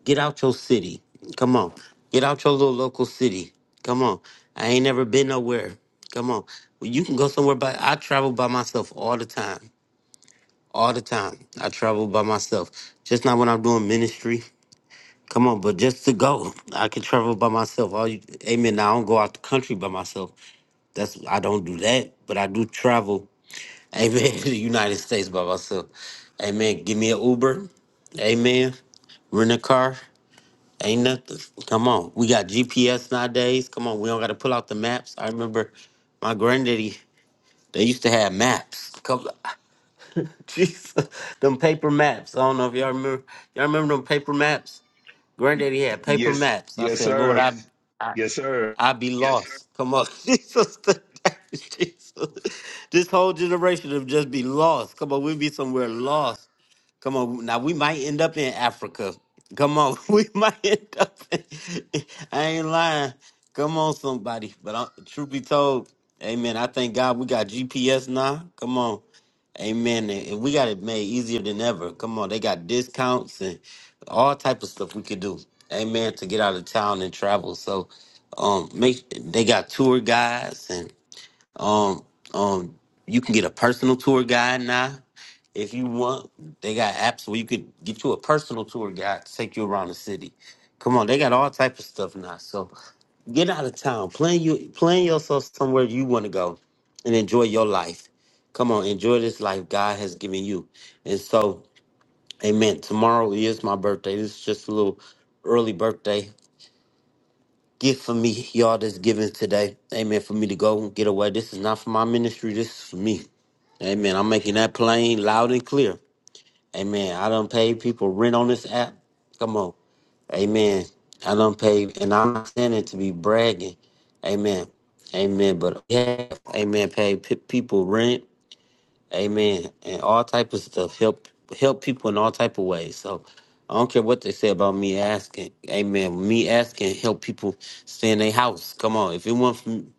Speaker 1: Get out your city. Come on. Get out your little local city. Come on. I ain't never been nowhere. Come on. Well, you can go somewhere by I travel by myself all the time all the time. I travel by myself. Just not when I'm doing ministry. Come on, but just to go, I can travel by myself. All you, amen. Now I don't go out the country by myself. That's I don't do that, but I do travel. Amen. [laughs] to the United States by myself. Amen. Give me an Uber. Amen. Rent a car. Ain't nothing. Come on. We got GPS nowadays. Come on. We don't got to pull out the maps. I remember my granddaddy. They used to have maps. Come. [laughs] Jesus, them paper maps. I don't know if y'all remember. Y'all remember them paper maps? Granddaddy had paper
Speaker 4: Yes.
Speaker 1: maps. I
Speaker 4: Yes,
Speaker 1: said, Lord,
Speaker 4: sir.
Speaker 1: I Yes.
Speaker 4: Yes, sir.
Speaker 1: I be Yes. lost. Come on, [laughs] Jesus, [laughs] Jesus. This whole generation of just be lost. Come on, we be somewhere lost. Come on, now we might end up in Africa. Come on, [laughs] we might end up. In, I ain't lying. Come on, somebody. But uh, truth be told, Amen. I thank God we got GPS now. Come on, Amen. And and we got it made easier than ever. Come on, they got discounts and all type of stuff we could do. Amen. To get out of town and travel. So, um, make they got tour guides and. Um, um, you can get a personal tour guide now if you want. They got apps where you could get you a personal tour guide to take you around the city. Come on, they got all type of stuff now. So get out of town, plan you plan yourself somewhere you want to go, and enjoy your life. Come on, enjoy this life God has given you. And so, Amen. Tomorrow is my birthday. This is just a little early birthday gift for me, y'all, that's given today. Amen. For me to go and get away. This is not for my ministry. This is for me. Amen. I'm making that plain, loud, and clear. Amen. I don't pay people rent on this app. Come on. Amen. I don't pay, and I'm not saying it to be bragging. Amen. Amen. But yeah, amen. Pay p- people rent. Amen. And all type of stuff. Help help people in all type of ways. So I don't care what they say about me asking. Amen. Me asking help people stay in their house. Come on. If it weren't from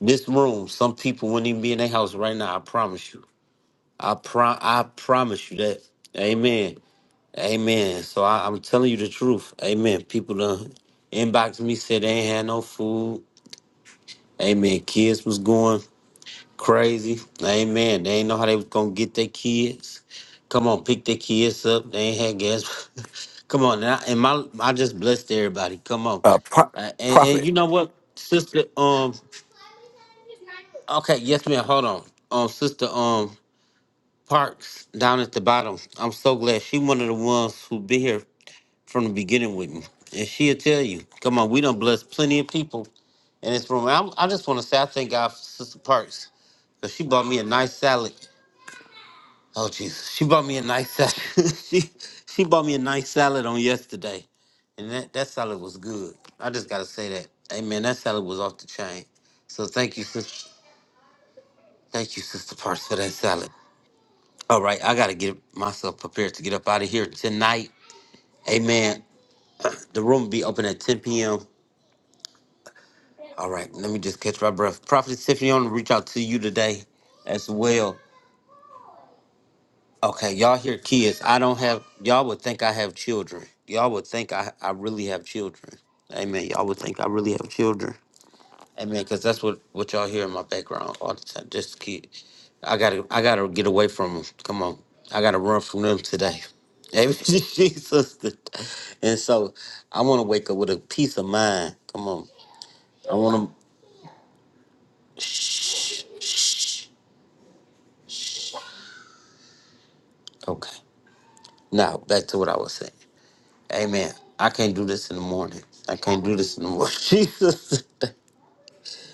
Speaker 1: this room, some people wouldn't even be in their house right now. I promise you. I pro- I promise you that. Amen. Amen. So I, I'm telling you the truth. Amen. People done inboxed me, said they ain't had no food. Amen. Kids was going. Crazy. Amen. They ain't know how they was gonna get their kids. Come on, pick their kids up. They ain't had gas. [laughs] Come on, and, I, and my I just blessed everybody. Come on,
Speaker 7: Uh, pro-
Speaker 1: uh, and and
Speaker 7: prophet,
Speaker 1: you know what, sister? Um, okay, yes, ma'am. Hold on, um, sister, um, Parks down at the bottom. I'm so glad she one of the ones who be here from the beginning with me, and she'll tell you. Come on, we done blessed plenty of people in this room. I, I just want to say I thank God for Sister Parks because she bought me a nice salad Oh Jesus! She bought me a nice salad. [laughs] she she bought me a nice salad on yesterday, and that that salad was good. I just gotta say that. Hey man, that salad was off the chain. So thank you, sister. Thank you, sister Parks, for that salad. All right, I gotta get myself prepared to get up out of here tonight. Amen. The room will be open at 10 p.m. All right, let me just catch my breath. Prophet Tiffany, I want to reach out to you today as well. Okay, y'all hear kids. I don't have y'all would think I have children. Y'all would think I I really have children. Amen. Y'all would think I really have children. Amen. Because that's what what y'all hear in my background all the time. Just kids. I gotta I gotta get away from them. Come on. I gotta run from them today. Amen. [laughs] Jesus. And so I want to wake up with a peace of mind. Come on. I want to. Okay. Now back to what I was saying. Amen. I can't do this in the morning. I can't do this in the morning. [laughs] Jesus.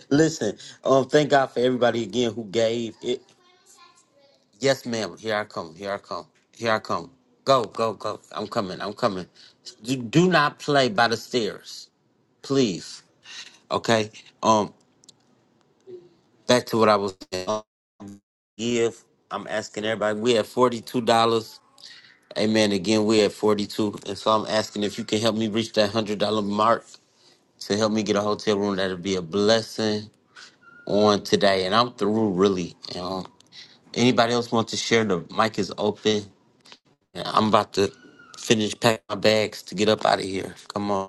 Speaker 1: Listen, um, thank God for everybody again who gave it. Yes, ma'am. Here I come. Here I come. Here I come. Go, go, go. I'm coming. I'm coming. Do, do not play by the stairs, please. Okay. Um, back to what I was saying. Um, give. I'm asking everybody. We at forty-two dollars. Amen. Again, we at forty-two, and so I'm asking if you can help me reach that hundred-dollar mark. to help me get a hotel room. That'll be a blessing on today. And I'm through really. Um, anybody else want to share? The mic is open. And I'm about to finish packing my bags to get up out of here. Come on.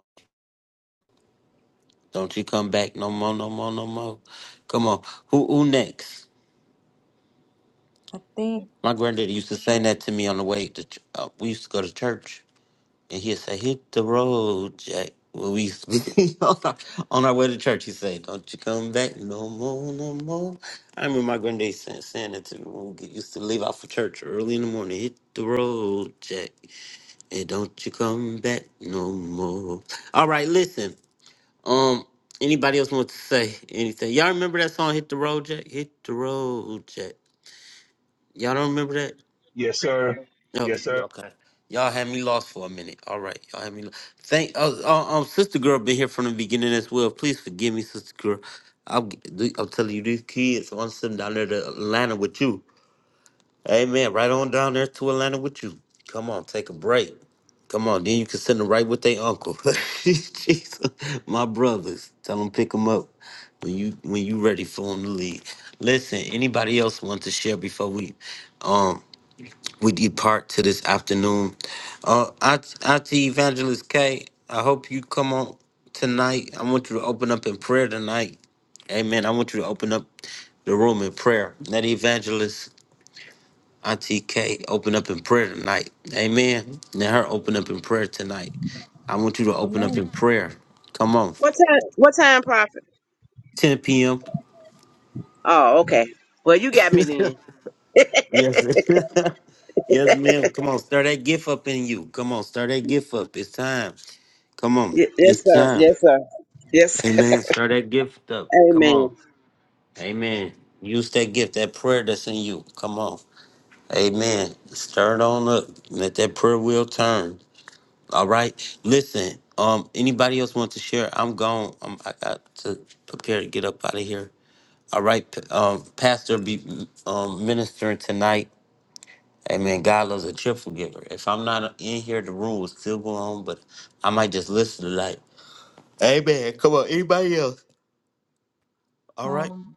Speaker 1: Don't you come back no more, no more, no more. Come on. Who who next?
Speaker 2: I think.
Speaker 1: My granddaddy used to sing that to me on the way to ch- uh, we used to go to church. And he said, hit the road, Jack. When we [laughs] on our on our way to church, he said, Don't you come back no more, no more. I remember my granddad saying, saying that to me when we used to leave out for church early in the morning. Hit the road, Jack, and don't you come back no more. All right, listen. Um, anybody else want to say anything? Y'all remember that song, Hit the Road, Jack? Hit the road, Jack. Y'all don't remember that?
Speaker 4: Yes, sir.
Speaker 1: No,
Speaker 4: Yes,
Speaker 1: yeah,
Speaker 4: sir.
Speaker 1: okay. Y'all had me lost for a minute. All right, y'all had me. Lo- Thank uh, uh, um, sister girl, been here from the beginning as well. Please forgive me, sister girl. I'm g- the- I'm telling you, these kids want to send down there to Atlanta with you. Amen. Right on down there to Atlanta with you. Come on, take a break. Come on, then you can send them right with their uncle. [laughs] Jesus, my brothers, tell them pick them up when you when you ready for them to leave. Listen, anybody else want to share before we, um we depart to this afternoon. Uh, Aunt- Auntie Evangelist K, I hope you come on tonight. I want you to open up in prayer tonight. Amen. I want you to open up the room in prayer. Let Evangelist Auntie K open up in prayer tonight. Amen. Let her open up in prayer tonight. I want you to open up
Speaker 2: Amen.
Speaker 1: in prayer. Come on.
Speaker 5: What time? What time, Prophet?
Speaker 1: 10 p.m.
Speaker 5: Oh, okay. Well, you got
Speaker 1: [laughs]
Speaker 5: me then.
Speaker 1: Yes. [laughs] yes, ma'am. Come on, stir that gift up in you. Come on, stir that gift up. It's time. Come on.
Speaker 5: Y- yes,
Speaker 1: It's
Speaker 5: sir.
Speaker 1: time.
Speaker 5: Yes, sir. Yes.
Speaker 1: Amen. Stir that gift up.
Speaker 5: [laughs]
Speaker 1: Come
Speaker 5: Amen.
Speaker 1: on. Amen. Use that gift, that prayer that's in you. Come on. Amen. Stir it on up. Let that prayer wheel turn. All right. Listen. Um, anybody else want to share? I'm gone. Um, I got to prepare to get up out of here. All right. p- Um, Pastor be um ministering tonight. Amen. God loves a cheerful giver. If I'm not in here, the room will still go on, but I might just listen tonight. Amen. Come on, anybody else? All right.
Speaker 2: Um.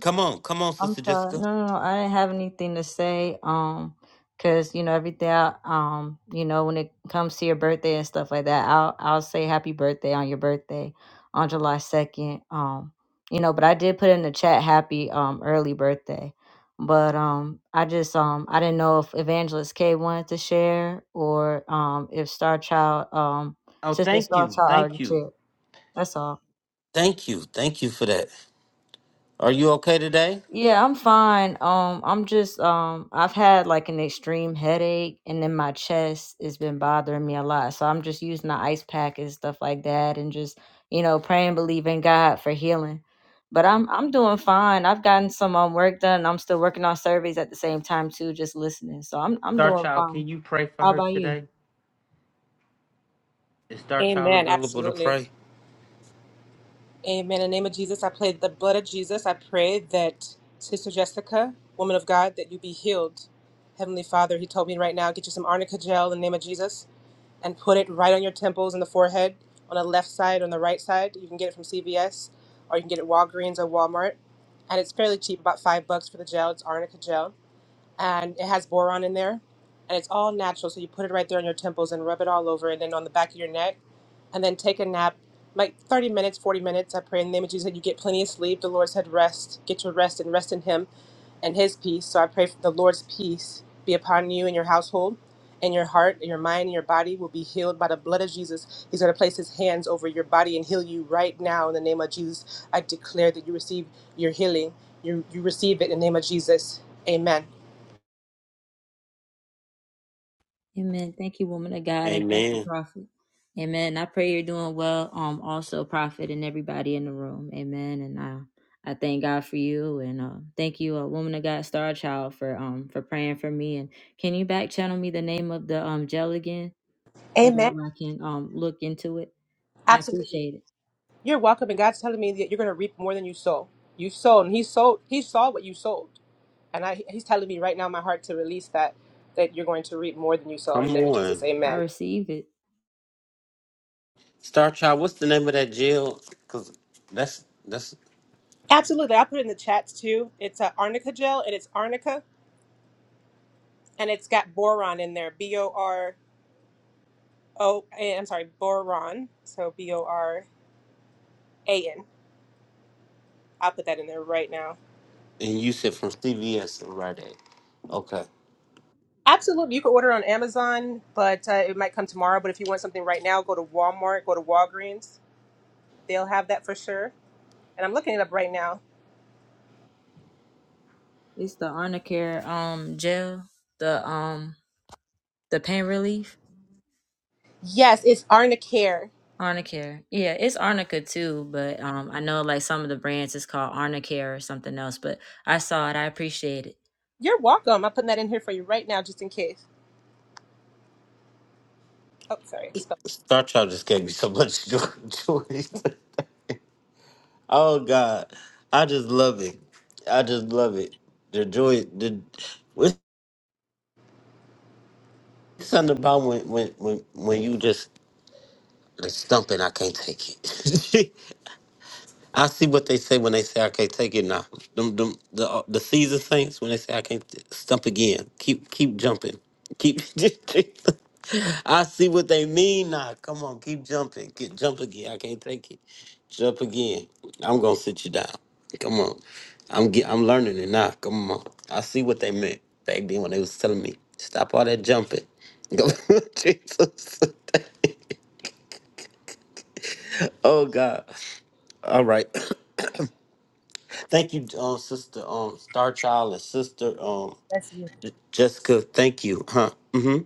Speaker 1: Come on. Come on,
Speaker 2: I'm
Speaker 1: Sister
Speaker 2: sorry. No,
Speaker 1: Jessica.
Speaker 2: no, no. I didn't have anything to say. Um, cause you know everything. I, um, you know when it comes to your birthday and stuff like that, I'll I'll say happy birthday on your birthday on July second. Um, you know, but I did put in the chat happy um early birthday. But um, I just um I didn't know if Evangelist K wanted to share or um if Star Child um
Speaker 1: Oh,
Speaker 2: Sister
Speaker 1: thank
Speaker 2: Star
Speaker 1: you.
Speaker 2: Child already
Speaker 1: Thank you.
Speaker 2: shared. That's all.
Speaker 1: Thank you. Thank you for that. Are you okay today?
Speaker 2: Yeah, I'm fine. Um, I'm just um, I've had like an extreme headache, and then my chest has been bothering me a lot. So I'm just using the ice pack and stuff like that, and just you know praying, believing God for healing. But I'm I'm doing fine. I've gotten some um work done. I'm still working on surveys at the same time too, just listening. So I'm I'm
Speaker 1: Star
Speaker 2: doing
Speaker 1: Child,
Speaker 2: fine.
Speaker 1: can you pray for
Speaker 2: How
Speaker 1: her
Speaker 2: about you?
Speaker 1: today? Is Star Child
Speaker 10: Amen.
Speaker 1: available to
Speaker 10: Absolutely.
Speaker 1: pray?
Speaker 10: Amen. In the name of Jesus, I pray the blood of Jesus. I pray that Sister Jessica, woman of God, that you be healed. Heavenly Father, He told me right now, get you some arnica gel in the name of Jesus and put it right on your temples and the forehead, on the left side, on the right side. You can get it from CVS or you can get it at Walgreens or Walmart. And it's fairly cheap, about five bucks for the gel. It's arnica gel. and it has boron in there and it's all natural so you put it right there on your temples and rub it all over and then on the back of your neck and then take a nap like 30 minutes 40 minutes i pray in the name of jesus that you get plenty of sleep the lord said rest get your rest and rest in him and his peace so i pray for the lord's peace be upon you and your household and your heart and your mind and your body will be healed by the blood of jesus he's going to place his hands over your body and heal you right now in the name of jesus i declare that you receive your healing you, you receive it in the name of jesus amen
Speaker 2: Amen. Thank you, woman of God, and thank you,
Speaker 1: Amen.
Speaker 2: prophet. Amen. I pray you're doing well. Um, also, prophet, and everybody in the room. Amen. And I, I thank God for you, and uh, thank you, uh, woman of God, star child, for um for praying for me. And can you back channel me the name of the um gel again so that
Speaker 10: Amen.
Speaker 2: I can um look into it? I
Speaker 10: Absolutely.
Speaker 2: appreciate it.
Speaker 10: You're welcome. And God's telling me that you're going to reap more than you sow. You sowed, and He sowed. He saw what you sowed, and I, He's telling me right now, in my heart, to release that that you're going to reap more than you sow in the
Speaker 1: Come
Speaker 10: name of Jesus.
Speaker 1: on.
Speaker 2: I
Speaker 10: Amen.
Speaker 2: receive it.
Speaker 1: Star Child, what's the name of that jail? Because that's, that's,
Speaker 10: Absolutely. I put it in the chats too. It's a arnica gel, and it's arnica, and it's got boron in there. B O R O. eh, I'm sorry, boron. So B O R A N. I'll put that in there right now.
Speaker 1: and you said from CVS and Rite Aid. Okay.
Speaker 10: Absolutely. You can order on Amazon, but uh, it might come tomorrow. But if you want something right now, go to Walmart, go to Walgreens. They'll have that for sure. And I'm looking it up right now.
Speaker 2: It's the Arnicare um gel, the um the pain relief.
Speaker 10: Yes, it's Arna Care.
Speaker 2: Arnicare. Yeah, it's Arnica too, but um I know like some of the brands is called Arnicare or something else, but I saw it, I appreciate it.
Speaker 10: You're welcome. I'm putting that in here for you right now, just in case. Oh, sorry. I spelled that.
Speaker 1: Star Child just gave me so much [laughs] joy. oh, God. I just love it. I just love it. The joy, the, something about when when when when you just like stumping, I can't take it. [laughs] I see what they say when they say I can't take it now. Them, them, the uh, the season saints when they say I can't t- stump again. Keep keep jumping. Keep. [laughs] I see what they mean now. Come on, keep jumping. Get jump again. I can't take it. Jump again. I'm gonna sit you down. Come on. I'm get, I'm learning it now. Come on. I see what they meant back then when they was telling me stop all that jumping. [laughs] Go Jesus. [laughs] oh God. All right. [coughs] Thank you, um, sister, um, Star Child and sister, um,
Speaker 10: Bless you.
Speaker 1: J- Jessica. Thank you, huh? Mm-hmm.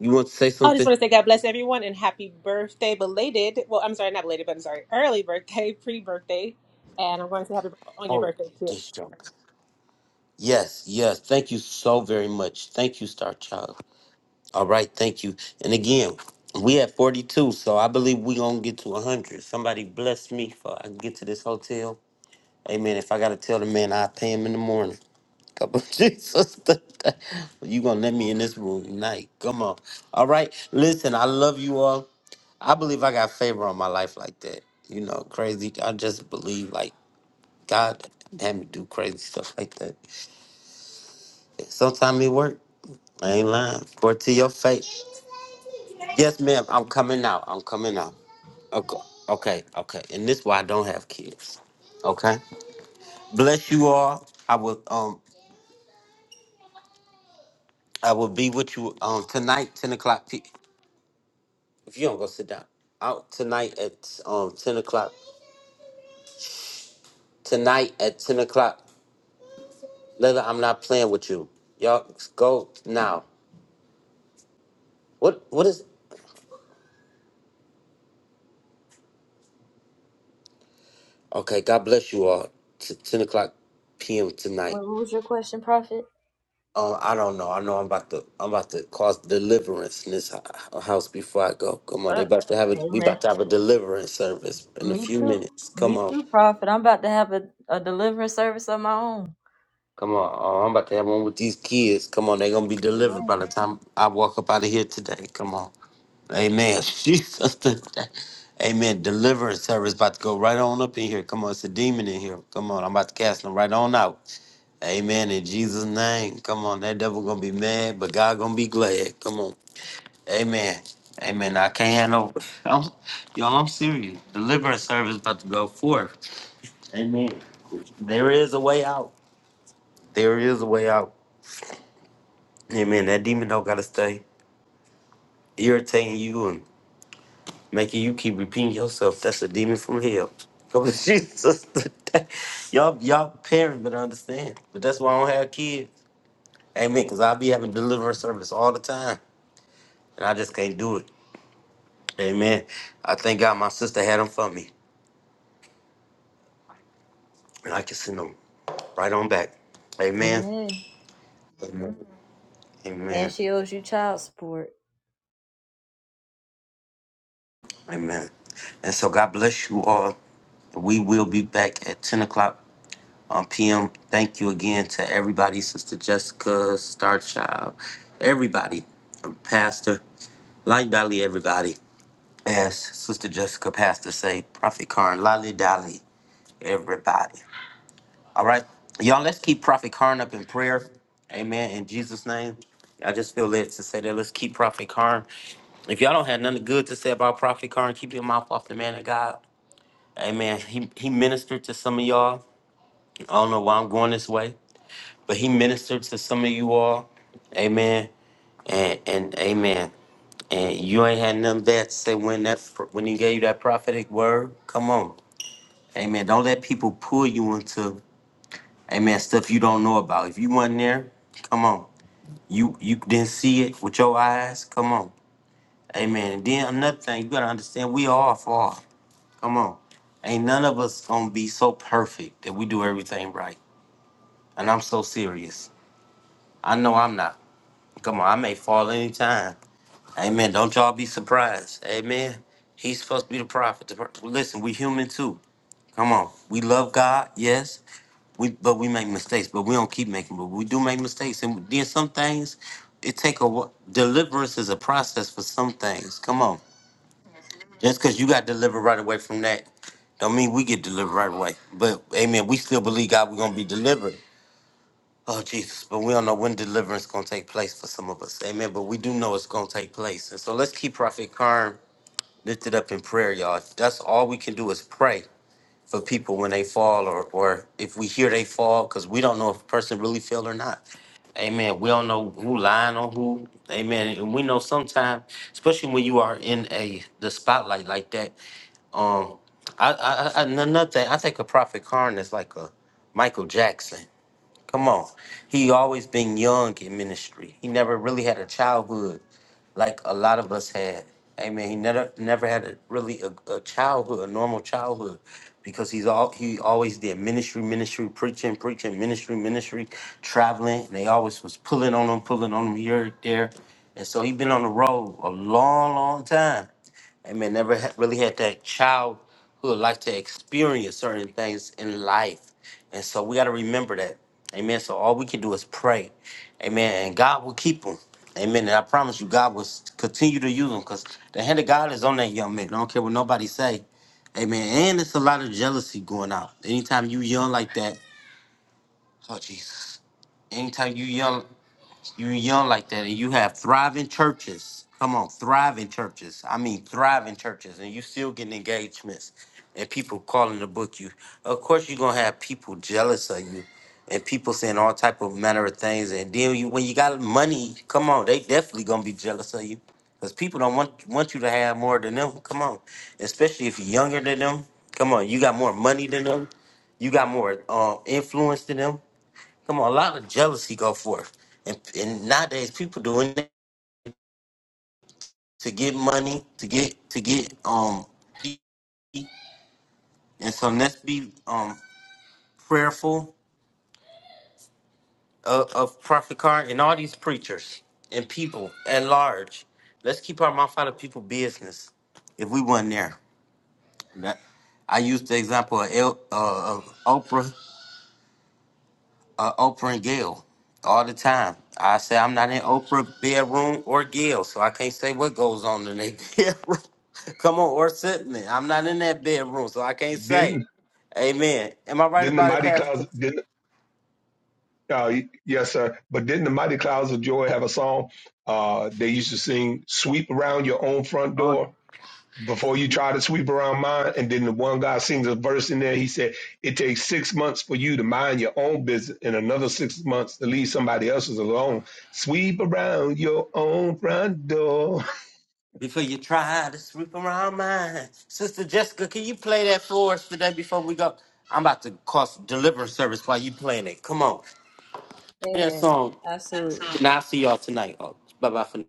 Speaker 1: You want to say
Speaker 10: I just
Speaker 1: something?
Speaker 10: want to say God bless everyone and happy birthday, belated. Well, I'm sorry, not belated, but I'm sorry, early birthday, pre birthday. And I'm going to say happy birthday on your
Speaker 1: Oh,
Speaker 10: birthday, too.
Speaker 1: this joke. Yes, yes. Thank you so very much. Thank you, Star Child. All right, thank you. And again, we at forty-two, so I believe we gonna get to one hundred. Somebody bless me for I can get to this hotel. Amen. If I gotta tell the man, I will pay him in the morning. Come on, [laughs] Jesus. you gonna let me in this room tonight. Come on. All right. Listen, I love you all. I believe I got favor on my life like that. You know, crazy. I just believe like God had me do crazy stuff like that. Sometimes it work. I ain't lying. Word to your face. Yes, ma'am. I'm coming out. I'm coming out. Okay. Okay. Okay. And this why I don't have kids. Okay. Bless you all. I will um I will be with you um tonight, ten o'clock. p. If you don't go sit down out tonight at um ten o'clock. Tonight at ten o'clock. Lila, I'm not playing with you. Y'all go now. What what is Okay, God bless you all. T- ten o'clock PM tonight.
Speaker 2: What was your question, Prophet?
Speaker 1: Um, I don't know. I know I'm about to I'm about to cause deliverance in this hou- house before I go. Come on, they
Speaker 2: Uh,
Speaker 1: about to have a we
Speaker 2: amen.
Speaker 1: about to have a deliverance service in a
Speaker 2: Me
Speaker 1: few
Speaker 2: too.
Speaker 1: minutes. Come
Speaker 2: Me
Speaker 1: on.
Speaker 2: too, Prophet. I'm about to have a, a deliverance service of my own.
Speaker 1: Come on. Oh, I'm about to have one with these kids. Come on, they're gonna be delivered by the time I walk up out of here today. Come on. Amen. [laughs] Jesus today. Amen. Deliverance service about to go right on up in here. Come on, it's a demon in here. Come on, I'm about to cast them right on out. Amen. In Jesus' name. Come on, that devil gonna be mad, but God gonna be glad. Come on. Amen. Amen. I can't handle [laughs] I'm, y'all. I'm serious. Deliverance service about to go forth. Amen. There is a way out. There is a way out. Amen. That demon don't gotta stay irritating you and making you keep repeating yourself. That's a demon from hell. Come on, [laughs] Jesus. y'all, y'all parents better understand. But that's why I don't have kids. Amen. Cause I be having deliverance service all the time, and I just can't do it. Amen. I thank God my sister had them for me, and I can send them right on back. Amen.
Speaker 2: Amen.
Speaker 1: Amen.
Speaker 2: And
Speaker 1: Amen.
Speaker 2: she owes you child support.
Speaker 1: Amen. And so God bless you all. We will be back at ten o'clock Um, PM, thank you again to everybody, Sister Jessica, Star Child, everybody, um, Pastor, Light Dolly, everybody. As Sister Jessica, Pastor say, Prophet Karn, Lolly Dolly, everybody. All right, y'all, let's keep Prophet Karn up in prayer. Amen. In Jesus' name, I just feel led to say that. Let's keep Prophet Karn. If y'all don't have nothing good to say about Prophet Karn, keep your mouth off the man of God. Amen. He, he ministered to some of y'all. I don't know why I'm going this way. but he ministered to some of you all. Amen. And, and amen. And you ain't had nothing bad to say when that when he gave you that prophetic word. Come on. Amen. Don't let people pull you into amen stuff you don't know about. If you wasn't there, come on. You you didn't see it with your eyes. Come on. Amen. And then another thing, you gotta understand we all fall. Come on. Ain't none of us gonna be so perfect that we do everything right. And I'm so serious. I know I'm not. Come on, I may fall anytime. Amen. Don't y'all be surprised. Amen. He's supposed to be the prophet. The pro- Listen, we human too. Come on. We love God, yes. We but we make mistakes, but we don't keep making. But we do make mistakes, and then some things it take a wh- deliverance is a process for some things. Come on, just because you got delivered right away from that, don't mean we get delivered right away. But amen, we still believe God. We're gonna be delivered. Oh Jesus, but we don't know when deliverance is gonna take place for some of us. Amen. But we do know it's gonna take place. And so let's keep Prophet Karn lifted up in prayer, y'all. If That's all we can do is pray for people when they fall or or if we hear they fall, because we don't know if a person really fell or not. Amen. We don't know who lying on who. Amen. And we know sometimes, especially when you are in a the spotlight like that, um, I, I, I, I- another thing, I think a prophet Karn is like a Michael Jackson. Come on. He always been young in ministry. He never really had a childhood like a lot of us had. Amen. He never never had a really a, a childhood, a normal childhood, because he's all he always did ministry, ministry, preaching, preaching, ministry, ministry, traveling. And they always was pulling on him, pulling on him here, there. And so he been on the road a long, long time. I mean, never ha- really had that child who would like to experience certain things in life. And so we got to remember that. Amen. So all we can do is pray. Amen. And God will keep them. Amen. And I promise you, God will s- continue to use them because the hand of God is on that young man. I don't care what nobody say. Amen. And it's a lot of jealousy going out. Anytime you young like that, oh Jesus. Anytime you young. You're young like that, and you have thriving churches. Come on, thriving churches. I mean, thriving churches, and you still getting engagements, and people calling to book you. Of course, you're gonna have people jealous of you, and people saying all type of manner of things. And then you, when you got money, come on, they definitely gonna be jealous of you, because people don't want want you to have more than them. Come on, especially if you're younger than them. Come on, you got more money than them. You got more uh, influence than them Come on, a lot of jealousy go forth, and and nowadays people doing it to get money, to get to get um, and so let's be um prayerful of, of Prophet Karn and all these preachers and people at large. Let's keep our mouth out of people business. If we wasn't there, That- I used the example of, El, uh, of Oprah. uh, Oprah and Gail all the time. I say I'm not in Oprah bedroom or Gail, so I can't say what goes on in their [laughs] bedroom. Come on, or Sipman. I'm not in that bedroom, so I can't say.
Speaker 4: Didn't
Speaker 1: Amen. Am I right
Speaker 4: didn't the
Speaker 1: about it,
Speaker 4: mighty
Speaker 1: Pastor?
Speaker 4: clouds didn't uh, yes, sir. But didn't the mighty clouds of joy have a song? Uh, they used to sing "Sweep around your own front
Speaker 1: Oh,
Speaker 4: door." before you try to sweep around mine. And then the one guy sings a verse in there. He said, It takes six months for you to mind your own business and another six months to leave somebody else's alone. Sweep around your own front door. [laughs]
Speaker 1: before you try to sweep around mine. Sister Jessica, can you play that for us today before we go? I'm about to cost deliverance service while you playing it. Come on. Play that
Speaker 2: Amen.
Speaker 1: song.
Speaker 2: Absolutely.
Speaker 1: And I'll see y'all tonight. Oh, bye bye for now.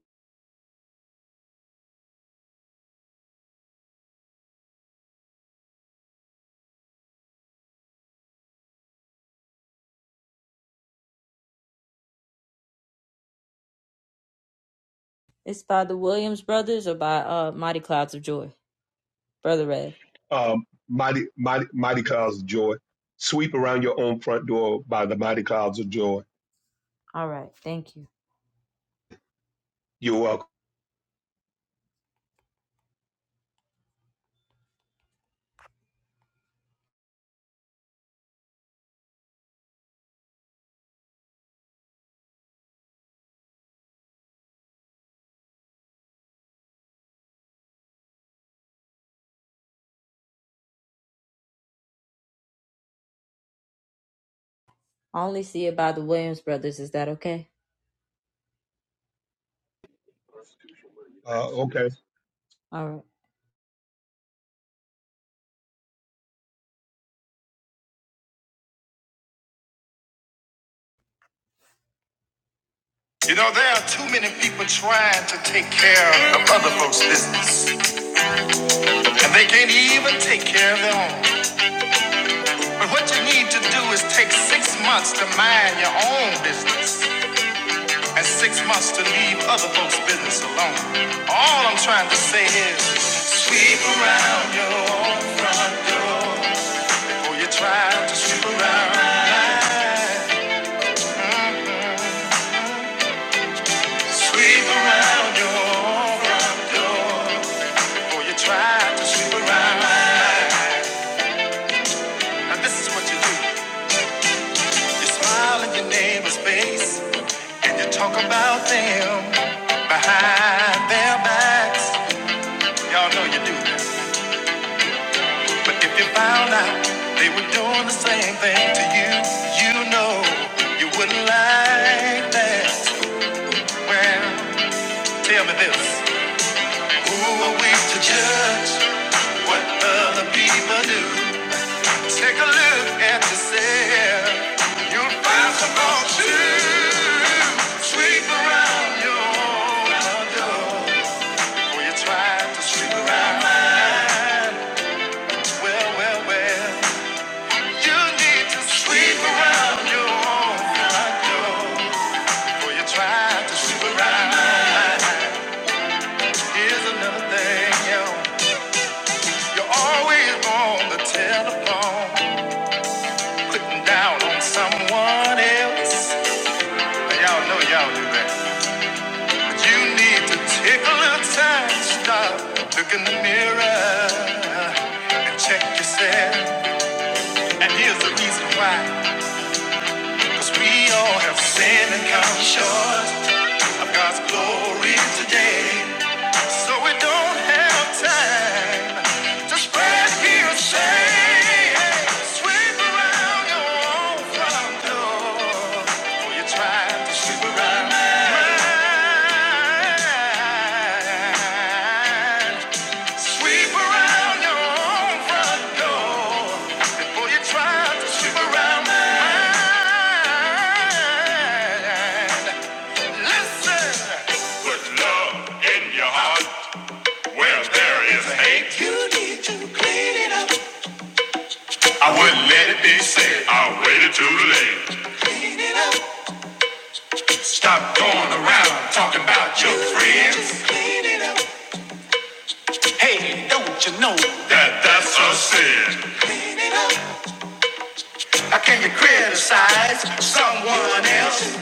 Speaker 2: It's by the Williams brothers or by uh Mighty Clouds of Joy. Brother Rev.
Speaker 4: Um, mighty, mighty, mighty Clouds of Joy. Sweep around your own front door by the Mighty Clouds of Joy.
Speaker 2: All right. Thank you.
Speaker 4: You're welcome.
Speaker 2: I only see it by the Williams brothers, is that okay?
Speaker 4: Uh, okay.
Speaker 2: All right. You know, there are too many people trying to take care of other folks' business, and they can't even take care of their own. But what you need to do is take six months to mind your own business and six months to leave other folks' business alone. All I'm trying to say is sweep around your own front door before you try to sweep around mine. Sweep around your own front door. Boy, you try to sleep around. Now this is what you do. You smile in your neighbor's face and you talk about them behind their backs. Y'all know you do that. But if you found out they were doing the same thing to you, you know you wouldn't like that. So, well, tell me this. Who are we to judge what other people do? Take a look at yourself. You'll find some more to sweep around your door. When you try to sweep around mine, well, well, well, you need to sweep around your front door. When you try to sweep around mine, here's another thing, yo. You're always on the telephone, clicking down on someone else. Hey, Y'all know y'all do that. But you need to take a little time, to stop, look in the mirror, and check yourself. And here's the reason why. Cause we all have sinned and come short of God's glory today. So we don't have time to spread your shame. Sweep around your own front door. or you're trying to sweep around mine. Sweep around your front door before you try to sweep around mine. Listen. Put love in your heart where there is hate. You need to clean it up. I wouldn't let it be said. I waited too late. Clean it up. Stop going around talking about your friends. Just clean it up. Hey, don't you know that that's a sin? Clean it up. Can you criticize someone else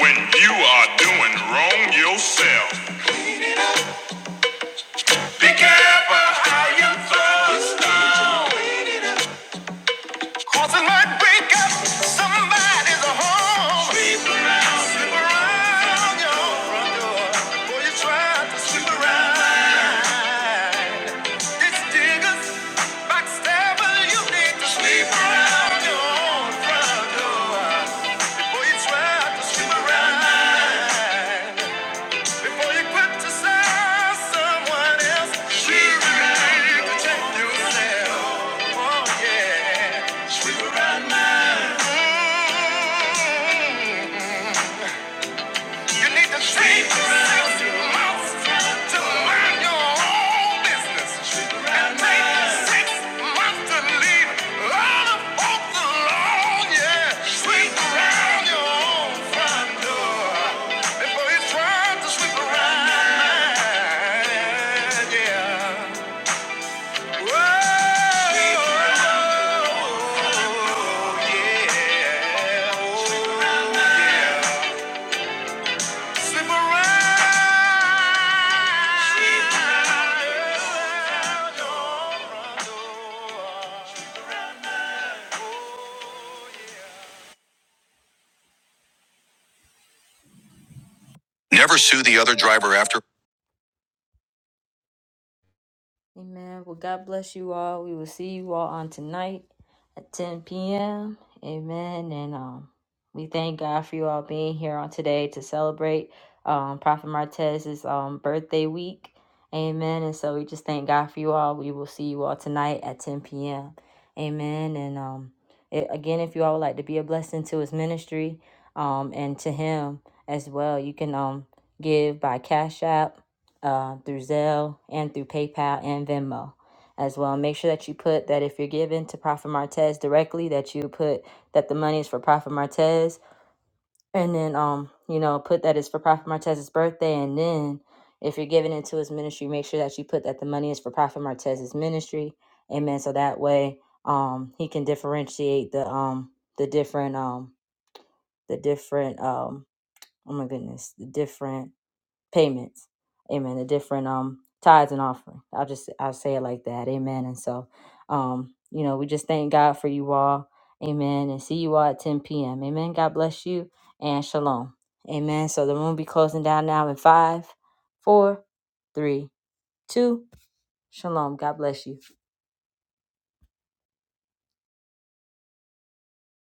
Speaker 2: when you are doing wrong yourself? Be careful how you thrust. Cause it might break up somebody's home. Sweep around, sweep around your front door before you try to sweep around. It's diggers, backstabber, you need to sweep around your front door before you try to sweep around. Before you quit to serve someone else, we remain to take yourself. Oh, yeah. We were right, man. You need to speak around your mouth to mind your own business and make six months to leave all the folks alone. Yeah, sweep around your own front door before he tries to sweep around. mine. Yeah. Whoa, yeah. Sweep around your yeah. Oh, Never sue the other driver after. Amen. Well, God bless you all. We will see you all on tonight at 10 p.m. Amen. And um, we thank God for you all being here on today to celebrate um, Prophet Martez's um, birthday week. Amen. And so we just thank God for you all. We will see you all tonight at 10 p.m. Amen. And um, it, again, if you all would like to be a blessing to his ministry um, and to him as well, you can um, give by Cash App uh, through Zelle and through PayPal and Venmo as well. Make sure that you put that if you're giving to Prophet Martez directly, that you put that the money is for Prophet Martez, and then um, you know, put that it's for Prophet Martez's birthday, and then if you're giving into his ministry, make sure that you put that the money is for Prophet Martez's ministry. Amen. So that way, um, he can differentiate the um the different um the different um oh my goodness the different payments. Amen. The different um tithes and offering. I'll just I'll say it like that. Amen. And so um, you know, we just thank God for you all. Amen. And see you all at 10 p.m. Amen. God bless you and shalom. Amen. So the room will be closing down now in five, four, three, two, shalom. God bless you.